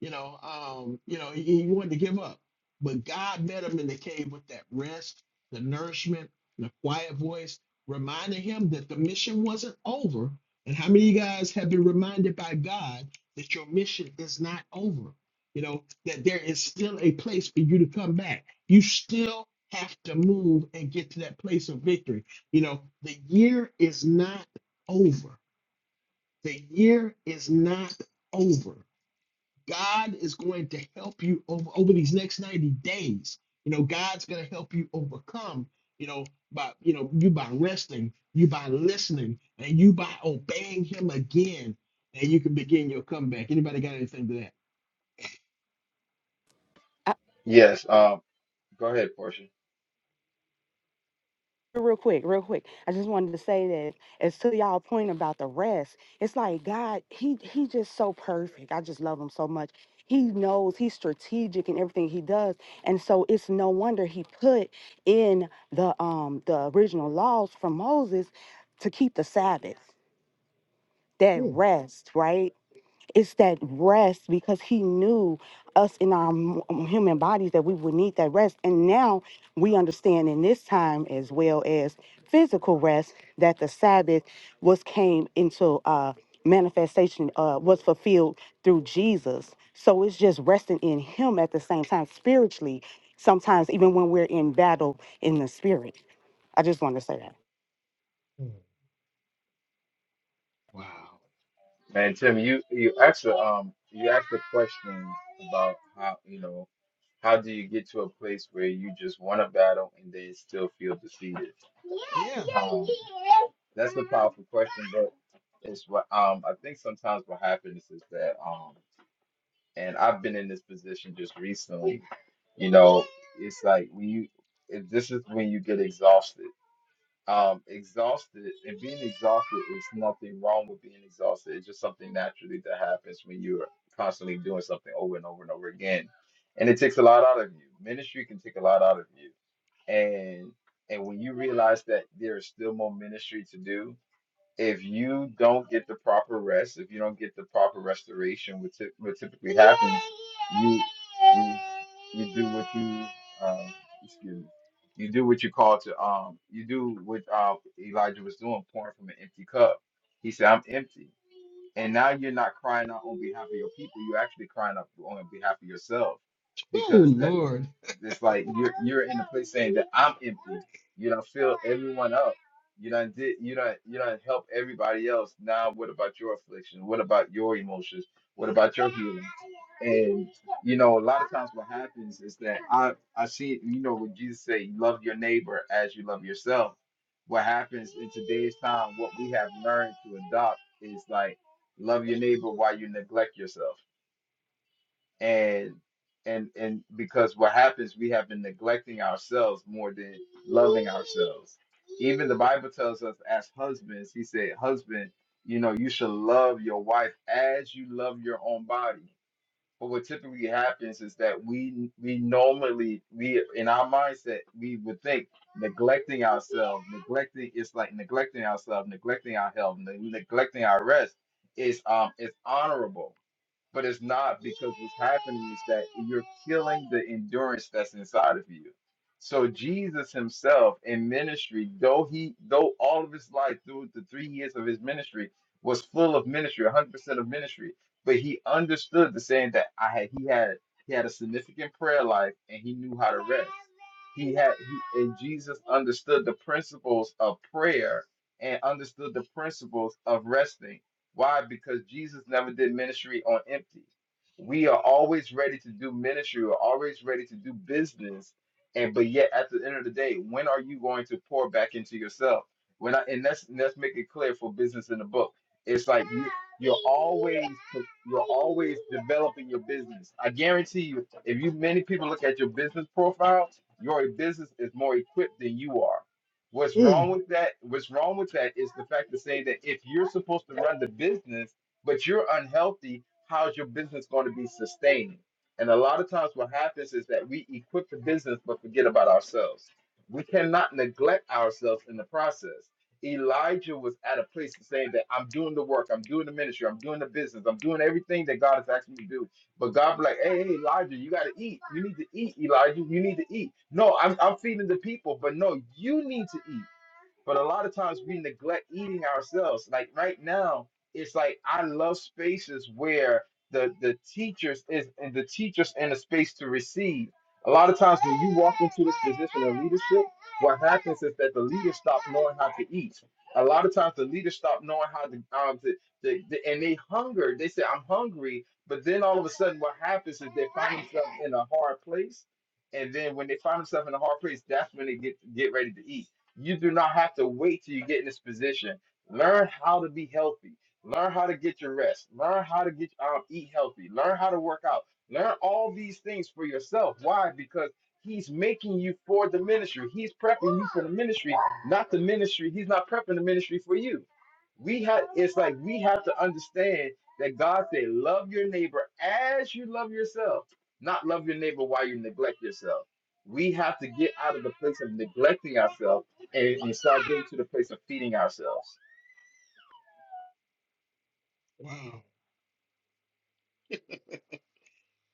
Speaker 1: you know, um, you know, he, he wanted to give up. But God met him in the cave with that rest, the nourishment, the quiet voice, reminding him that the mission wasn't over. And how many of you guys have been reminded by God that your mission is not over? You know, that there is still a place for you to come back. You still have to move and get to that place of victory. You know, the year is not over. The year is not over. God is going to help you over, over these next 90 days. You know, God's going to help you overcome, you know, by, you know, you by resting, you by listening, and you by obeying him again, and you can begin your comeback. Anybody got anything to that?
Speaker 3: Yes. Um. Go ahead, Portia.
Speaker 4: real quick, real quick. I just wanted to say that as to y'all point about the rest, it's like God, he he just so perfect. I just love him so much. He knows he's strategic in everything he does. And so it's no wonder he put in the um the original laws from Moses to keep the Sabbath, that
Speaker 1: Mm,
Speaker 4: rest, right? It's that rest because he knew us in our m- human bodies that we would need that rest. And now we understand in this time as well as physical rest that the Sabbath was came into uh manifestation uh was fulfilled through Jesus. So it's just resting in him at the same time spiritually sometimes even when we're in battle in the spirit. I just want to say that.
Speaker 1: mm, Wow.
Speaker 3: And Tim, you you asked the um you asked the question about how you know. How do you get to a place where you just want to battle and then still feel defeated?
Speaker 1: Yeah.
Speaker 3: Um, that's a powerful question, but it's what um I think sometimes what happens is that um and I've been in this position just recently. You know, it's like when you it, this is when you get exhausted um exhausted and being exhausted is nothing wrong with being exhausted it's just something naturally that happens when you're constantly doing something over and over and over again and it takes a lot out of you ministry can take a lot out of you and and when you realize that there is still more ministry to do if you don't get the proper rest, if you don't get the proper restoration, which typ- what typically happens, you you you do what you um, excuse me, you do what you call to um you do what uh, Elijah was doing, pouring from an empty cup. He said, "I'm empty," and now you're not crying out on behalf of your people. You're actually crying out on behalf of yourself,
Speaker 1: Oh,
Speaker 3: because
Speaker 1: Lord.
Speaker 3: it's like you're you're in a place saying that I'm empty. You don't fill everyone up. You don't did you don't you don't help everybody else. Now what about your affliction? What about your emotions? What about your healing? And you know, a lot of times what happens is that I I see you know when Jesus say love your neighbor as you love yourself. What happens in today's time, what we have learned to adopt is like love your neighbor while you neglect yourself and and and because what happens we have been neglecting ourselves more than loving ourselves even the bible tells us as husbands he said husband you know you should love your wife as you love your own body but what typically happens is that we we normally we in our mindset we would think neglecting ourselves neglecting it's like neglecting ourselves neglecting our health ne- neglecting our rest is um is honorable but it's not because what's happening is that you're killing the endurance that's inside of you. So Jesus himself in ministry, though he though all of his life through the three years of his ministry was full of ministry, 100% of ministry, but he understood the saying that I had he had he had a significant prayer life and he knew how to rest. He had he, and Jesus understood the principles of prayer and understood the principles of resting why? Because Jesus never did ministry on empty. We are always ready to do ministry, we're always ready to do business. And but yet at the end of the day, when are you going to pour back into yourself? When I and let's let's make it clear for business in the book. It's like you you're always you're always developing your business. I guarantee you, if you many people look at your business profile, your business is more equipped than you are What's
Speaker 1: mm.
Speaker 3: wrong with that? What's wrong with that is the fact to say that if you're supposed to run the business, but you're unhealthy, how's your business going to be sustaining? And a lot of times, what happens is that we equip the business but forget about ourselves. We cannot neglect ourselves in the process. Elijah was at a place of saying that I'm doing the work, I'm doing the ministry, I'm doing the business, I'm doing everything that God has asked me to do. But God be like, hey, hey, Elijah, you gotta eat. You need to eat, Elijah. You need to eat. No, I'm I'm feeding the people, but no, you need to eat. But a lot of times we neglect eating ourselves. Like right now, it's like I love spaces where the the teachers is and the teachers in a space to receive. A lot of times when you walk into this position of leadership, what happens is that the leaders stop knowing how to eat. A lot of times the leaders stop knowing how to um to, to, to- and they hunger. They say I'm hungry, but then all of a sudden what happens is they find themselves in a hard place. And then when they find themselves in a hard place, that's when they get get ready to eat you do not have to wait till you get in this position. Learn how to be healthy. Learn how to get your rest. Learn how to get um, eat healthy. Learn how to work out. Learn all these things for yourself. Why? Because he's making you for the ministry. He's prepping you for the ministry, not the ministry. He's not prepping the ministry for you. We have it's like we have to understand that God said, love your neighbor as you love yourself, not love your neighbor while you neglect yourself. We have to get out of the place of neglecting ourselves and, and start getting to the place of feeding ourselves.
Speaker 1: Wow.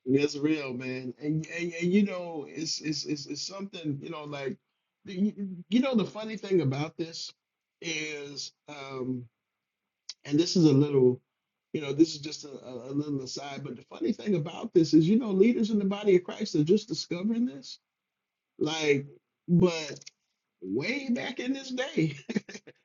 Speaker 1: That's real, man. And, and, and you know, it's, it's, it's, it's something, you know, like, you, you know, the funny thing about this is, um, And this is a little, you know, this is just a, a, a little aside. But the funny thing about this is, you know, leaders in the body of Christ are just discovering this. Like, but way back in this day,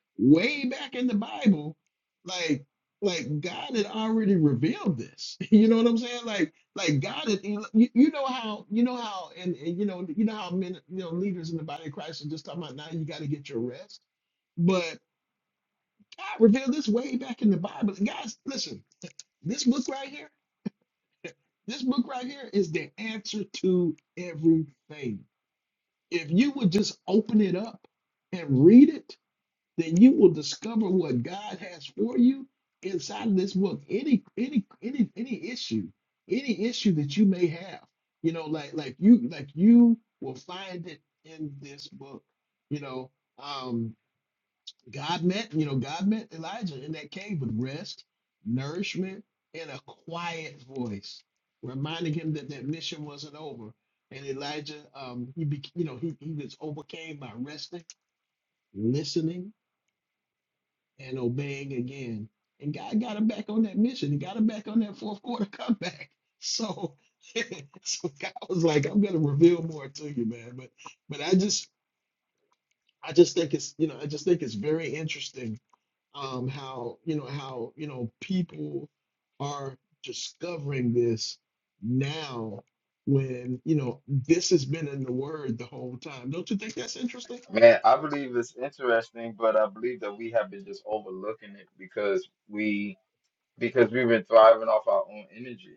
Speaker 1: way back in the Bible, like, like God had already revealed this. You know what I'm saying? Like, like God had, you, you know how, you know how, and, and you know, you know how men, you know, leaders in the body of Christ are just talking about now you got to get your rest. But God revealed this way back in the Bible. And guys, listen, this book right here, this book right here is the answer to everything. If you would just open it up and read it, then you will discover what God has for you inside of this book. Any any any any issue, any issue that you may have, you know, like like you like you will find it in this book. You know, um, God met, you know, God met Elijah in that cave with rest, nourishment, and a quiet voice, reminding him that that mission wasn't over. And Elijah, um, he, be, you know, he, he was overcame by resting, listening, and obeying again. And God got him back on that mission. He got him back on that fourth quarter comeback. So, so God was like, "I'm gonna reveal more to you, man." But, but I just, I just think it's, you know, I just think it's very interesting um, how you know how you know people are discovering this now when you know this has been in the word the whole time. Don't you think that's interesting?
Speaker 3: Man, I believe it's interesting, but I believe that we have been just overlooking it because we because we've been thriving off our own energy.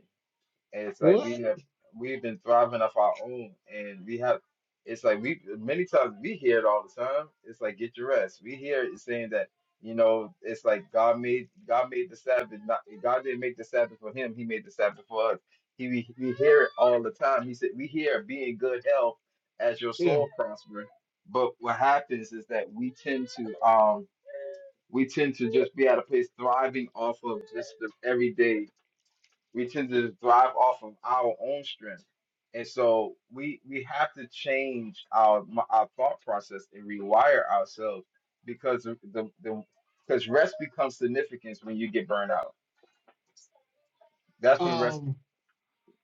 Speaker 3: And it's like
Speaker 1: What?
Speaker 3: we have we've been thriving off our own and we have it's like we many times we hear it all the time. It's like get your rest. We hear it saying that, you know, it's like God made God made the Sabbath not God didn't make the Sabbath for him, he made the Sabbath for us. He we, we hear it all the time. He said we hear be in good health as your
Speaker 1: Yeah.
Speaker 3: soul prosper. But what happens is that we tend to um we tend to just be at a place thriving off of just the everyday we tend to thrive off of our own strength and so we we have to change our m- our thought process and rewire ourselves because of the the because rest becomes significance when you get burned out that's when rest
Speaker 1: Um,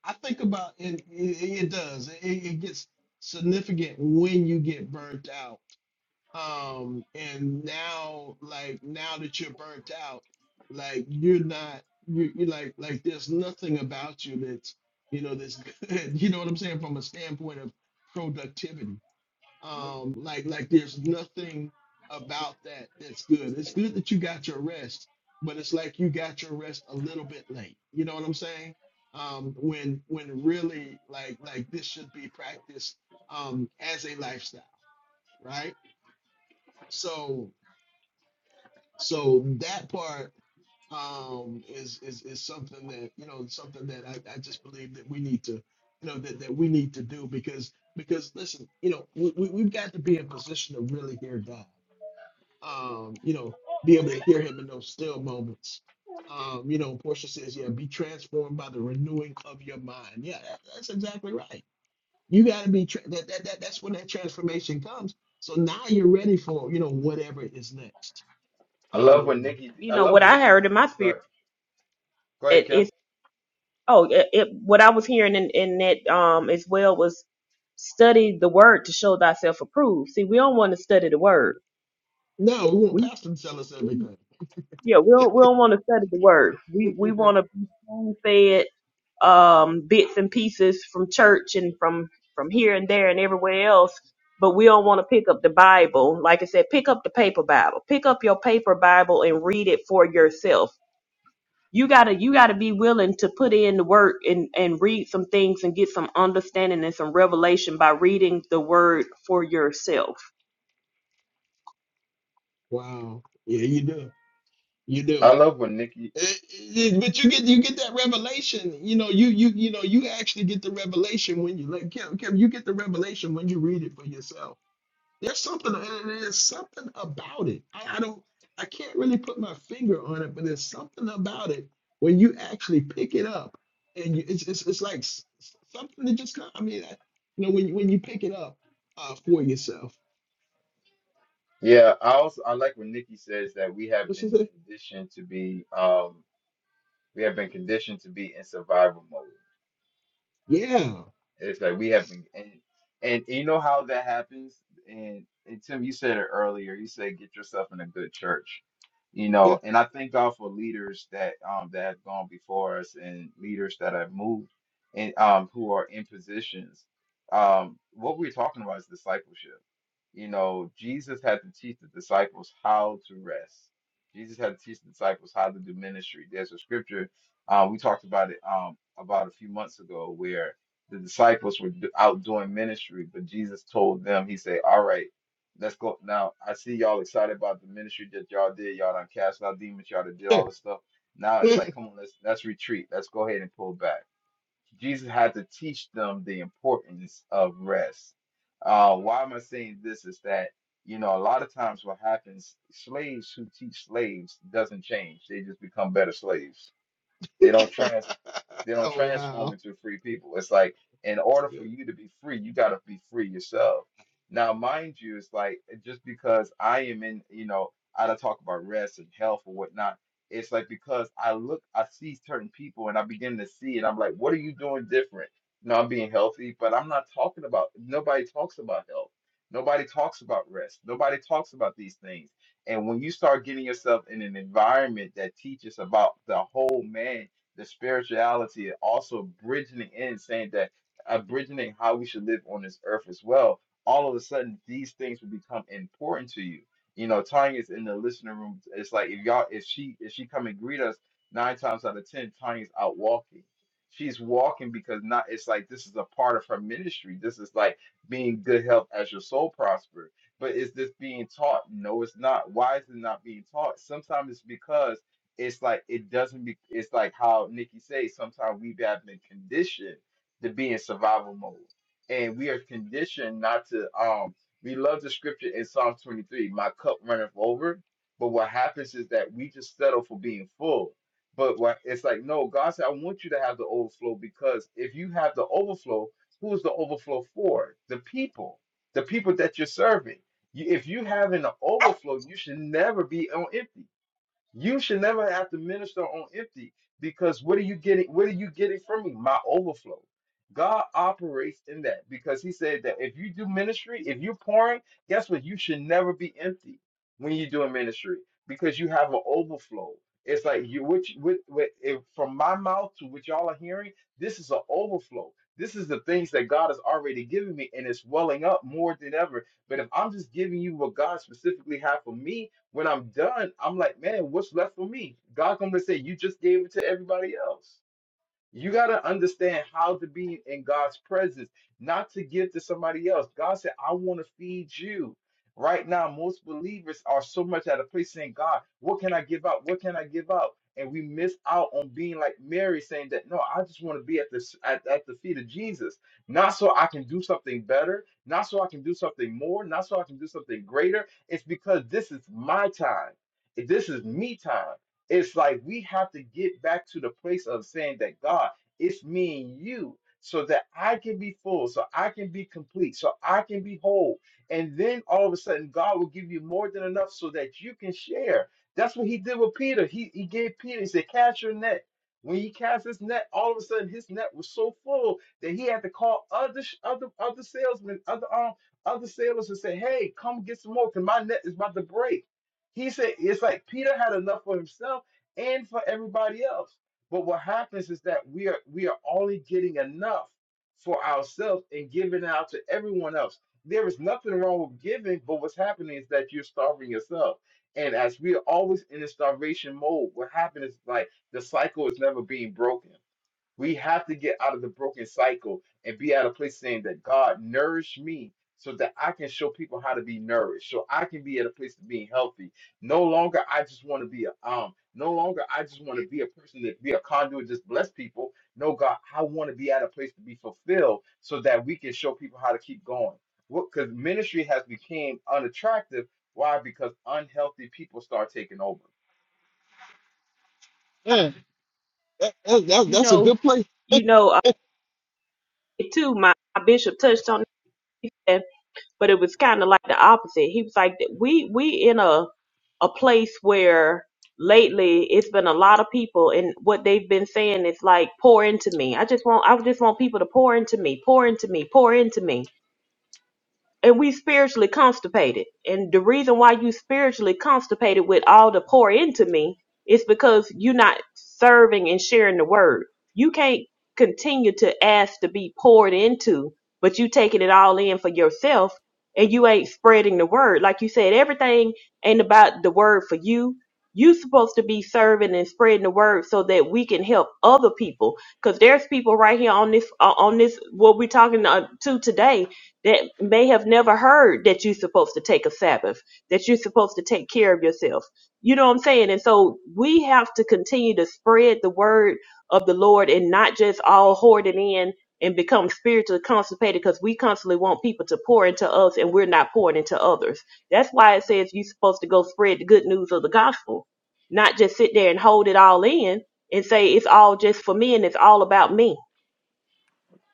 Speaker 1: I think about and it, it does. It, it gets significant when you get burnt out um and now like now that you're burnt out like you're not you you like like there's nothing about you that's you know that's good you know what i'm saying from a standpoint of productivity um like like there's nothing about that that's good it's good that you got your rest but it's like you got your rest a little bit late you know what i'm saying um when when really like like this should be practiced um as a lifestyle right so so that part um is is is something that you know something that I, I just believe that we need to you know that, that we need to do because because listen you know we, we, we've got to be in position to really hear god um you know be able to hear him in those still moments um you know portia says yeah be transformed by the renewing of your mind yeah that, that's exactly right you got to be tra- that, that that that's when that transformation comes so now you're ready for you know whatever is next
Speaker 3: i love when
Speaker 1: Um,
Speaker 3: nikki
Speaker 2: You
Speaker 3: i
Speaker 2: know
Speaker 3: love
Speaker 2: what
Speaker 3: when
Speaker 2: I
Speaker 3: nikki
Speaker 2: heard in my
Speaker 3: go
Speaker 2: spirit
Speaker 3: ahead, go ahead kim
Speaker 2: is oh, it, it, what I was hearing in, in that um as well was study the word to show thyself approved. See, we don't want to study the word.
Speaker 1: No, we want pastor to tell us everything.
Speaker 2: Yeah, we don't we don't want to study the word. We we want to be spoon fed um, bits and pieces from church and from from here and there and everywhere else. But we don't want to pick up the Bible. Like I said, pick up the paper Bible. Pick up your paper Bible and read it for yourself. You gotta you gotta be willing to put in the work and and read some things and get some understanding and some revelation by reading the word for yourself.
Speaker 1: wow. Yeah, you do. You
Speaker 3: i
Speaker 1: do.
Speaker 3: love when nikki
Speaker 1: Eh, eh, eh, But you get you get that revelation. You know, you you you know, you actually get the revelation when you like Kim, Kim, you get the revelation when you read it for yourself. There's something eh, eh, there's something about it. I, I don't I can't really put my finger on it, but there's something about it when you actually pick it up and you, it's, it's it's like s- s- something that just kind I mean, I, you know, when when you pick it up uh, for yourself.
Speaker 3: yeah i also i like when nikki says that we have
Speaker 1: What she
Speaker 3: been
Speaker 1: say?
Speaker 3: conditioned to be um we have been conditioned to be in survival mode
Speaker 1: Yeah.
Speaker 3: It's like we have been, and, and you know how that happens. And and Tim, you said it earlier. You said get yourself in a good church, you
Speaker 1: Yeah.
Speaker 3: know. And I thank God for leaders that um that have gone before us and leaders that have moved and um who are in positions. Um, what we're talking about is discipleship. You know, Jesus had to teach the disciples how to rest. Jesus had to teach the disciples how to do ministry. There's a scripture uh, we talked about it um, about a few months ago where the disciples were d- out doing ministry, but Jesus told them, He said, All right, let's go. Now, I see y'all excited about the ministry that y'all did. Y'all done cast out demons, y'all done did
Speaker 1: Sure.
Speaker 3: all this stuff. Now it's like, come on, let's let's retreat. Let's go ahead and pull back. Jesus had to teach them the importance of rest. Uh, why am I saying this? Is that you know a lot of times what happens? Slaves who teach slaves doesn't change; they just become better slaves they don't trans they don't
Speaker 1: oh
Speaker 3: transform
Speaker 1: wow.
Speaker 3: into free people. It's like in
Speaker 1: That's
Speaker 3: order for
Speaker 1: good.
Speaker 3: you to be free, you got to be free yourself. Now, mind you, it's like just because I am in, you know, I don't talk about rest and health or whatnot. It's like because I look, I see certain people and I begin to see it. I'm like, what are you doing different? You I'm being healthy, but I'm not talking about, nobody talks about health. Nobody talks about rest. Nobody talks about these things. And when you start getting yourself in an environment that teaches about the whole man, the spirituality and also bridging it in, saying that uh, bridging in how we should live on this earth as well. All of a sudden, these things will become important to you. You know, Tanya's in the listening room. It's like if y'all, if she, if she come and greet us, nine times out of ten, Tanya's out walking. She's walking because not. It's like this is a part of her ministry. This is like being good health as your soul prosper. But is this being taught? No, it's not. Why is it not being taught? Sometimes it's because it's like it doesn't be it's like how Nikki says sometimes we've been conditioned to be in survival mode. And we are conditioned not to um we love the scripture in Psalm 23, my cup runneth over. But what happens is that we just settle for being full. But what it's like, no, God said, I want you to have the overflow because if you have the overflow, who is the overflow for? The people, the people that you're serving. You, if you have an overflow, you should never be on empty. You should never have to minister on empty because what are you getting? What are you getting from me? My overflow. God operates in that because He said that if you do ministry, if you're pouring, guess what? You should never be empty when you're doing ministry because you have an overflow. It's like you, which, with, with, if, from my mouth to what y'all are hearing, this is an overflow. This is the things that God has already given me, and it's welling up more than ever. But if I'm just giving you what God specifically had for me, when I'm done, I'm like, man, what's left for me? God come to say, you just gave it to everybody else. You got to understand how to be in God's presence, not to give to somebody else. God said, I want to feed you. Right now, most believers are so much at a place saying, God, what can I give up? What can I give up? And we miss out on being like Mary saying that, no, I just want to be at the, s- at, at the feet of Jesus. Not so I can do something better, not so I can do something more, not so I can do something greater. It's because this is my time. This is me time it's like we have to get back to the place of saying that God, it's me and you, so that I can be full, so I can be complete, so I can be whole. And then all of a sudden, God will give you more than enough so that you can share. That's what he did with Peter. He, he gave Peter, he said, Cast your net. When he cast his net, all of a sudden his net was so full that he had to call other sh- other other salesmen, other um other sailors, and say, "Hey, come get some more, cause my net is about to break." He said, "It's like Peter had enough for himself, and for everybody else. But what happens is that we are we are only getting enough for ourselves and giving out to everyone else. There is nothing wrong with giving, but what's happening is that you're starving yourself. And as we are always in a starvation mode, what happens is like the cycle is never being broken. We have to get out of the broken cycle and be at a place saying that God nourished me so that I can show people how to be nourished, so I can be at a place of being healthy. No longer I just want to be a um, no longer I just want to be a person that be a conduit, just bless people. No, God, I want to be at a place to be fulfilled so that we can show people how to keep going. What because ministry has become unattractive. Why? Because unhealthy people start taking over
Speaker 1: Man, that, that, that-
Speaker 2: You
Speaker 1: that's a
Speaker 2: know,
Speaker 1: good place.
Speaker 2: you know uh, too. My, my bishop touched on. that but it was kind of like the opposite. He was like, we we in a a place where lately it's been a lot of people, and what they've been saying is like, pour into me. I just want I just want people to pour into me, pour into me, pour into me and we spiritually constipated. And the reason why you spiritually constipated with all the pour into me is because you're not serving and sharing the word. You can't continue to ask to be poured into, but you taking it all in for yourself and you ain't spreading the word. Like you said, everything ain't about the word for you. You supposed to be serving and spreading the word so that we can help other people. Cause there's people right here on this, uh, on this, what we're talking uh, to today that may have never heard that you're supposed to take a Sabbath, that you're supposed to take care of yourself. You know what I'm saying? And so we have to continue to spread the word of the Lord and not just all hoard it in and become spiritually constipated because we constantly want people to pour into us and we're not pouring into others. That's why it says you're supposed to go spread the good news of the gospel, not just sit there and hold it all in and say it's all just for me and it's all about me.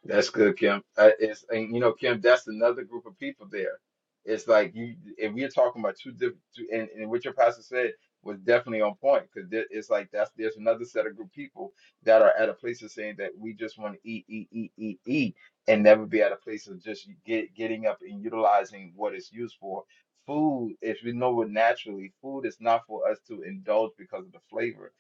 Speaker 3: That's good, Kim. Uh, it's and you know, Kim, that's another group of people there. It's like you and we're talking about two different, and, and what your pastor said was definitely on point because it's like that's there's another set of group people that are at a place of saying that we just want to eat, eat, eat, eat, eat, and never be at a place of just get getting up and utilizing what it's used for. Food, if we know it naturally, food is not for us to indulge because of the flavor.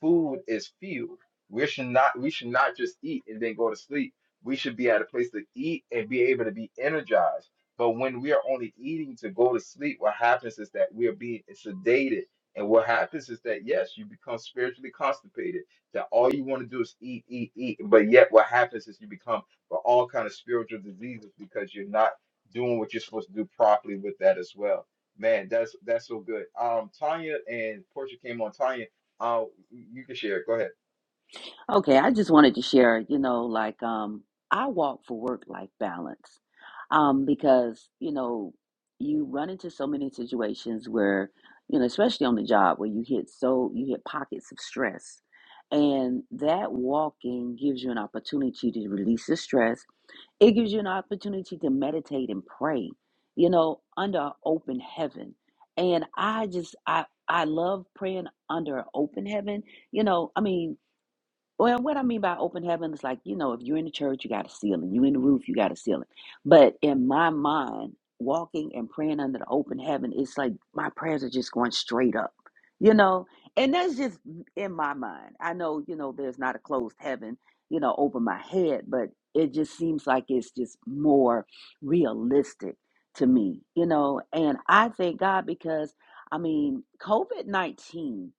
Speaker 3: Food is fuel. We should not we should not just eat and then go to sleep we should be at a place to eat and be able to be energized. But when we are only eating to go to sleep, what happens is that we are being sedated. And what happens is that, yes, you become spiritually constipated, that all you want to do is eat, eat, eat. But yet, what happens is you become for all kind of spiritual diseases because you're not doing what you're supposed to do properly with that as well. Man, that's that's so good. Um, Tanya and Portia came on. Tanya, uh, you can share. Go ahead.
Speaker 5: Okay, I just wanted to share, you know, like um I walk for work life balance. Um because, you know, you run into so many situations where, you know, especially on the job where you hit so you hit pockets of stress. And that walking gives you an opportunity to release the stress. It gives you an opportunity to meditate and pray, you know, under an open heaven. And I just I I love praying under an open heaven you know, I mean, well, what I mean by open heaven is like, you know, if you're in the church, you got a ceiling. You in the roof, you got a ceiling. But in my mind, walking and praying under the open heaven, it's like my prayers are just going straight up, you know? And that's just in my mind. I know, you know, there's not a closed heaven, you know, over my head, but it just seems like it's just more realistic to me, you know? And I thank God because, I mean, COVID 19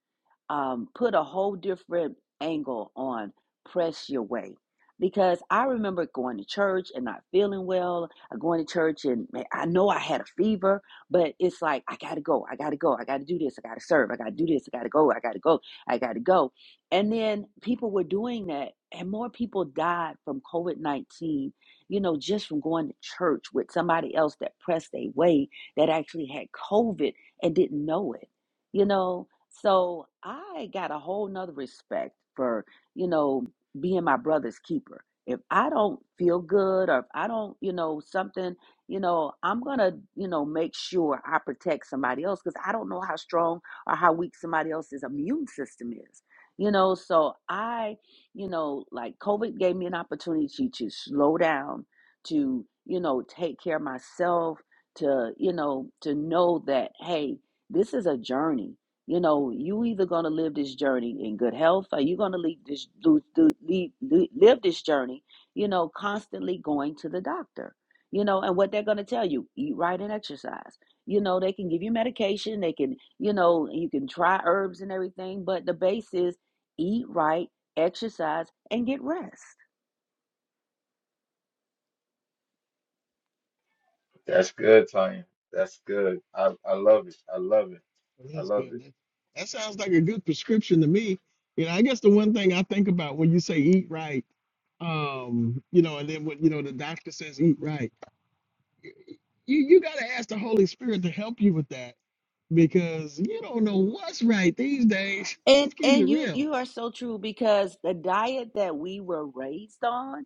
Speaker 5: um, put a whole different angle on press your way. Because I remember going to church and not feeling well, or going to church and man, I know I had a fever, but it's like, I gotta go, I gotta go, I gotta do this, I gotta serve, I gotta do this, I gotta go, I gotta go, I gotta go. And then people were doing that, and more people died from COVID 19, you know, just from going to church with somebody else that pressed their way that actually had COVID and didn't know it, you know? So I got a whole nother respect for, you know, being my brother's keeper. If I don't feel good or if I don't, you know, something, you know, I'm going to, you know, make sure I protect somebody else because I don't know how strong or how weak somebody else's immune system is. You know, so I, you know, like COVID gave me an opportunity to slow down, to, you know, take care of myself, to, you know, to know that, hey, this is a journey you know, you either gonna live this journey in good health, or you gonna leave this do, do, leave, do, live this journey. You know, constantly going to the doctor. You know, and what they're gonna tell you: eat right and exercise. You know, they can give you medication. They can, you know, you can try herbs and everything, but the base is eat right, exercise, and get rest.
Speaker 3: That's good, Tanya. That's good. I, I love it. I love it. I
Speaker 1: That's
Speaker 3: love
Speaker 1: good.
Speaker 3: it.
Speaker 1: That, that sounds like a good prescription to me. You know, I guess the one thing I think about when you say eat right, um, you know, and then when you know the doctor says eat right, you you got to ask the Holy Spirit to help you with that because you don't know what's right these days.
Speaker 5: And
Speaker 1: Just keep it
Speaker 5: and you
Speaker 1: real.
Speaker 5: you are so true because the diet that we were raised on,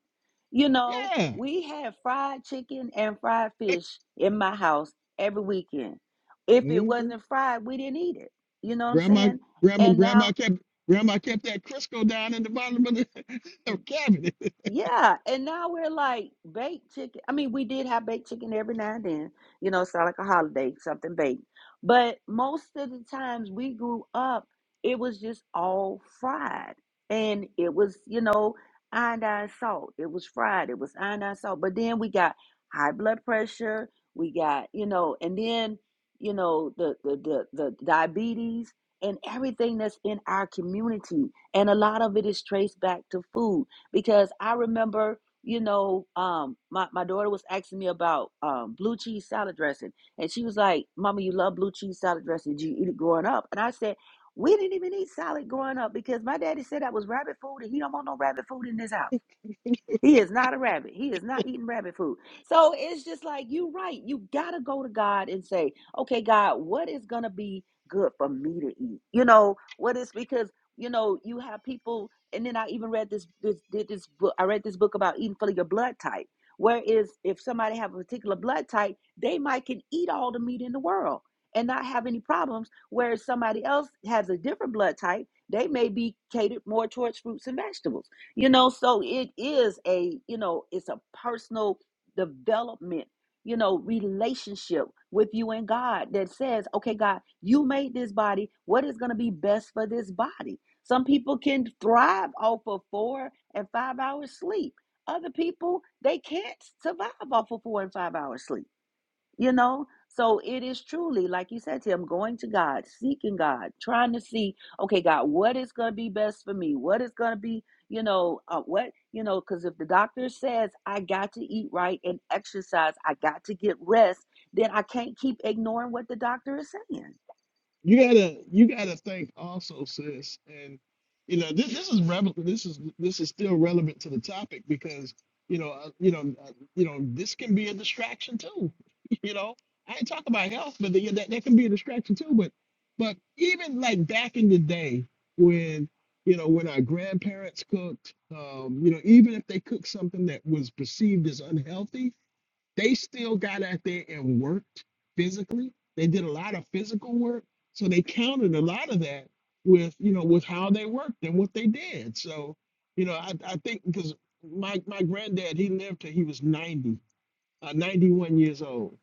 Speaker 5: you know,
Speaker 1: Yeah.
Speaker 5: we had fried chicken and fried fish in my house every weekend. If it
Speaker 1: Mm-hmm.
Speaker 5: wasn't fried, we didn't eat it. You know what I'm
Speaker 1: Grandma,
Speaker 5: saying?
Speaker 1: grandma,
Speaker 5: And
Speaker 1: grandma
Speaker 5: now
Speaker 1: kept grandma kept that Crisco down in the bottom of the cabinet.
Speaker 5: Yeah, and now we're like baked chicken. I mean, we did have baked chicken every now and then, you know, it's not like a holiday, something baked. But most of the times we grew up, it was just all fried. And it was, you know, iodine salt. It was fried. It was iodine salt. But then we got high blood pressure. We got, you know, and then, you know, the the the, the diabetes and everything that's in our community. And a lot of it is traced back to food because I remember, you know, um, my, my daughter was asking me about um, blue cheese salad dressing. And she was like, Mama, you love blue cheese salad dressing. Did you eat it growing up? And I said, We didn't even eat salad growing up because my daddy said that was rabbit food and he don't want no rabbit food in this house. He is not a rabbit. He is not eating rabbit food. So it's just like, you are right. You got to go to God and say, okay, God, what is going to be good for me to eat? You know, what is because, you know, you have people, and then I even read this, this, did this book. I read this book about eating for your blood type. Whereas if somebody have a particular blood type, they might can eat all the meat in the world and not have any problems. Whereas somebody else has a different blood type, they may be catered more towards fruits and vegetables you know so it is a you know it's a personal development you know relationship with you and god that says okay god you made this body what is going to be best for this body some people can thrive off of four and five hours sleep other people they can't survive off of four and five hours sleep you know so it is truly like you said to him going to god seeking god trying to see okay god what is going to be best for me what is going to be you know uh, what you know because if the doctor says i got to eat right and exercise i got to get rest then i can't keep ignoring what the doctor is saying
Speaker 1: you gotta you gotta think also sis and you know this this is revel this is this is still relevant to the topic because you know uh, you know uh, you know this can be a distraction too you know i ain't talking about health but the, that, that can be a distraction too but but even like back in the day when you know when our grandparents cooked um you know even if they cooked something that was perceived as unhealthy they still got out there and worked physically. They did a lot of physical work. So they counted a lot of that with, you know, with how they worked and what they did. So, you know, I, I think because my, my granddad, he lived till he was 90, uh, 91 years old.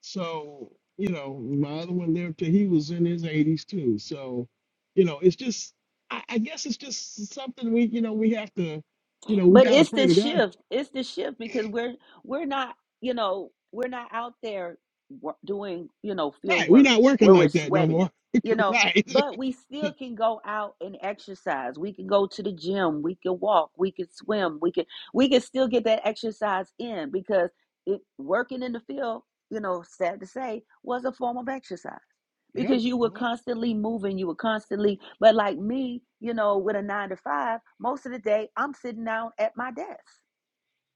Speaker 1: So, you know, my other one lived till he was in his 80s too. So, you know, it's just, I, I guess it's just something we, you know, we have to, you know, we
Speaker 5: But
Speaker 1: got to
Speaker 5: it's
Speaker 1: pray
Speaker 5: the
Speaker 1: to God.
Speaker 5: shift. It's the shift because we're we're not, you know, we're not out there wo- doing, you know, field
Speaker 1: Right. We're
Speaker 5: work
Speaker 1: not working
Speaker 5: where we're
Speaker 1: like that no
Speaker 5: sweating,
Speaker 1: more.
Speaker 5: you know,
Speaker 1: right.
Speaker 5: but we still can go out and exercise. We can go to the gym, we can walk, we can swim, we can we can still get that exercise in because it, working in the field, you know, sad to say, was a form of exercise
Speaker 1: Yeah,
Speaker 5: because you
Speaker 1: it
Speaker 5: were
Speaker 1: was.
Speaker 5: constantly moving you were constantly but like me you know with a nine to five most of the day i'm sitting down at my desk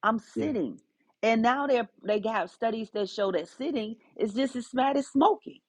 Speaker 5: i'm
Speaker 1: Yeah.
Speaker 5: sitting and now they're they have studies that show that sitting is just as bad as smoking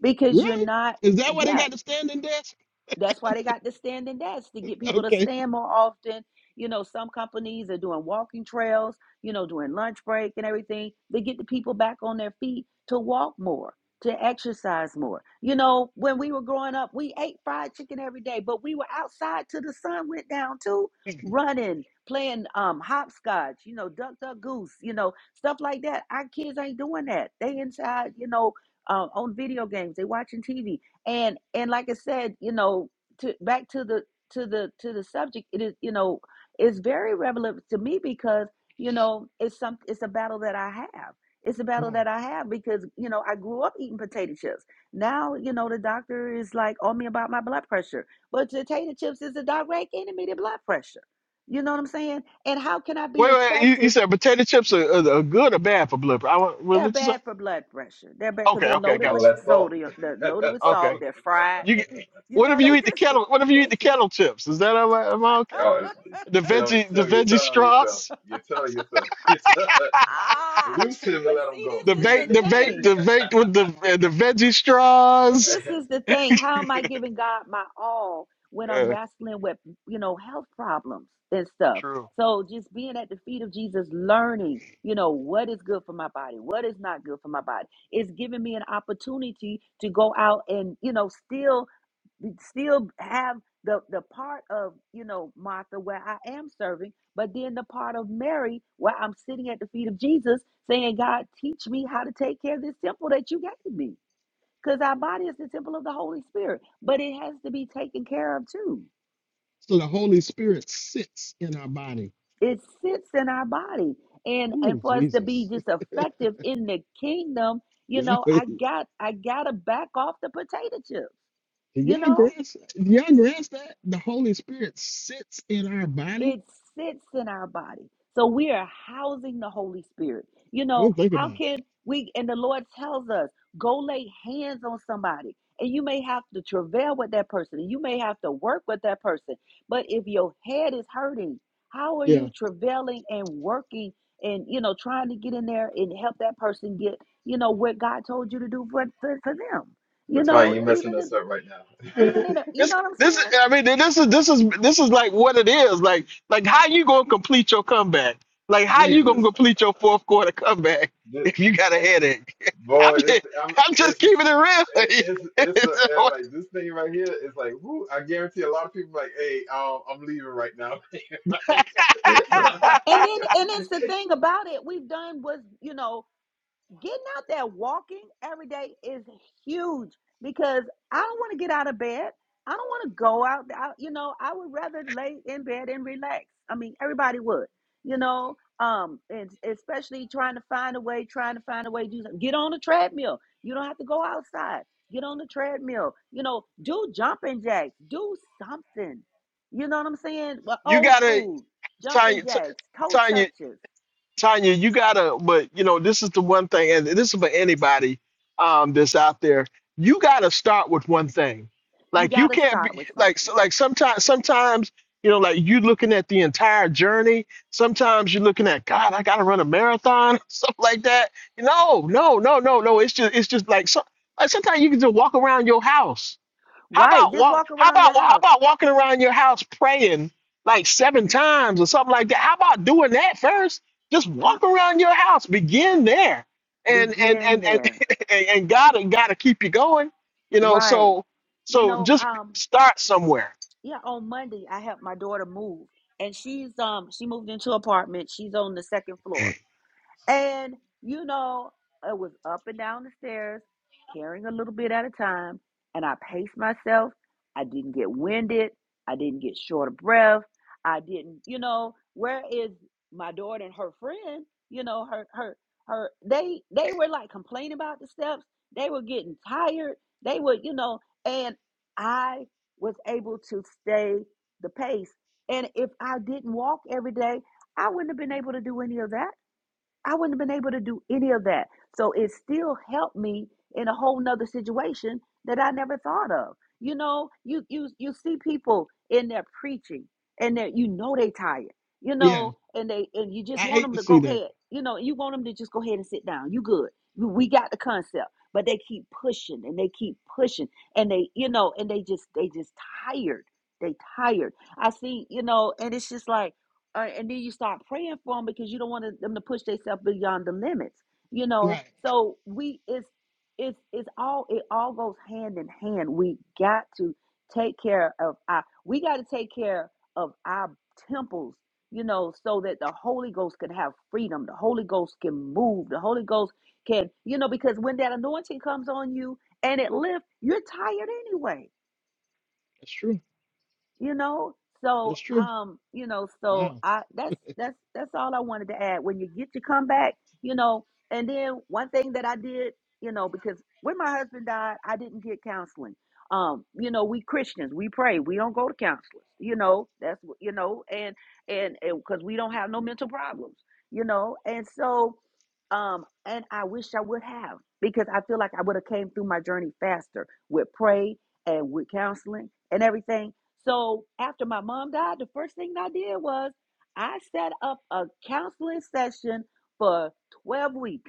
Speaker 5: because you're
Speaker 1: Really?
Speaker 5: not
Speaker 1: Is that why they
Speaker 5: yeah.
Speaker 1: got the standing desk?
Speaker 5: That's why they got the standing desks to get people to
Speaker 1: Okay.
Speaker 5: stand more often. You know, some companies are doing walking trails, you know, during lunch break and everything. They get the people back on their feet to walk more, to exercise more. You know, when we were growing up, we ate fried chicken every day, but we were outside till the sun went down too, running, playing um hopscotch, you know, duck duck goose, you know, stuff like that. Our kids ain't doing that. They inside, you know, uh, on video games, they watching TV and and like i said you know to back to the to the to the subject it is you know it's very relevant to me because you know it's some it's a battle that i have it's a battle
Speaker 1: Oh.
Speaker 5: that i have because you know i grew up eating potato chips now you know the doctor is like on me about my blood pressure but potato chips is a direct enemy to blood pressure you know what i'm saying and how can i be
Speaker 1: Wait, wait. You, you
Speaker 5: effective
Speaker 1: said potato chips are, are, are good or bad for blood? pressure? I want. What
Speaker 5: they're
Speaker 1: what you say?
Speaker 5: bad for blood pressure they're bad because
Speaker 1: Okay,
Speaker 5: they're
Speaker 1: okay,
Speaker 5: loaded
Speaker 3: All
Speaker 1: got
Speaker 5: with
Speaker 3: that thought.
Speaker 5: sodium they're loaded with
Speaker 1: you.
Speaker 5: salt
Speaker 1: Okay.
Speaker 5: they're fried
Speaker 1: You. get-
Speaker 5: you
Speaker 1: What if
Speaker 5: know,
Speaker 1: you
Speaker 5: they
Speaker 1: eat the
Speaker 5: just
Speaker 1: kettle? What if you eat the
Speaker 5: they
Speaker 1: kettle chips? Is that am I, am I okay?
Speaker 3: oh,
Speaker 1: The
Speaker 3: tell
Speaker 1: veggie, the
Speaker 3: tell me you're
Speaker 1: veggie
Speaker 3: telling yourself.
Speaker 1: straws,
Speaker 3: You're telling yourself. You're tell,
Speaker 5: ah.
Speaker 3: loose him and
Speaker 5: But
Speaker 3: let him
Speaker 5: see,
Speaker 3: go.
Speaker 1: the
Speaker 5: this is
Speaker 3: In the
Speaker 5: the
Speaker 1: baked, the
Speaker 3: name.
Speaker 1: baked,
Speaker 5: thing.
Speaker 1: the
Speaker 3: of
Speaker 1: baked with the uh, the veggie
Speaker 5: But
Speaker 1: straws.
Speaker 5: this
Speaker 3: the-
Speaker 5: is the thing. How am I giving God my all when I'm
Speaker 1: Yeah,
Speaker 5: wrestling with you know health problems and stuff?
Speaker 1: true.
Speaker 5: So just being at the feet of Jesus, learning, you know, what is good for my body, what is not good for my body, is giving me an opportunity to go out and you know still still have the the part of you know Martha where I am serving, but then the part of Mary where I'm sitting at the feet of Jesus saying, God, teach me how to take care of this temple that you gave me. Because our body is the temple of the Holy Spirit, but it has to be taken care of too.
Speaker 1: So the Holy Spirit sits in our body.
Speaker 5: It sits in our body. And and
Speaker 1: Ooh,
Speaker 5: for us to be
Speaker 1: Jesus.
Speaker 5: just effective in the kingdom, you know, I
Speaker 1: Yeah.
Speaker 5: got I gotta back off the potato chips.
Speaker 1: Did
Speaker 5: You
Speaker 1: y'all
Speaker 5: know,
Speaker 1: grasp? Did y'all grasp that the Holy Spirit sits in our body?
Speaker 5: It sits in our body. So we are housing the Holy Spirit. You know,
Speaker 1: Don't think
Speaker 5: how
Speaker 1: about it.
Speaker 5: can we, and the Lord tells us, go lay hands on somebody. And you may have to travail with that person. and You may have to work with that person. But if your head is hurting, how are
Speaker 1: Yeah,
Speaker 5: you travailing and working and, you know, trying to get in there and help that person get, you know, what God told you to do for, for, for them? You
Speaker 3: but Tanya,
Speaker 5: know,
Speaker 3: you're messing
Speaker 5: even
Speaker 3: us
Speaker 5: in,
Speaker 3: up right now.
Speaker 5: even in a, you
Speaker 1: This,
Speaker 5: know what I'm
Speaker 1: this, is-
Speaker 5: saying?
Speaker 1: I mean, this is this is this is like what it is. Like, like how you gonna complete your comeback? Like, how you gonna
Speaker 3: Jesus,
Speaker 1: complete your fourth quarter comeback
Speaker 3: This-
Speaker 1: if you got a headache? I'm
Speaker 3: boy, this
Speaker 1: just,
Speaker 3: I'm
Speaker 1: I'm just
Speaker 3: it's just-
Speaker 1: keeping
Speaker 3: it-
Speaker 1: it
Speaker 3: it's
Speaker 1: real.
Speaker 3: it's the and like this thing right here is like whoo I guarantee a lot of people like hey um, I'm leaving right now
Speaker 5: And then, and it's the thing about it. We've done was, you know, Getting out there walking every day is huge because I don't want to get out of bed. I don't want to go out. I, you know, I would rather lay in bed and relax. I mean, everybody would, you know, um, and especially trying to find a way, trying to find a way to do something. Get on a treadmill. You don't have to go outside. Get on the treadmill. You know, do jumping jacks. Do something. You know what I'm saying? Well,
Speaker 1: you
Speaker 5: old
Speaker 1: gotta,
Speaker 5: school
Speaker 1: Tanya,
Speaker 5: jumping jacks, toe
Speaker 1: Tanya.
Speaker 5: touches.
Speaker 1: Tanya, you gotta, but you know, this is the one thing, and this is for anybody um, that's out there. You gotta start with one thing.
Speaker 5: You
Speaker 1: Like
Speaker 5: got
Speaker 1: you
Speaker 5: to
Speaker 1: can't
Speaker 5: start
Speaker 1: be
Speaker 5: with
Speaker 1: like
Speaker 5: something.
Speaker 1: so, like sometimes sometimes you know like you looking at the entire journey. Sometimes you're looking at God, I gotta run a marathon, stuff like that. No, no, no, no, no. It's just it's just like so. Like sometimes you can just walk around your house how
Speaker 5: Right.
Speaker 1: about
Speaker 5: Just
Speaker 1: walk?
Speaker 5: walk
Speaker 1: How
Speaker 5: around
Speaker 1: about
Speaker 5: your
Speaker 1: how
Speaker 5: house.
Speaker 1: about walking around your house praying like seven times or something like that? How about doing that first? Just
Speaker 5: Huh?
Speaker 1: walk around your house. Begin there, and and
Speaker 5: Begin
Speaker 1: and and
Speaker 5: there.
Speaker 1: and, and God and God to keep you going. You know,
Speaker 5: Right.
Speaker 1: so
Speaker 5: You
Speaker 1: so
Speaker 5: know,
Speaker 1: just
Speaker 5: um,
Speaker 1: start somewhere.
Speaker 5: yeah, on Monday I helped my daughter move and she's um she moved into an apartment. She's on the second floor. And, you know, it was up and down the stairs, carrying a little bit at a time. And I paced myself. I didn't get winded. I didn't get short of breath. I didn't, you know, where is my daughter and her friend? You know, her, her, her, they, they were like complaining about the steps. They were getting tired. They were, you know, and I was able to stay the pace. And if I didn't walk every day, I wouldn't have been able to do any of that I wouldn't have been able to do any of that. So it still helped me in a whole nother situation that I never thought of. You know, you you you see people in their preaching and that you know they tired, you
Speaker 1: Yeah,
Speaker 5: know, and they and you
Speaker 1: I
Speaker 5: just want
Speaker 1: hate
Speaker 5: them
Speaker 1: to
Speaker 5: to
Speaker 1: see
Speaker 5: go
Speaker 1: that.
Speaker 5: ahead, you know, you want them to just go ahead and sit down. You good. We we got the concept. But they keep pushing and they keep pushing and they, you know, and they just they just tired. They tired. I see, you know, and it's just like uh, and then you start praying for them because you don't want them to push themselves beyond the limits you know
Speaker 1: Right.
Speaker 5: so we it's it's it's all it all goes hand in hand we got to take care of our we got to take care of our temples you know so that the holy ghost can have freedom the holy ghost can move the holy ghost can you know because when that anointing comes on you and it lifts you're tired anyway
Speaker 1: That's true.
Speaker 5: you know so
Speaker 1: That's true.
Speaker 5: um you know so
Speaker 1: Wow.
Speaker 5: i that's that's that's all i wanted to add when you get your comeback you know and then one thing that i did you know because when my husband died i didn't get counseling um you know we christians we pray we don't go to counselors you know that's what you know and and because we don't have no mental problems you know and so um and i wish i would have because i feel like i would have came through my journey faster with pray and with counseling and everything so after my mom died, the first thing I did was I set up a counseling session for 12 weeks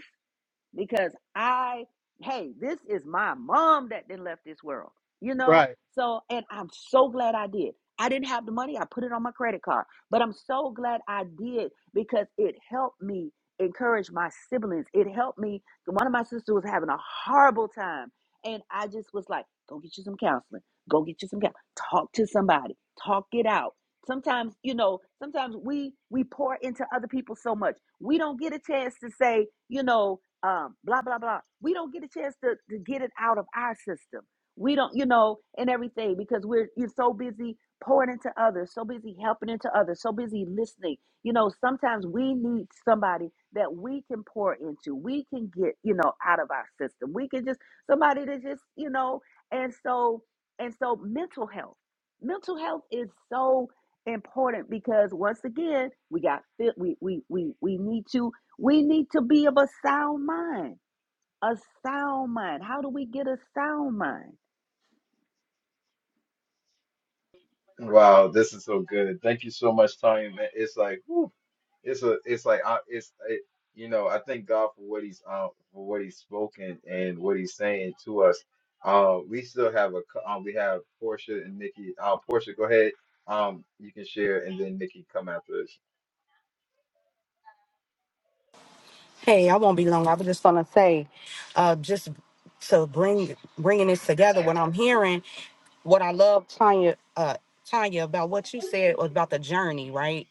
Speaker 5: because I, hey, this is my mom that then left this world, you know?
Speaker 1: Right.
Speaker 5: So, and I'm so glad I did. I didn't have the money, I put it on my credit card, but I'm so glad I did because it helped me encourage my siblings. It helped me. One of my sisters was having a horrible time, and I just was like, go get you some counseling, go get you some counseling, talk to somebody, talk it out. Sometimes, you know, sometimes we we pour into other people so much. We don't get a chance to say, you know, um, blah blah blah. We don't get a chance to to get it out of our system. We don't, you know, and everything because we're you're so busy pouring into others, so busy helping into others, so busy listening. You know, sometimes we need somebody that we can pour into. We can get, you know, out of our system. We can just somebody to just, you know, and so and so mental health. Mental health is so important because once again, we got fit we we we we need to we need to be of a sound mind. A sound mind. How do we get a sound mind?
Speaker 3: Wow, this is so good. Thank you so much, Tony. Man, it's like, whew, it's a, it's like, I, it's, it, you know, I thank God for what he's, uh for what he's spoken and what he's saying to us. Uh, we still have a, cou- uh, we have Portia and Nikki. Uh, Portia, go ahead. Um, you can share, and then Nikki come after.
Speaker 4: Hey, I won't be long. I was just gonna say, uh, just to bring bringing this together. What I'm hearing what I love, Tanya, uh, Tanya, about what you said about the journey, right?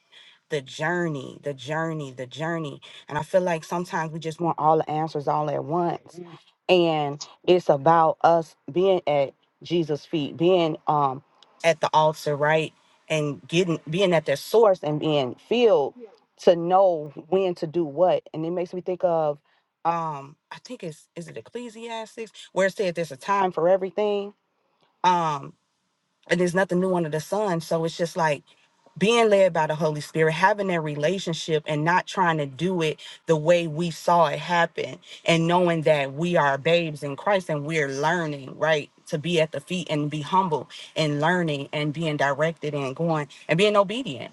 Speaker 4: The journey, the journey, the journey. And I feel like sometimes we just want all the answers all at once. And it's about us being at Jesus' feet, being um at the altar, right? And getting being at their source and being filled to know when to do what. And it makes me think of um, I think it's is it Ecclesiastics where it says there's a time for everything. Um, and there's nothing new under the sun. So it's just like being led by the Holy Spirit, having that relationship and not trying to do it the way we saw it happen, and knowing that we are babes in Christ and we're learning, right? To be at the feet and be humble and learning and being directed and going and being obedient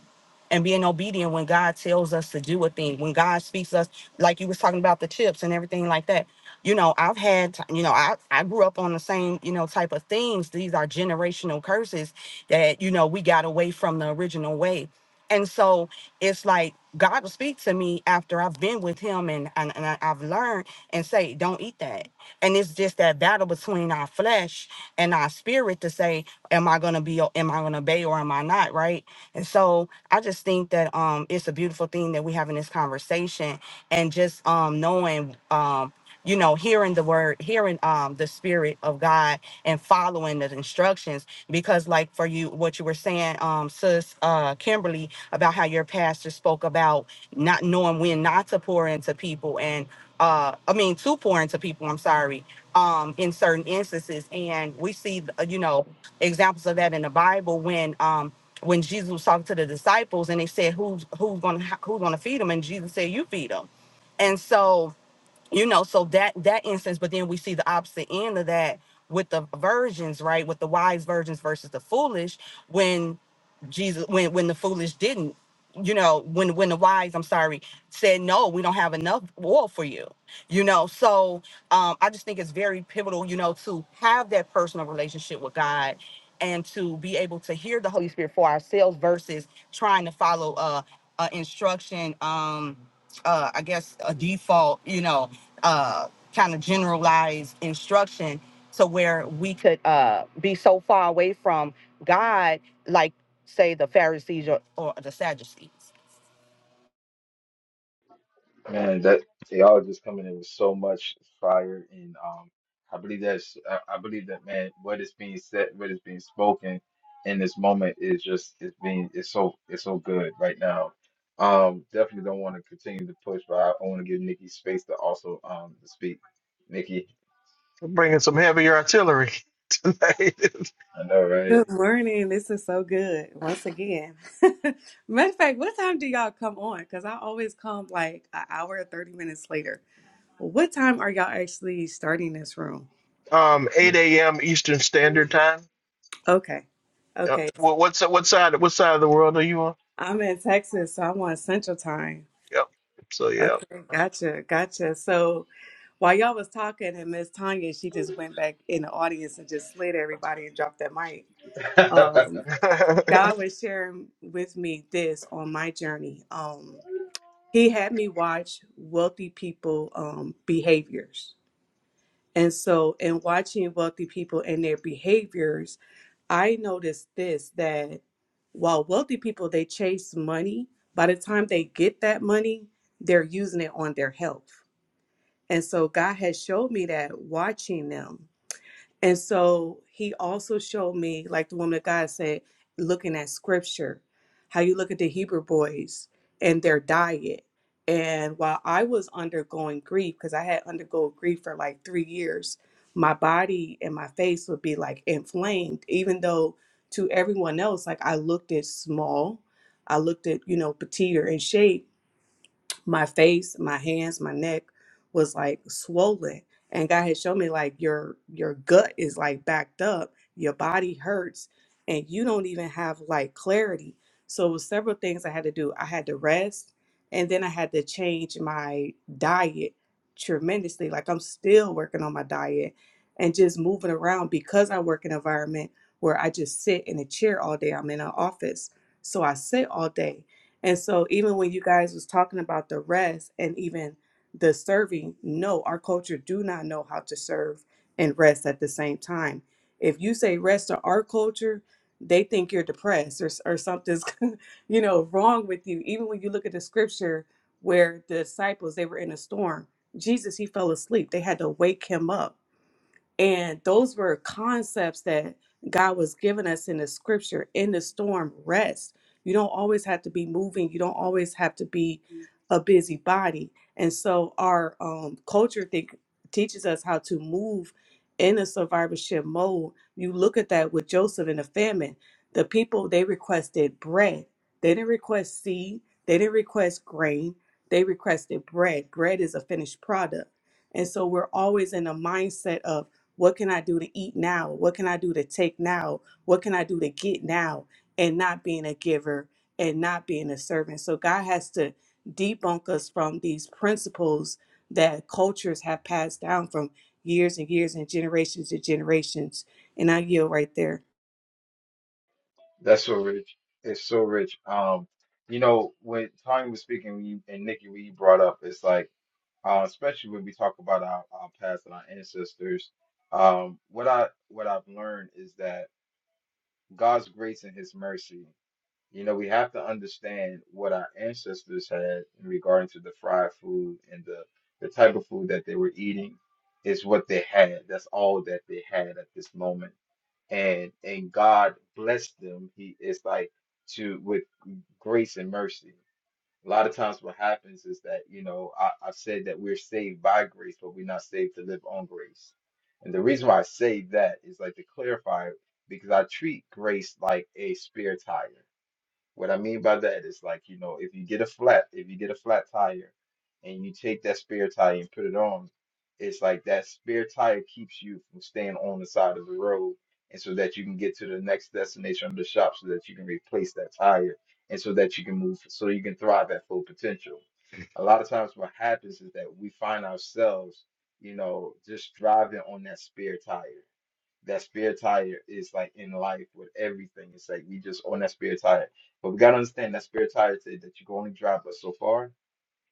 Speaker 4: and being obedient when God tells us to do a thing, when God speaks us, like you was talking about the chips and everything like that. You know, I've had, you know, I, I grew up on the same, you know, type of things. These are generational curses that, you know, we got away from the original way. And so it's like God will speak to me after I've been with him and, and, and I- I've learned and say, don't eat that. And it's just that battle between our flesh and our spirit to say, am I gonna be am I gonna obey or am I not? Right. And so I just think that um it's a beautiful thing that we have in this conversation and just um knowing um you know hearing the word hearing um the spirit of god and following the instructions because like for you what you were saying um sis uh kimberly about how your pastor spoke about not knowing when not to pour into people and uh i mean to pour into people i'm sorry um in certain instances and we see uh, you know examples of that in the bible when um when jesus was talking to the disciples and they said who's who's gonna who's gonna feed them and jesus said you feed them and so you know so that that instance but then we see the opposite end of that with the virgins right with the wise virgins versus the foolish when Jesus when when the foolish didn't, you know, when when the wise, I'm sorry, said no, we don't have enough oil for you. You know, so um I just think it's very pivotal, you know, to have that personal relationship with God and to be able to hear the Holy Spirit for ourselves versus trying to follow uh, uh instruction um uh I guess a default, you know, uh kind of generalized instruction to where we could uh be so far away from God like say the Pharisees or, or the Sadducees.
Speaker 3: Man, that y'all just coming in with so much fire, and um, I believe that's I, I believe that man, what is being said, what is being spoken in this moment is just it's being it's so it's so good right now. Um, definitely don't want to continue to push, but I, want to give Nikki space to also um to speak. Nikki,
Speaker 1: We're bringing some heavier artillery tonight.
Speaker 3: I know,
Speaker 6: Good morning. This is so good. Once again. Matter of fact, what time do y'all come on? Because I always come like an hour or 30 minutes later. What time are y'all actually starting this room?
Speaker 1: um, 8
Speaker 3: right?
Speaker 1: a.m. Eastern Standard Time.
Speaker 6: Okay.
Speaker 1: Yep.
Speaker 6: Okay.
Speaker 1: What what si- what side what side of the world are you on?
Speaker 6: I'm in Texas, so I'm on Central Time.
Speaker 1: Yep. So yeah.
Speaker 6: Okay. Gotcha. Gotcha. So while y'all was talking and Miss Tanya, she just went back in the audience and just slid everybody and dropped that mic. Um, God was sharing with me this on my journey. Um, he had me watch wealthy people um, behaviors and so in watching wealthy people and their behaviors i noticed this that while wealthy people they chase money by the time they get that money they're using it on their health and so god has showed me that watching them and so he also showed me, like the woman of God said, looking at scripture, how you look at the Hebrew boys and their diet. And while I was undergoing grief, because I had undergone grief for like three years, my body and my face would be like inflamed, even though to everyone else, like I looked at small, I looked at, you know, petite or in shape my face, my hands, my neck was like swollen. And God had shown me like your your gut is like backed up, your body hurts, and you don't even have like clarity. So it was several things I had to do. I had to rest and then I had to change my diet tremendously. Like I'm still working on my diet and just moving around because I work in an environment where I just sit in a chair all day. I'm in an office. So I sit all day. And so even when you guys was talking about the rest and even the serving, no, our culture do not know how to serve and rest at the same time. If you say rest to our culture, they think you're depressed or, or something's you know wrong with you. Even when you look at the scripture where the disciples they were in a storm, Jesus he fell asleep. They had to wake him up and those were concepts that God was giving us in the scripture in the storm rest. You don't always have to be moving, you don't always have to be a busybody. And so our um, culture think, teaches us how to move in a survivorship mode. You look at that with Joseph in the famine. The people, they requested bread. They didn't request seed. They didn't request grain. They requested bread. Bread is a finished product. And so we're always in a mindset of what can I do to eat now? What can I do to take now? What can I do to get now? And not being a giver and not being a servant. So God has to debunk us from these principles that cultures have passed down from years and years and generations to generations. And I yield right there.
Speaker 3: That's so rich. It's so rich. Um, you know, when Tanya was speaking, when you, and Nikki, when you brought up, it's like. uh, especially when we talk about our, our past and our ancestors. Um, what I what I've learned is that God's grace and His mercy. You know, we have to understand what our ancestors had in regarding to the fried food and the the type of food that they were eating is what they had. That's all that they had at this moment. And and God blessed them. He is like to with grace and mercy. A lot of times, what happens is that, you know, I, I said that we're saved by grace, but we're not saved to live on grace. And the reason why I say that is like to clarify, because I treat grace like a spare tire. What I mean by that is like, you know, if you get a flat, if you get a flat tire and you take that spare tire and put it on, it's like that spare tire keeps you from staying on the side of the road and so that you can get to the next destination of the shop so that you can replace that tire and so that you can move so you can thrive at full potential. A lot of times what happens is that we find ourselves, you know, just driving on that spare tire that spare tire is like in life with everything. It's like we just own that spare tire. But we gotta understand that spare tire said that you can only drive us so far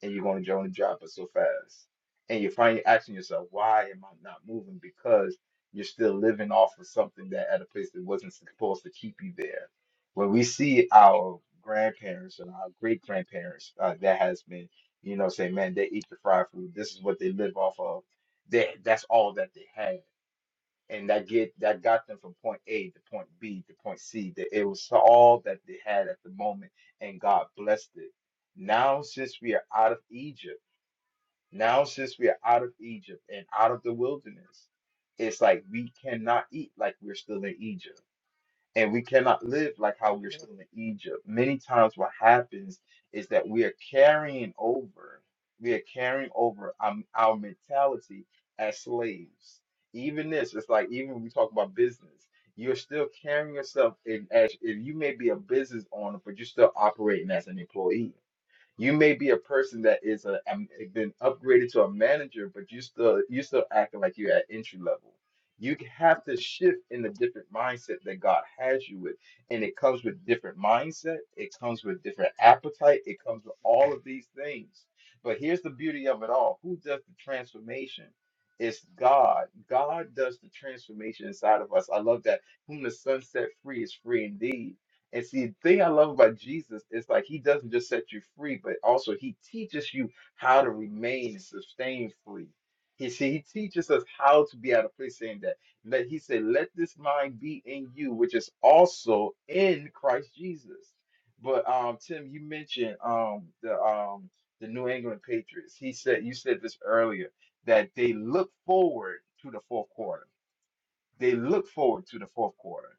Speaker 3: and you're gonna only drive us so fast. And you're finally asking yourself, why am I not moving? Because you're still living off of something that at a place that wasn't supposed to keep you there. When we see our grandparents and our great grandparents uh, that has been, you know, say, man, they eat the fried food. This is what they live off of. They, that's all that they had and that get that got them from point A to point B to point C. That it was all that they had at the moment, and God blessed it. Now, since we are out of Egypt, now since we are out of Egypt and out of the wilderness, it's like we cannot eat like we're still in Egypt. And we cannot live like how we're still in Egypt. Many times, what happens is that we are carrying over, we are carrying over um, our mentality as slaves. Even this, it's like even when we talk about business, you're still carrying yourself in as if you may be a business owner, but you're still operating as an employee you may be a person that is a um, been upgraded to a manager, but you still you still acting like you're at entry level. You have to shift in the different mindset that God has you with, and it comes with different mindset. It comes with different appetite. It comes with all of these things. But here's the beauty of it all: Who does the transformation? It's God. God does the transformation inside of us. I love that. Whom the sun set free is free indeed and see, the thing I love about Jesus is like he doesn't just set you free, but also he teaches you how to remain and sustain free. He see, he teaches us how to be out of place saying that. Let he said, let this mind be in you, which is also in Christ Jesus. But um, Tim, you mentioned um the um the New England Patriots. He said you said this earlier that they look forward to the fourth quarter. They look forward to the fourth quarter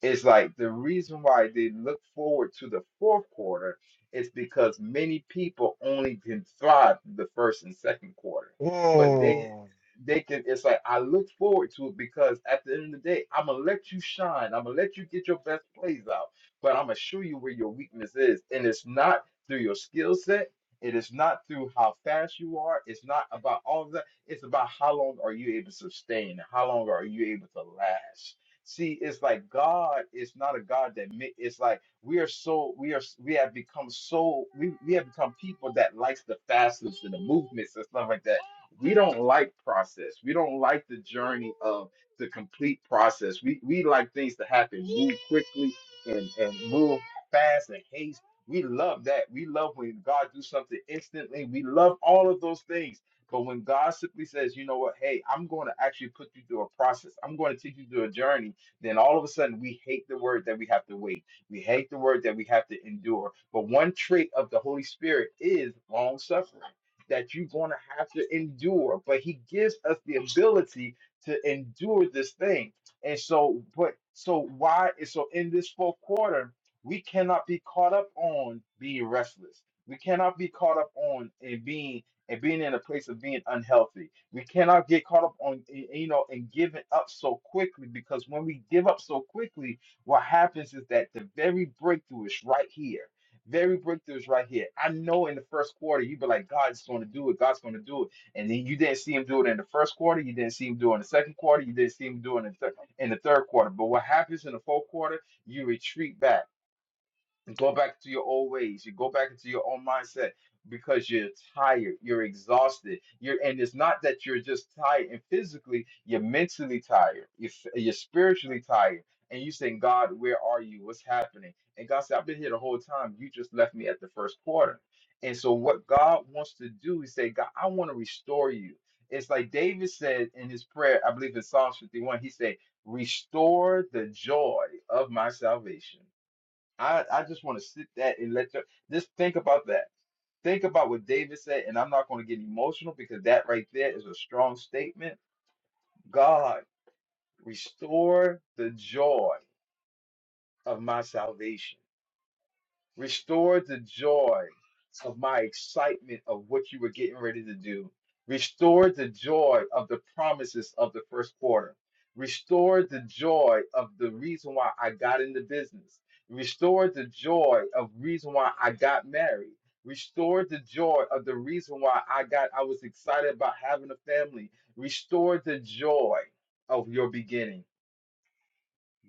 Speaker 3: it's like the reason why they look forward to the fourth quarter is because many people only can thrive through the first and second quarter. But they
Speaker 1: Mm.
Speaker 3: they can it's like I look forward to it because at the end of the day, I'm gonna let you shine. I'm gonna let you get your best plays out, but I'm gonna show you where your weakness is. And it's not through your skill set, it is not through how fast you are, it's not about all of that, it's about how long are you able to sustain, how long are you able to last See, it's like God is not a God that mi- it's like we are so we are we have become so we, we have become people that likes the facets and the movements and stuff like that. We don't like process. We don't like the journey of the complete process. We we like things to happen move quickly and and move fast and haste. We love that. We love when God do something instantly. We love all of those things. But when God simply says, you know what, hey, I'm going to actually put you through a process. I'm going to take you through a journey then all of a sudden we hate the word that we have to wait. We hate the word that we have to endure. But one trait of the Holy Spirit is long suffering, that you're going to have to endure. But He gives us the ability to endure this thing. And so, but so why? So in this fourth quarter, we cannot be caught up on being restless. We cannot be caught up on and being and being in a place of being unhealthy we cannot get caught up on y- you know and giving up so quickly because when we give up so quickly, what happens is that the very breakthrough is right here. Very breakthrough is right here. I know in the first quarter you'd be like, God's going to do it. God's going to do it, and then you didn't see Him do it in the first quarter. You didn't see Him do it in the second quarter. You didn't see Him do it in the, thir- in the third quarter. But what happens in the fourth quarter? You retreat back go back to your old ways. You go back into your own mindset because you're tired, you're exhausted. You're and it's not that you're just tired and physically, you're mentally tired. You're, f- you're spiritually tired. And you saying, God, where are you? What's happening? And God said, I've been here the whole time. You just left me at the first quarter. And so what God wants to do is say, God, I want to restore you. It's like David said in his prayer, I believe in Psalms 51, he said, Restore the joy of my salvation I, I just want to sit that and let you just think about that. Think about what David said, and I'm not going to get emotional because that right there is a strong statement. God, restore the joy of my salvation. Restore the joy of my excitement of what you were getting ready to do. Restore the joy of the promises of the first quarter. Restore the joy of the reason why I got into business. Restore the joy of reason why I got married. Restore the joy of the reason why I got I was excited about having a family. Restore the joy of your beginning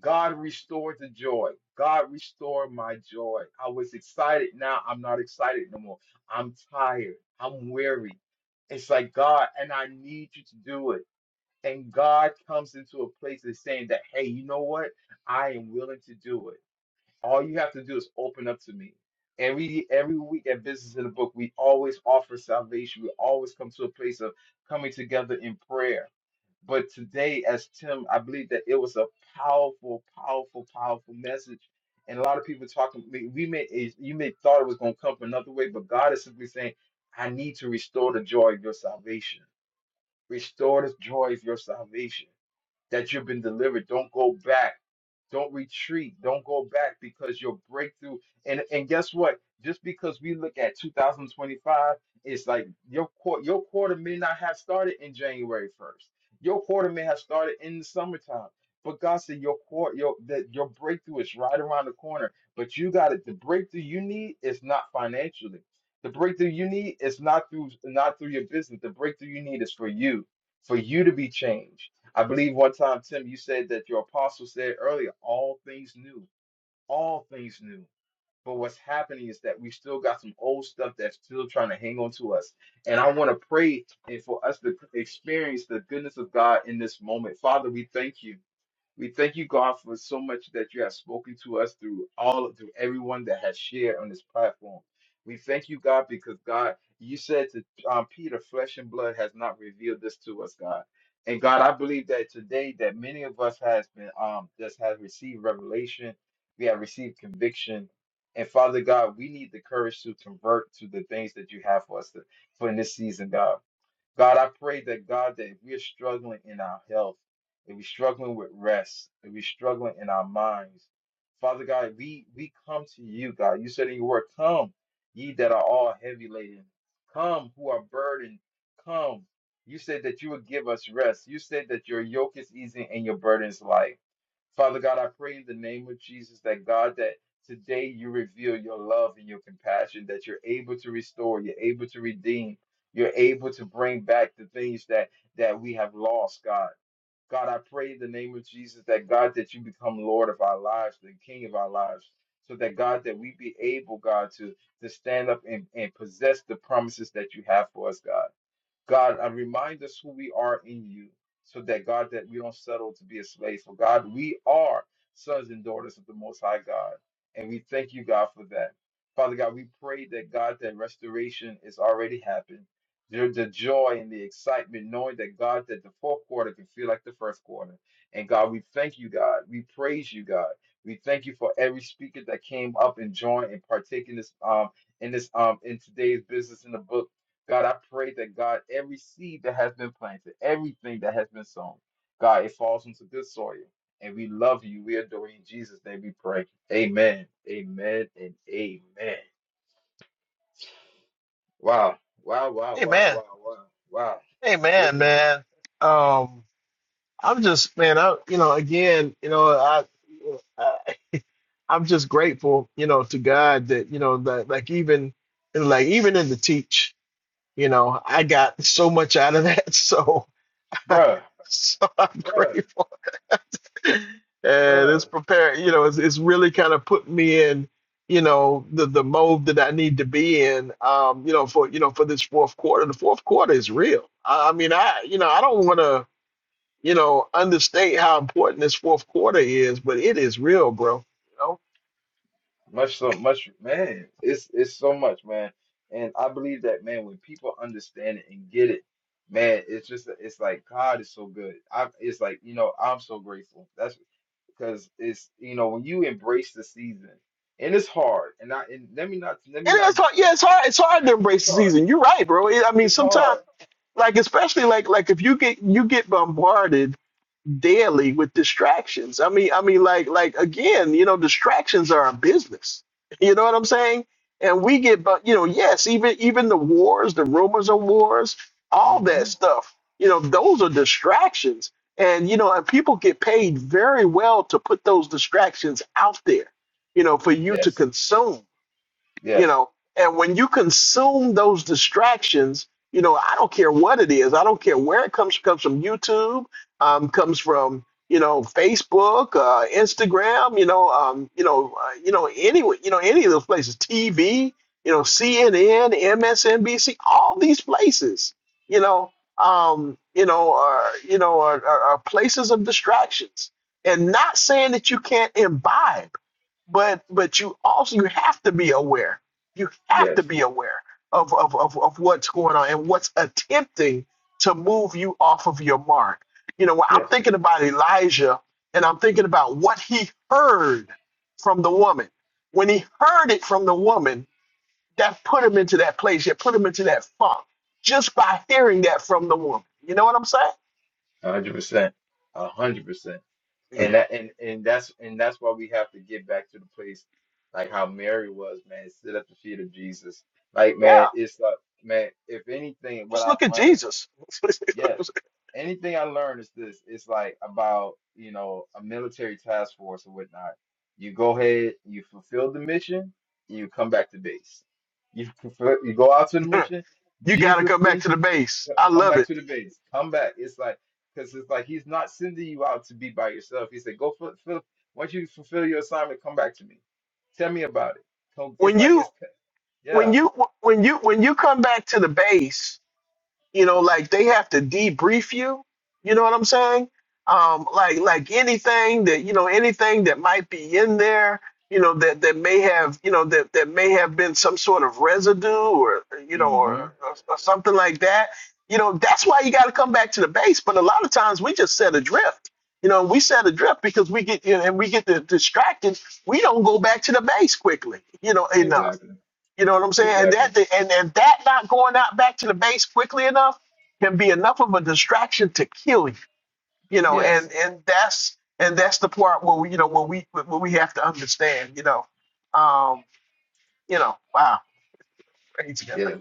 Speaker 3: God restored the joy. God restored my joy. I was excited. Now I'm not excited no more. I'm tired. I'm weary. It's like God, and I need you to do it. And God comes into a place of saying that, hey, you know what? I am willing to do it. All you have to do is open up to me. Every every week at Business in the Book, we always offer salvation. We always come to a place of coming together in prayer but today, as Tim, I believe that it was a powerful, powerful, powerful message. And a lot of people talking, we we may, is- you may thought it was going to come from another way, but God is simply saying, I need to restore the joy of your salvation. Restore the joy of your salvation that you've been delivered. Don't go back. Don't retreat. Don't go back because your breakthrough. And and guess what? Just because we look at 2025, it's like your quarter your quarter may not have started in January 1st. Your quarter may have started in the summertime. But God said your quarter your that your breakthrough is right around the corner. But you got it. The breakthrough you need is not financially. The breakthrough you need is not through not through your business. The breakthrough you need is for you, for you to be changed I believe one time, Tim, you said that your apostle said earlier, all things new, all things new. But what's happening is that we still got some old stuff that's still trying to hang on to us. And I want to pray and for us to experience the goodness of God in this moment. Father, we thank you. We thank you, God, for so much that you have spoken to us through all through everyone that has shared on this platform. We thank you, God, because God, you said to um, Peter, flesh and blood has not revealed this to us, God. And God, I believe that today that many of us has been um just have received revelation, we have received conviction. And Father God, we need the courage to convert to the things that you have for us to, for in this season, God. God, I pray that God, that if we're struggling in our health, if we're struggling with rest, if we're struggling in our minds, Father God, we we come to you, God. You said in your word, "Come, ye that are all heavy laden, come who are burdened, come." You said that you would give us rest. You said that your yoke is easy and your burden is light. Father God, I pray in the name of Jesus that God, that today you reveal your love and your compassion, that you're able to restore, you're able to redeem, you're able to bring back the things that that we have lost, God. God, I pray in the name of Jesus that God, that you become Lord of our lives, the King of our lives, so that God, that we be able, God, to to stand up and, and possess the promises that you have for us, God. God, uh, remind us who we are in you so that, God, that we don't settle to be a slave. So, God, we are sons and daughters of the Most High God. And we thank you, God, for that. Father God, we pray that, God, that restoration is already happened. The, the joy and the excitement, knowing that, God, that the fourth quarter can feel like the first quarter. And, God, we thank you, God. We praise you, God. We thank you for every speaker that came up and joined and partake in this um in this um in today's business in the book. God, I pray that God, every seed that has been planted, everything that has been sown, God, it falls into good soil. And we love you. We adore you. In Jesus' name we pray. Amen. Amen and amen. Wow. Wow. Wow.
Speaker 1: Hey
Speaker 3: Wow.
Speaker 1: man.
Speaker 3: Wow. Wow. Wow.
Speaker 1: Hey
Speaker 3: This
Speaker 1: man,
Speaker 3: is
Speaker 1: man. Um, I'm just man. I you know again you know I, I I'm just grateful you know to God that you know that like even like even in the teach you know I got so much out of that so
Speaker 3: bruh.
Speaker 1: So I'm
Speaker 3: Bruh.
Speaker 1: grateful. And it's
Speaker 3: Bruh.
Speaker 1: prepared, you know, it's, it's really kind of put me in, you know, the, the mode that I need to be in, um, you know, for, you know, for this fourth quarter. The fourth quarter is real. I, I mean, I, you know, I don't want to, you know, understate how important this fourth quarter is, but it is real, bro. You know,
Speaker 3: Much so much man. It's it's so much, man. And I believe that man, when people understand it and get it, man, it's just it's like God is so good. I it's like, you know, I'm so grateful. That's because it's you know, when you embrace the season, and it's hard. And I and let me not let me
Speaker 1: and
Speaker 3: not
Speaker 1: it's hard. Yeah, it's hard. It's hard to
Speaker 3: it's
Speaker 1: embrace the
Speaker 3: hard.
Speaker 1: season. You're right, bro. It- I mean,
Speaker 3: It's
Speaker 1: sometimes.
Speaker 3: hard.
Speaker 1: Like especially like like if you get you get bombarded daily with distractions. I mean, I mean, like, like again, you know, distractions are a business. You know what I'm saying? And we get, but you know, yes, even even the wars, the rumors of wars, all that
Speaker 3: Mhm.
Speaker 1: stuff. You know, those are distractions, and you know, and people get paid very well to put those distractions out there. You know, for you to
Speaker 3: Yes.
Speaker 1: consume you
Speaker 3: Yes.
Speaker 1: know and when you consume those distractions you know i don't care what it is i don't care where it comes comes from youtube um, comes from you know facebook uh, instagram you know um, you know uh, you know anyway, you know any of those places tv you know cnn msnbc all these places you know um, you know are you know are, are, are places of distractions and not saying that you can't imbibe but but you also you have to be aware you have to
Speaker 3: Yes.
Speaker 1: be aware of of, of, of what's going on and what's attempting to move you off of your mark you know when i'm
Speaker 3: Yes.
Speaker 1: thinking about elijah and i'm thinking about what he heard from the woman when he heard it from the woman that put him into that place it put him into that funk just by hearing that from the woman you know what i'm saying
Speaker 3: A hundred percent. A hundred percent. And
Speaker 1: Mm.
Speaker 3: that and, and that's and that's why we have to get back to the place like how Mary was, man, sit at the feet of Jesus. Like
Speaker 1: yeah
Speaker 3: man, it's like man, if anything, what
Speaker 1: just
Speaker 3: I've
Speaker 1: look at
Speaker 3: learned,
Speaker 1: jesus
Speaker 3: yes, anything I learned is this. It's like about, you know, a military task force or whatnot. You go ahead, you fulfill the mission, and you come back to base. You fulfill, you go out to the
Speaker 1: you
Speaker 3: mission.
Speaker 1: gotta
Speaker 3: Jesus
Speaker 1: come back to
Speaker 3: sends you,
Speaker 1: the base
Speaker 3: c-
Speaker 1: i
Speaker 3: come
Speaker 1: love it
Speaker 3: back to the base. Come back. It's like because it's like he's not sending you out to be by yourself. He said, go fulfill. Once you fulfill your assignment, come back to me. Tell me about it. So
Speaker 1: when
Speaker 3: it's like
Speaker 1: you
Speaker 3: it's
Speaker 1: when
Speaker 3: yeah.
Speaker 1: you when you when you come back to the base, you know, like they have to debrief you. You know what I'm saying? Um, like like anything that you know, anything that might be in there, you know, that that may have you know that that may have been some sort of residue or you know
Speaker 3: hmm
Speaker 1: or, or, or something like that. You know, that's why you got to come back to the base. But a lot of times we just set adrift. You know, we set adrift because we get you know, and we get distracted. We don't go back to the base quickly. You know, enough
Speaker 3: Exactly.
Speaker 1: you know what I'm saying? And that
Speaker 3: Exactly.
Speaker 1: and, and that not going out back to the base quickly enough can be enough of a distraction to kill you. You know,
Speaker 3: Yes.
Speaker 1: and and that's and that's the part where we, you know where we where we have to understand. You know, um, you know, wow, praise God.
Speaker 3: Yeah,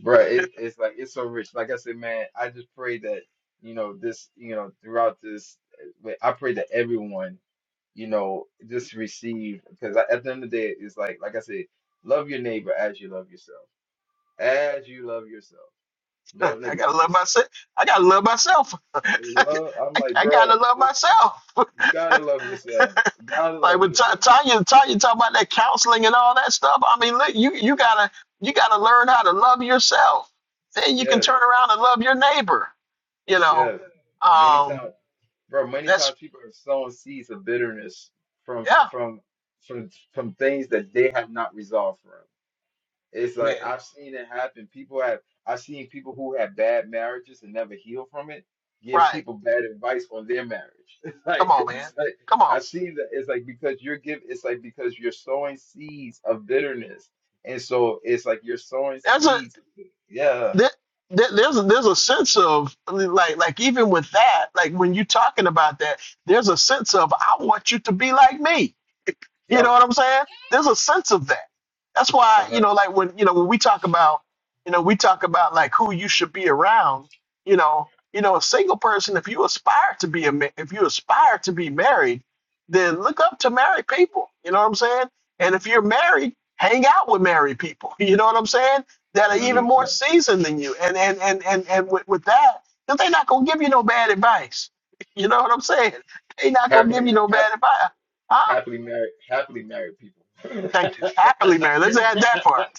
Speaker 3: bro, it, it's like it's so rich. Like I said, man, I just pray that you know this, you know, throughout this, like, I pray that everyone, you know, just receive because at the end of the day, it's like, like I said, love your neighbor as you love yourself, as you love yourself. Don't
Speaker 1: I gotta
Speaker 3: neglect
Speaker 1: love
Speaker 3: yourself.
Speaker 1: myself. I gotta love myself. I,
Speaker 3: Love, I'm like,
Speaker 1: I
Speaker 3: bro,
Speaker 1: gotta love myself.
Speaker 3: you gotta love yourself. You gotta
Speaker 1: Like
Speaker 3: love
Speaker 1: with Ta-
Speaker 3: yourself.
Speaker 1: Tanya, Tanya talk about that counseling and all that stuff. I mean, look, you you gotta you gotta learn how to love yourself. Then you can
Speaker 3: Yes,
Speaker 1: turn around and love your neighbor. You know,
Speaker 3: yes. Many
Speaker 1: um,
Speaker 3: times. bro, many
Speaker 1: that's
Speaker 3: times people are sowing seeds of bitterness from
Speaker 1: yeah,
Speaker 3: from from from things that they have not resolved from. It's like
Speaker 1: man.
Speaker 3: I've seen it happen. People have I've seen people who had bad marriages and never heal from it give
Speaker 1: Right?
Speaker 3: people bad advice on their marriage. It's like
Speaker 1: Come on, man.
Speaker 3: it's like
Speaker 1: Come on.
Speaker 3: I've seen that it's like because you're give it's like because you're sowing seeds of bitterness. And so it's like you're sowing
Speaker 1: There's a
Speaker 3: seeds. Yeah.
Speaker 1: there, there- there's a, there's a sense of like like even with that like when you're talking about that there's a sense of I want you to be like me you know
Speaker 3: Yep.
Speaker 1: what I'm saying there's a sense of that that's why you
Speaker 3: 100%.
Speaker 1: know like when you know when we talk about you know we talk about like who you should be around you know you know a single person if you aspire to be a ma- if you aspire to be married then look up to married people you know what I'm saying and if you're married hang out with married people you know what I'm saying that are even more seasoned than you. And and and and, and with, with that, they're not gonna give you no bad advice. You know what I'm saying? They're not gonna give you
Speaker 3: Happening
Speaker 1: no bad advice. Huh?
Speaker 3: happily married, happily married people.
Speaker 1: Thank you. Happily married. Let's add that part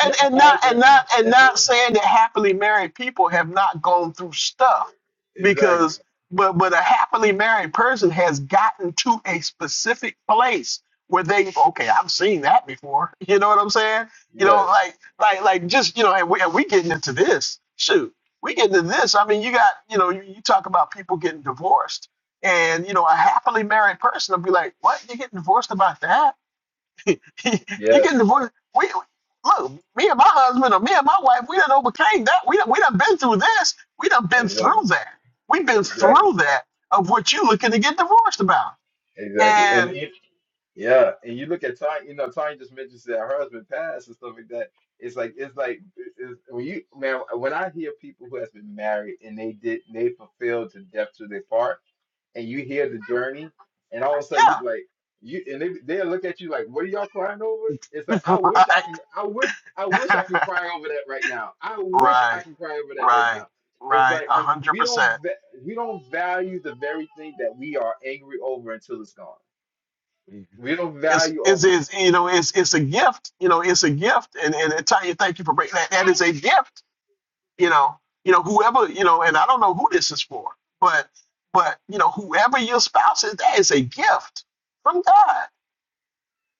Speaker 1: and and not and not and not saying that happily married people have not gone through stuff
Speaker 3: exactly.
Speaker 1: because but but a happily married person has gotten to a specific place where they okay i've seen that before you know what i'm saying you know
Speaker 3: Yes.
Speaker 1: like like like just you know and we, and we getting into this shoot we getting into this i mean you got you know you, you talk about people getting divorced and you know a happily married person will be like what you getting divorced about that you getting
Speaker 3: Yes.
Speaker 1: divorced? We look. Me and my husband, or me and my wife, we done overcame that. We done, we done been through this. We done been through
Speaker 3: Exactly.
Speaker 1: that. We've been
Speaker 3: Exactly.
Speaker 1: through that of what you looking to get divorced about.
Speaker 3: Exactly. And
Speaker 1: And
Speaker 3: it, yeah, and you look at Tanya. You know, Tanya just mentions that her husband passed and stuff like that. It's like it's like it's, when you man when I hear people who has been married and they did they fulfilled to death to their part and you hear the journey, and all of a sudden you
Speaker 1: yeah,
Speaker 3: be like you and they they'll look at you like, what are y'all crying over? It's like I wish I
Speaker 1: right,
Speaker 3: can I wish I wish I can cry over that right now. I wish I
Speaker 1: right,
Speaker 3: can cry over that right
Speaker 1: right,
Speaker 3: now. It's
Speaker 1: right,
Speaker 3: like
Speaker 1: a
Speaker 3: and
Speaker 1: hundred
Speaker 3: we don't
Speaker 1: percent.
Speaker 3: va- we don't value the very thing that we are angry over until it's gone. We don't
Speaker 1: It's,
Speaker 3: value
Speaker 1: is
Speaker 3: over it.
Speaker 1: is you know, it's, it's a gift, you know, it's a gift. And, and I tell you, thank you for bringing that. That is a gift you know, you know, whoever, you know, and I don't know who this is for, but but you know, whoever your spouse is, that is a gift from God.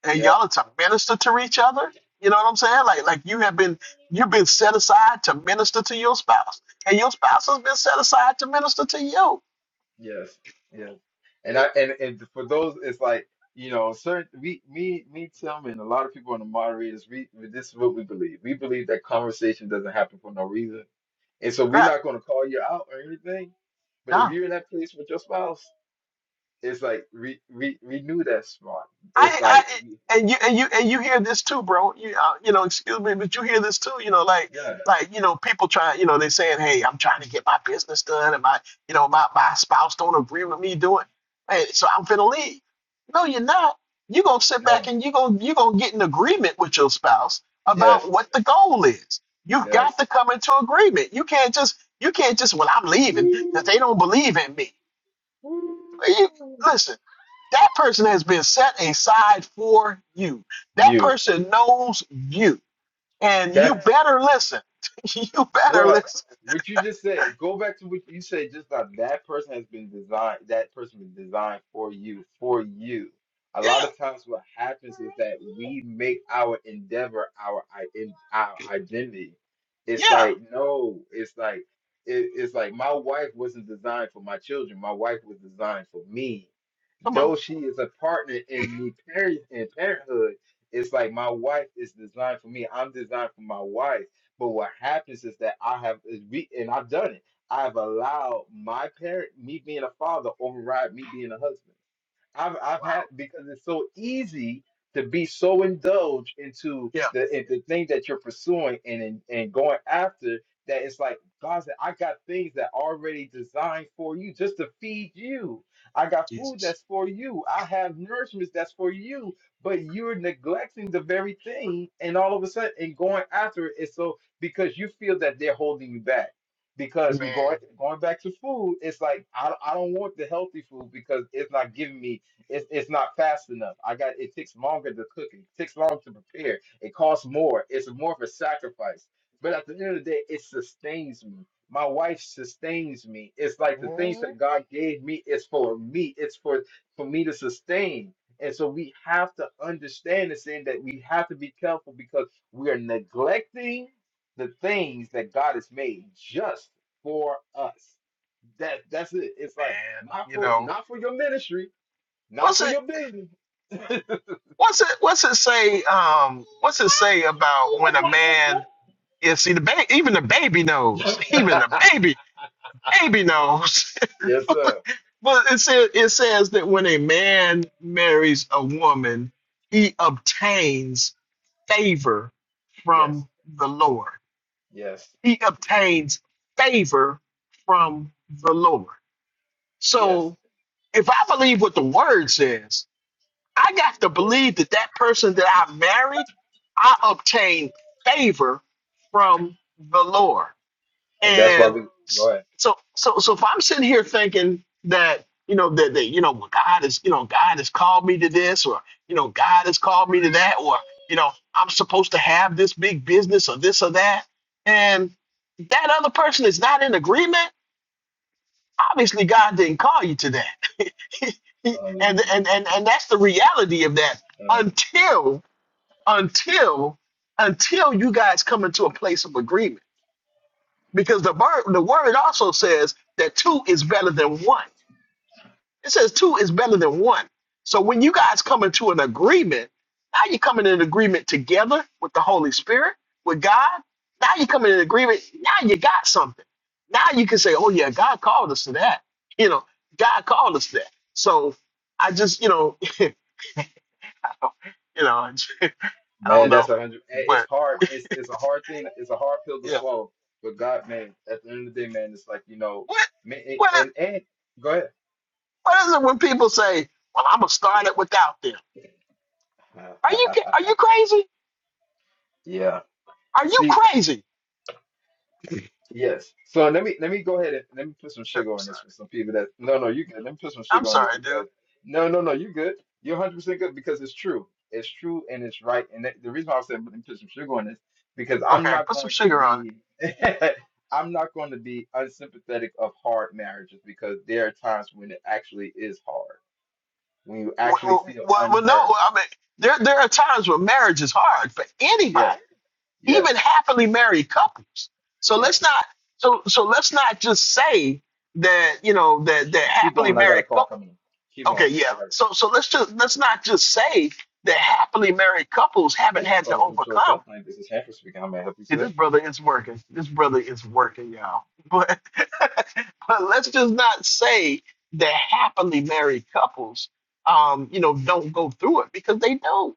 Speaker 1: And
Speaker 3: Yep.
Speaker 1: y'all are to minister to each other. You know what I'm saying? Like like you have been you've been set aside to minister to your spouse, and your spouse has been set aside to minister to you.
Speaker 3: Yes, yes. And I and, and for those it's like, you know, certain we me me Tim and a lot of people in the moderators, we we- this is what we believe. We believe that conversation doesn't happen for no reason. And so we're
Speaker 1: Right.
Speaker 3: not gonna call you out or anything. But if
Speaker 1: No.
Speaker 3: you're in that place with your spouse, it's like re re renew that smart. It's
Speaker 1: I,
Speaker 3: like
Speaker 1: I, and you, and you, and you hear this too, bro. You, uh, you know, excuse me, but you hear this too. You know, like,
Speaker 3: yeah,
Speaker 1: like, you know, people trying, you know, they saying, "Hey, I'm trying to get my business done, and my, you know, my my spouse don't agree with me doing, hey, so I'm gonna leave." No, you're not. You're gonna sit back
Speaker 3: yes,
Speaker 1: and you're gonna you're gonna get an agreement with your spouse
Speaker 3: yes,
Speaker 1: about what the goal is. You've got
Speaker 3: yes,
Speaker 1: to come into agreement. You can't just you can't just well, I'm leaving because they don't believe in me. You, listen, that person has been set aside for you. That
Speaker 3: you.
Speaker 1: person knows you, and
Speaker 3: That's
Speaker 1: you better listen. you better
Speaker 3: Bruh,
Speaker 1: listen.
Speaker 3: what you just said, go back to what you said just now. That person has been designed, that person was designed for you, for you. A
Speaker 1: Yeah,
Speaker 3: lot of times what happens is that we make our endeavor our i- in- our identity. It's
Speaker 1: yeah.
Speaker 3: like, no, it's like it, it's like my wife wasn't designed for my children. My wife was designed for me
Speaker 1: Come on.
Speaker 3: though she is a partner in me par- in parenthood, it's like my wife is designed for me. I'm designed for my wife. But what happens is that I have is we and I've done it. I've allowed my parent, me being a father, override me being a husband. I've I've had
Speaker 1: Wow.
Speaker 3: because it's so easy to be so indulged into
Speaker 1: Yeah,
Speaker 3: the in the thing that you're pursuing and and and going after that it's like God said, I got things that already designed for you just to feed you. I got food
Speaker 1: Jesus,
Speaker 3: that's for you. I have nourishments that's for you, but you're neglecting the very thing and all of a sudden and going after it. It's so because you feel that they're holding you back because you go
Speaker 1: man,
Speaker 3: going back to food, it's like I, I don't want the healthy food because it's not giving me it's, it's not fast enough. I got it takes longer to cook. It It takes longer to prepare. It costs more. It's more of a sacrifice. But at the end of the day, it sustains me. My wife sustains me. It's like the things
Speaker 1: Mhm.
Speaker 3: that God gave me is for me. It's for for me to sustain. And so we have to understand this thing that we have to be careful because we are neglecting the things that God has made just for us. That that's it. It's
Speaker 1: man.
Speaker 3: like not
Speaker 1: You
Speaker 3: for
Speaker 1: know
Speaker 3: not for your ministry, not
Speaker 1: what's
Speaker 3: for
Speaker 1: it?
Speaker 3: your business.
Speaker 1: What's it? What's it say? Um, what's it say about when a man? is see, the ba- even the baby
Speaker 3: yes,
Speaker 1: knows. Even the baby, baby knows.
Speaker 3: sir.
Speaker 1: Well, it says it says that when a man marries a woman, he obtains favor
Speaker 3: Yes,
Speaker 1: from the Lord.
Speaker 3: yes,
Speaker 1: He obtains favor from the Lord.
Speaker 3: yes.
Speaker 1: So, if I believe what the word says, I got to believe that that person that I married, I obtained favor from the Lord.
Speaker 3: And that's why
Speaker 1: And
Speaker 3: we go ahead.
Speaker 1: so, so, so if I'm sitting here thinking that, you know, that, that, you know, well, God is, you know, God has called me to this, or, you know, God has called me to that, or, you know, I'm supposed to have this big business or this or that. And that other person is not in agreement. Obviously, God didn't call you to that. and,
Speaker 3: Um,
Speaker 1: and, and, and that's the reality of that
Speaker 3: um,
Speaker 1: until, until, until you guys come into a place of agreement because the word the word also says that two is better than one. It says two is better than one. So when you guys come into an agreement, now you're coming in agreement together with the Holy Spirit, with God. Now you're coming in agreement. Now you got something. Now you can say, "Oh yeah, God called us to that." You know, God called us to that. So I just, you know, you know, I
Speaker 3: man,
Speaker 1: don't
Speaker 3: that's
Speaker 1: know,
Speaker 3: a hundred. eh, It's
Speaker 1: but
Speaker 3: hard. It's it's a hard thing. It's a hard pill to
Speaker 1: yeah,
Speaker 3: swallow. But God, man, at the end of the day, man, it's like you know,
Speaker 1: what
Speaker 3: man, and
Speaker 1: what
Speaker 3: and and- go
Speaker 1: what is it when people say, "Well, I'm gonna start it without them." Are
Speaker 3: ahead.
Speaker 1: you ca- are you crazy?
Speaker 3: yeah.
Speaker 1: Are you
Speaker 3: See.
Speaker 1: crazy?
Speaker 3: Yes. So let me let me go ahead and let me put some
Speaker 1: I'm
Speaker 3: sugar on
Speaker 1: sorry.
Speaker 3: this for some people that no no you good. Let me put some
Speaker 1: I'm
Speaker 3: sugar on this
Speaker 1: sorry, dude.
Speaker 3: because no no no you good. You're 100 percent good because it's true. It's true and it's right. And that, the reason why I said let me put some sugar on this because
Speaker 1: Okay,
Speaker 3: I'm not
Speaker 1: put some
Speaker 3: going to
Speaker 1: sugar on it.
Speaker 3: be I'm not going to be unsympathetic of hard marriages because there are times when it actually is hard when you actually
Speaker 1: Well,
Speaker 3: feel
Speaker 1: well, well no,
Speaker 3: unheard.
Speaker 1: I mean, there there are times when marriage is hard for anybody,
Speaker 3: Yes
Speaker 1: even
Speaker 3: yes
Speaker 1: happily married couples. So let's
Speaker 3: yes.
Speaker 1: not so so let's not just say that you know that that
Speaker 3: Keep keep
Speaker 1: happily
Speaker 3: going. I got a
Speaker 1: married
Speaker 3: call
Speaker 1: couple.
Speaker 3: coming in. Keep
Speaker 1: Okay,
Speaker 3: going.
Speaker 1: yeah.
Speaker 3: I got.
Speaker 1: So so let's just let's not just say that happily married couples haven't
Speaker 3: Thank you for
Speaker 1: had to
Speaker 3: calling Home Choice
Speaker 1: overcome.
Speaker 3: Helpline. This is Hanford speaking. How may I help you
Speaker 1: See,
Speaker 3: today?
Speaker 1: this brother is working. This brother is working, y'all. but let's just not say that happily married couples um you know don't go through it because they do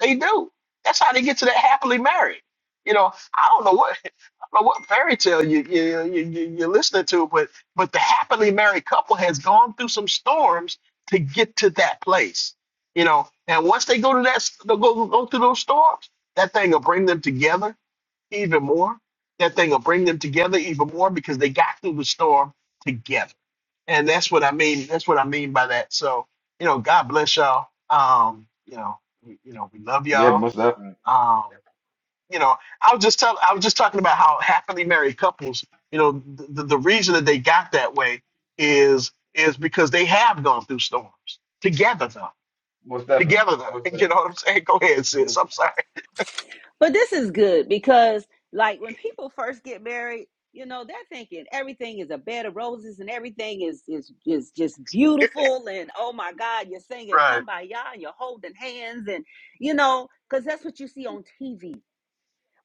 Speaker 1: they do that's how they get to that happily married you know i don't know what I don't know what fairy tale you, you, you, you- you're listening to, but but the happily married couple has gone through some storms to get to that place, you know. And once they go to that, they'll go, go through those storms, that thing will bring them together even more. That thing will bring them together even more because they got through the storm together. And that's what I mean. That's what I mean by that. So, you know, God bless y'all. Um, you know, we, you know, we love
Speaker 3: Yeah,
Speaker 1: y'all.
Speaker 3: most definitely.
Speaker 1: Um, you know, I was just tell, I was just talking about how happily married couples, you know, the, the, the reason that they got that way is is because they have gone through storms together though.
Speaker 3: Most definitely.
Speaker 1: Together though.
Speaker 3: Most
Speaker 1: You know
Speaker 3: definitely.
Speaker 1: what I'm saying? Go ahead, sis. I'm sorry.
Speaker 5: But this is good because, like, when people first get married, you know, they're thinking everything is a bed of roses and everything is is is just beautiful and oh my God, you're singing "Come
Speaker 1: Right.
Speaker 5: by Ya" and you're holding hands and you know, because that's what you see on TV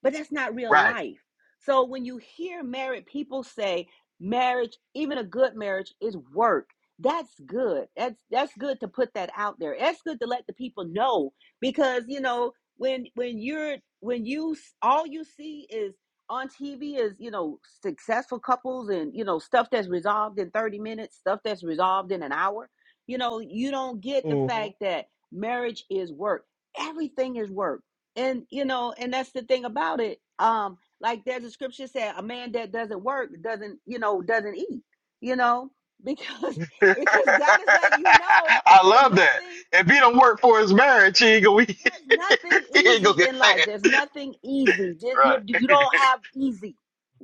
Speaker 5: but that's not real life. So when you hear married people say marriage, even a good marriage is work. That's good. That's that's good to put that out there. That's good to let the people know because you know when when you're when you all you see is on TV is you know successful couples and you know stuff that's resolved in 30 minutes, stuff that's resolved in an hour. You know, you don't get the
Speaker 1: Right.
Speaker 5: fact that marriage is work. Everything is work and you know and that's the thing about it um like there's a scripture said a man that doesn't work doesn't you know doesn't eat you know because
Speaker 1: I
Speaker 5: because god is letting you know that
Speaker 1: love that.
Speaker 5: nothing
Speaker 1: If he don't work for his marriage, he ain't gonna, he
Speaker 5: there's nothing
Speaker 1: ain't gonna
Speaker 5: easy
Speaker 1: get
Speaker 5: in life
Speaker 1: fed.
Speaker 5: there's nothing easy Ju- you,
Speaker 1: Right.
Speaker 5: you don't have easy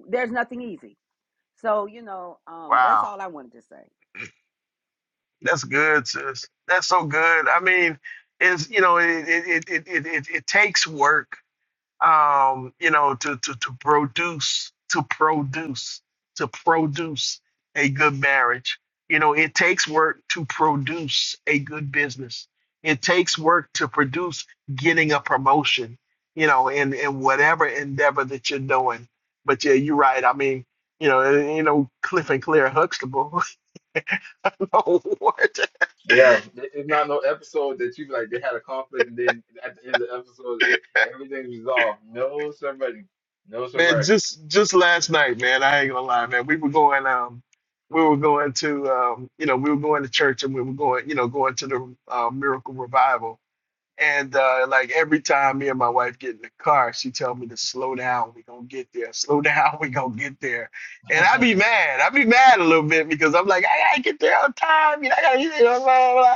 Speaker 5: there's nothing easy so you know um that's
Speaker 1: wow.
Speaker 5: all i wanted to say
Speaker 1: That's good, sis. That's so good. I mean, it's you know, it it it it it, it takes work um, you know, to, to, to produce, to produce, to produce a good marriage. You know, it takes work to produce a good business. It takes work to produce getting a promotion, you know, in, in whatever endeavor that you're doing. But yeah, you're right. I mean, you know, you know, Cliff and Claire Huxtable. Lord.
Speaker 3: Yeah, it- it's not no episode that you be like they had a conflict and then at the end of the episode it, everything's resolved. No somebody. No
Speaker 1: Man,
Speaker 3: somebody.
Speaker 1: just just last night, man, I ain't gonna lie, man. We were going um we were going to um you know, we were going to church and we were going, you know, going to the uh, miracle revival. And uh like every time me and my wife get in the car, she tell me to slow down, we gonna get there. Slow down, we gonna get there. And I
Speaker 3: yeah,
Speaker 1: be mad. I be mad a little bit because I'm like, I gotta get there on time, you know, I gotta you know, blah, blah, blah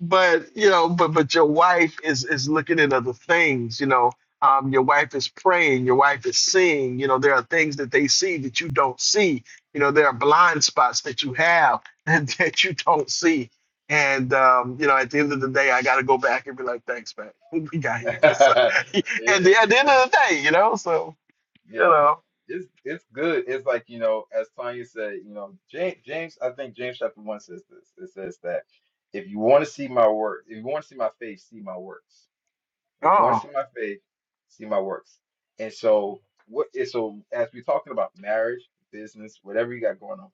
Speaker 1: but you know but but your wife is is looking at other things you know um your wife is praying your wife is seeing you know there are things that they see that you don't see you know there are blind spots that you have and that you don't see and um you know at the end of the day i got to go back and be like thanks man we got here so, at the at the end
Speaker 3: yeah,
Speaker 1: of the day you know so you
Speaker 3: yeah.
Speaker 1: know
Speaker 3: It's it's good. It's like, you know, as Tanya said, you know, James, James, I think James chapter one says this. It says that if you want to see my work, if you want to see my face, see my works. If you want
Speaker 1: oh
Speaker 3: to see my faith, see my works. And so what is so as we're talking about marriage, business, whatever you got going on.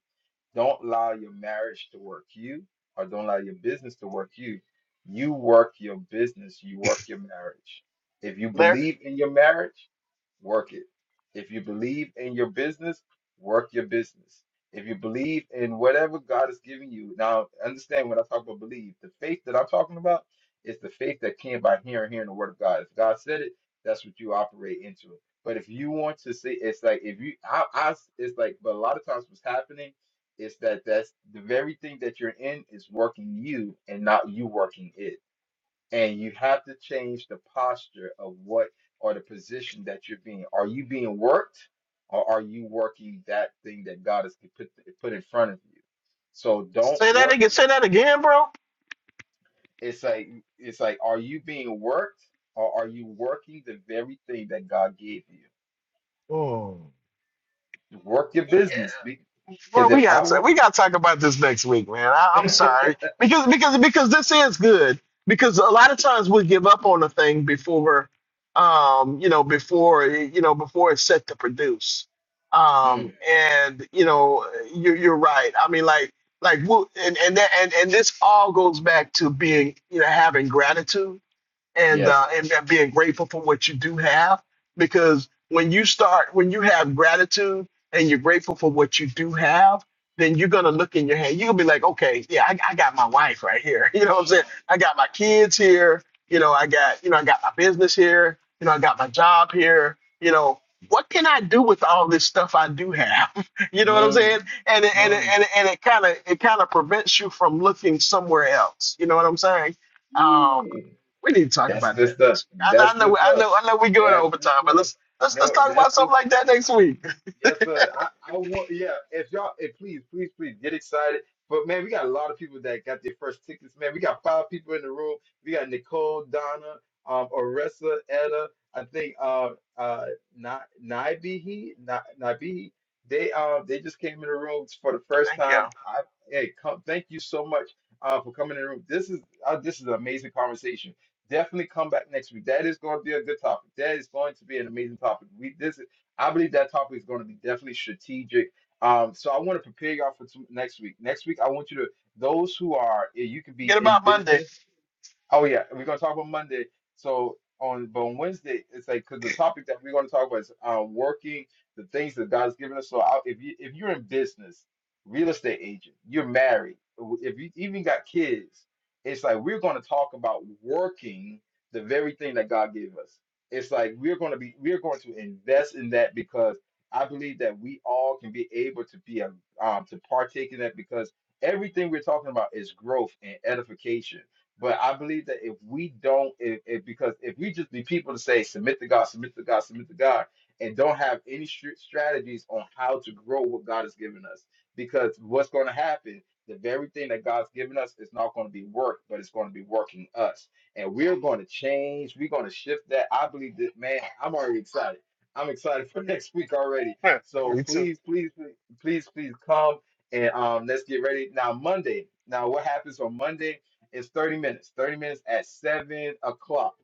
Speaker 3: Don't allow your marriage to work you, or don't allow your business to work you. You work your business, you work your marriage. If you
Speaker 1: Larry,
Speaker 3: believe in your marriage, work it. If you believe in your business, work your business. If you believe in whatever God is giving you, now understand when I talk about believe, the faith that I'm talking about is the faith that came by hearing, hearing the word of God. If God said it, that's what you operate into it. But if you want to see, it's like if you, I, I, it's like, but a lot of times what's happening it's that that's the very thing that you're in is working you and not you working it. And you have to change the posture of what or the position that you're being. Are you being worked or are you working that thing that God has put put in front of you? So don't
Speaker 1: say that
Speaker 3: work
Speaker 1: again
Speaker 3: the,
Speaker 1: say that again bro
Speaker 3: it's like it's like are you being worked or are you working the very thing that God gave you?
Speaker 1: Oh.
Speaker 3: Work your business because
Speaker 1: Well, we
Speaker 3: if I
Speaker 1: got to
Speaker 3: would
Speaker 1: we got to talk about this next week, man. I, I'm sorry because because because this is good because a lot of times we give up on a thing before, um, you know, before you know before it's set to produce, um,
Speaker 3: Mm,
Speaker 1: and you know you're you're right. I mean, like like we'll- and and that and and this all goes back to being you know having gratitude and uh,
Speaker 3: yes.
Speaker 1: and and being grateful for what you do have. Because when you start, when you have gratitude and you're grateful for what you do have, then you're gonna look in your hand. You'll be like, okay, yeah, I, I got my wife right here. You know what I'm saying? I got my kids here. You know, I got you know, I got my business here. You know, I got my job here. You know, what can I do with all this stuff I do have? you know what I'm saying?
Speaker 3: Mm,
Speaker 1: And it- and it-
Speaker 3: mm.
Speaker 1: and it- and it kind of it kind of prevents you from looking somewhere else. You know what I'm saying? Um,
Speaker 3: Yeah.
Speaker 1: we need to talk
Speaker 3: That's
Speaker 1: about that
Speaker 3: good stuff.
Speaker 1: next week. I,
Speaker 3: That's
Speaker 1: I know,
Speaker 3: good
Speaker 1: I
Speaker 3: stuff.
Speaker 1: know, I know we going
Speaker 3: That's good
Speaker 1: overtime, but
Speaker 3: stuff.
Speaker 1: let's let's let's
Speaker 3: No,
Speaker 1: talk
Speaker 3: that's
Speaker 1: about
Speaker 3: good
Speaker 1: something like that next week.
Speaker 3: Yes, sir. I, I want, yeah, if y'all, if please, please, please get excited. But man, we got a lot of people that got their first tickets, man. We got five people in the room. We got Nicole, Donna, um, Oressa, Etta, I think, uh, uh, Na- Naibihi, Na- Naibihi. They, um, they just came in the room for the first
Speaker 1: Thank
Speaker 3: time.
Speaker 1: y'all.
Speaker 3: I, hey, come, thank you so much, uh, for coming in the room. This is, uh, this is an amazing conversation. Definitely come back next week. That is going to be a good topic. That is going to be an amazing topic. We, this I believe that topic is going to be definitely strategic. Um, so I want to prepare y'all for two, next week. Next week, I want you to those who are eh, you can be
Speaker 1: Forget
Speaker 3: in
Speaker 1: about Monday.
Speaker 3: business Oh yeah, we're gonna talk about Monday. So on but on Wednesday, it's like because the topic that we're gonna talk about is uh, working the things that God's given us. So I, if you if you're in business, real estate agent, you're married, if you even got kids, it's like we're gonna talk about working the very thing that God gave us. It's like we're gonna be we're going to invest in that because I believe that we all can be able to be a um, to partake in that because everything we're talking about is growth and edification but I believe that if we don't, if, if because if we just be people to say submit to God, submit to God, submit to God, and don't have any str- strategies on how to grow what God has given us, because what's going to happen, the very thing that God's given us is not going to be work, but it's going to be working us, and we're going to change. We're going to shift that. I believe that, man. I'm already excited. I'm excited for next week already. So
Speaker 1: Me too.
Speaker 3: please, please, please, please, please come and um, let's get ready now. Monday. Now, what happens on Monday? It's 30 minutes. 30 minutes at 7 o'clock.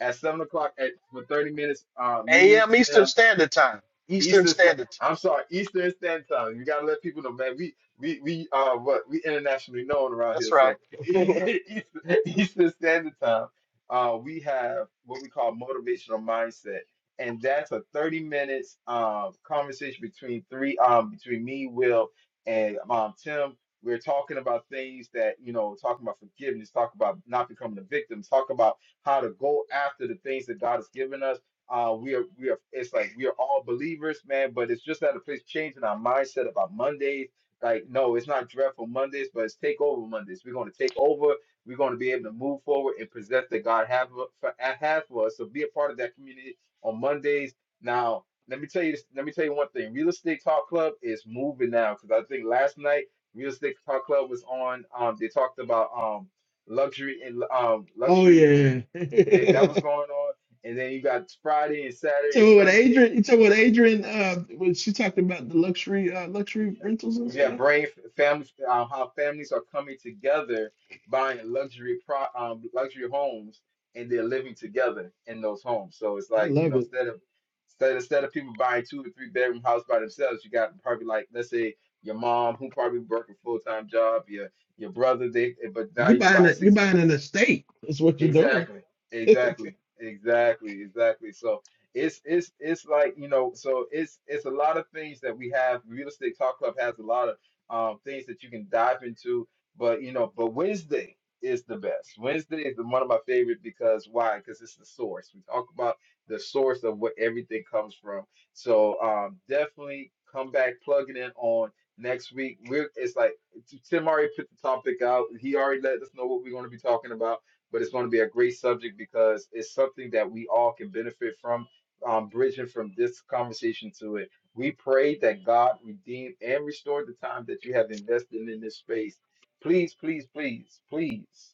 Speaker 3: At 7 o'clock at, for 30 minutes, uh, me,
Speaker 1: A.M.
Speaker 3: Tim,
Speaker 1: Eastern Standard Time. Eastern
Speaker 3: Eastern Sta-
Speaker 1: Standard. Time.
Speaker 3: I'm sorry, Eastern Standard Time. You gotta let people know, man. We we we uh what we internationally known around
Speaker 1: That's
Speaker 3: here.
Speaker 1: right.
Speaker 3: So Eastern, Eastern Standard Time, uh, we have what we call motivational mindset, and that's a 30 minutes um conversation between three um between me, Will, and um Tim. We're talking about things that you know, talking about forgiveness, talk about not becoming a victim, talk about how to go after the things that God has given us uh, we are we are it's like we are all believers, man, but it's just at a place changing our mindset about Mondays. Like, no, it's not dreadful Mondays, but it's take over Mondays. We're gonna take over, we're gonna be able to move forward and possess that God have for have for us. So be a part of that community on Mondays. Now, let me tell you this, let me tell you one thing. Real Estate Talk Club is moving now because I think last night Real Estate Talk Club was on. Um, they talked about um luxury and um
Speaker 1: Oh
Speaker 3: luxury
Speaker 1: yeah.
Speaker 3: and they, that was going on and then you got Friday and Saturday and
Speaker 1: so what
Speaker 3: Sunday.
Speaker 1: Adrian you what Adrian uh when she talked about the luxury uh luxury
Speaker 3: Yeah,
Speaker 1: rentals and
Speaker 3: We have
Speaker 1: stuff?
Speaker 3: brain families, um, how families are coming together, buying luxury pro, um, luxury homes, and they're living together in those homes. So it's
Speaker 1: I
Speaker 3: like you
Speaker 1: love
Speaker 3: know,
Speaker 1: it.
Speaker 3: instead of instead instead of people buying two or three bedroom house by themselves, you got probably like let's say your mom who probably work a full time job, your your brother they, but now
Speaker 1: You
Speaker 3: you can
Speaker 1: buying
Speaker 3: buy a
Speaker 1: a you
Speaker 3: six.
Speaker 1: buying an estate. That's what you're doing.
Speaker 3: Exactly. Exactly. Exactly. Exactly. So it's it's it's like, you know, so it's it's a lot of things that we have. Real Estate Talk Club has a lot of um things that you can dive into, but you know, but Wednesday is the best. Wednesday is the, one of my favorite because why? Because it's the source. We talk about the source of what everything comes from. So um definitely come back, plug it in on next week. We're it's like Tim already put the topic out. He already let us know what we're going to be talking about but it's going to be a great subject because it's something that we all can benefit from, um, bridging from this conversation to it. We pray that God redeem and restore the time that you have invested in this space. Please, please, please, please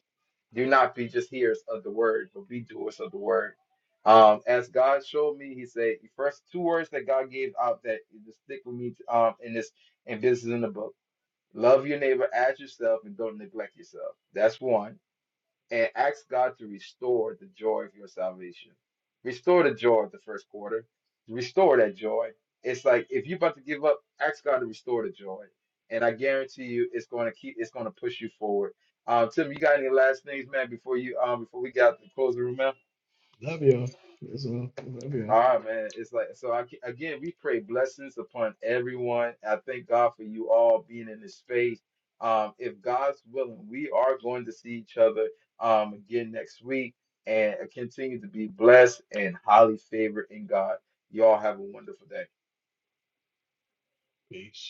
Speaker 3: do not be just hearers of the word, but be doers of the word. Um, as God showed me, He said, the first two words that God gave out that just stick with me um, in this, and this is in the book. Love your neighbor as yourself and don't neglect yourself. That's one and ask God to restore the joy of your salvation. Restore the joy of the first quarter. Restore that joy. It's like if you're about to give up, ask God to restore the joy. And I guarantee you it's gonna keep it's gonna push you forward. Um Tim, you got any last things, man, before you um before we got to close the room out?
Speaker 1: love y'all. That's all. Love y'all.
Speaker 3: All right, man. It's like so. I, again, we pray blessings upon everyone. I thank God for you all being in this space. Um, if God's willing, we are going to see each other um, again next week and continue to be blessed and highly favored in God. Y'all have a wonderful day.
Speaker 1: Peace.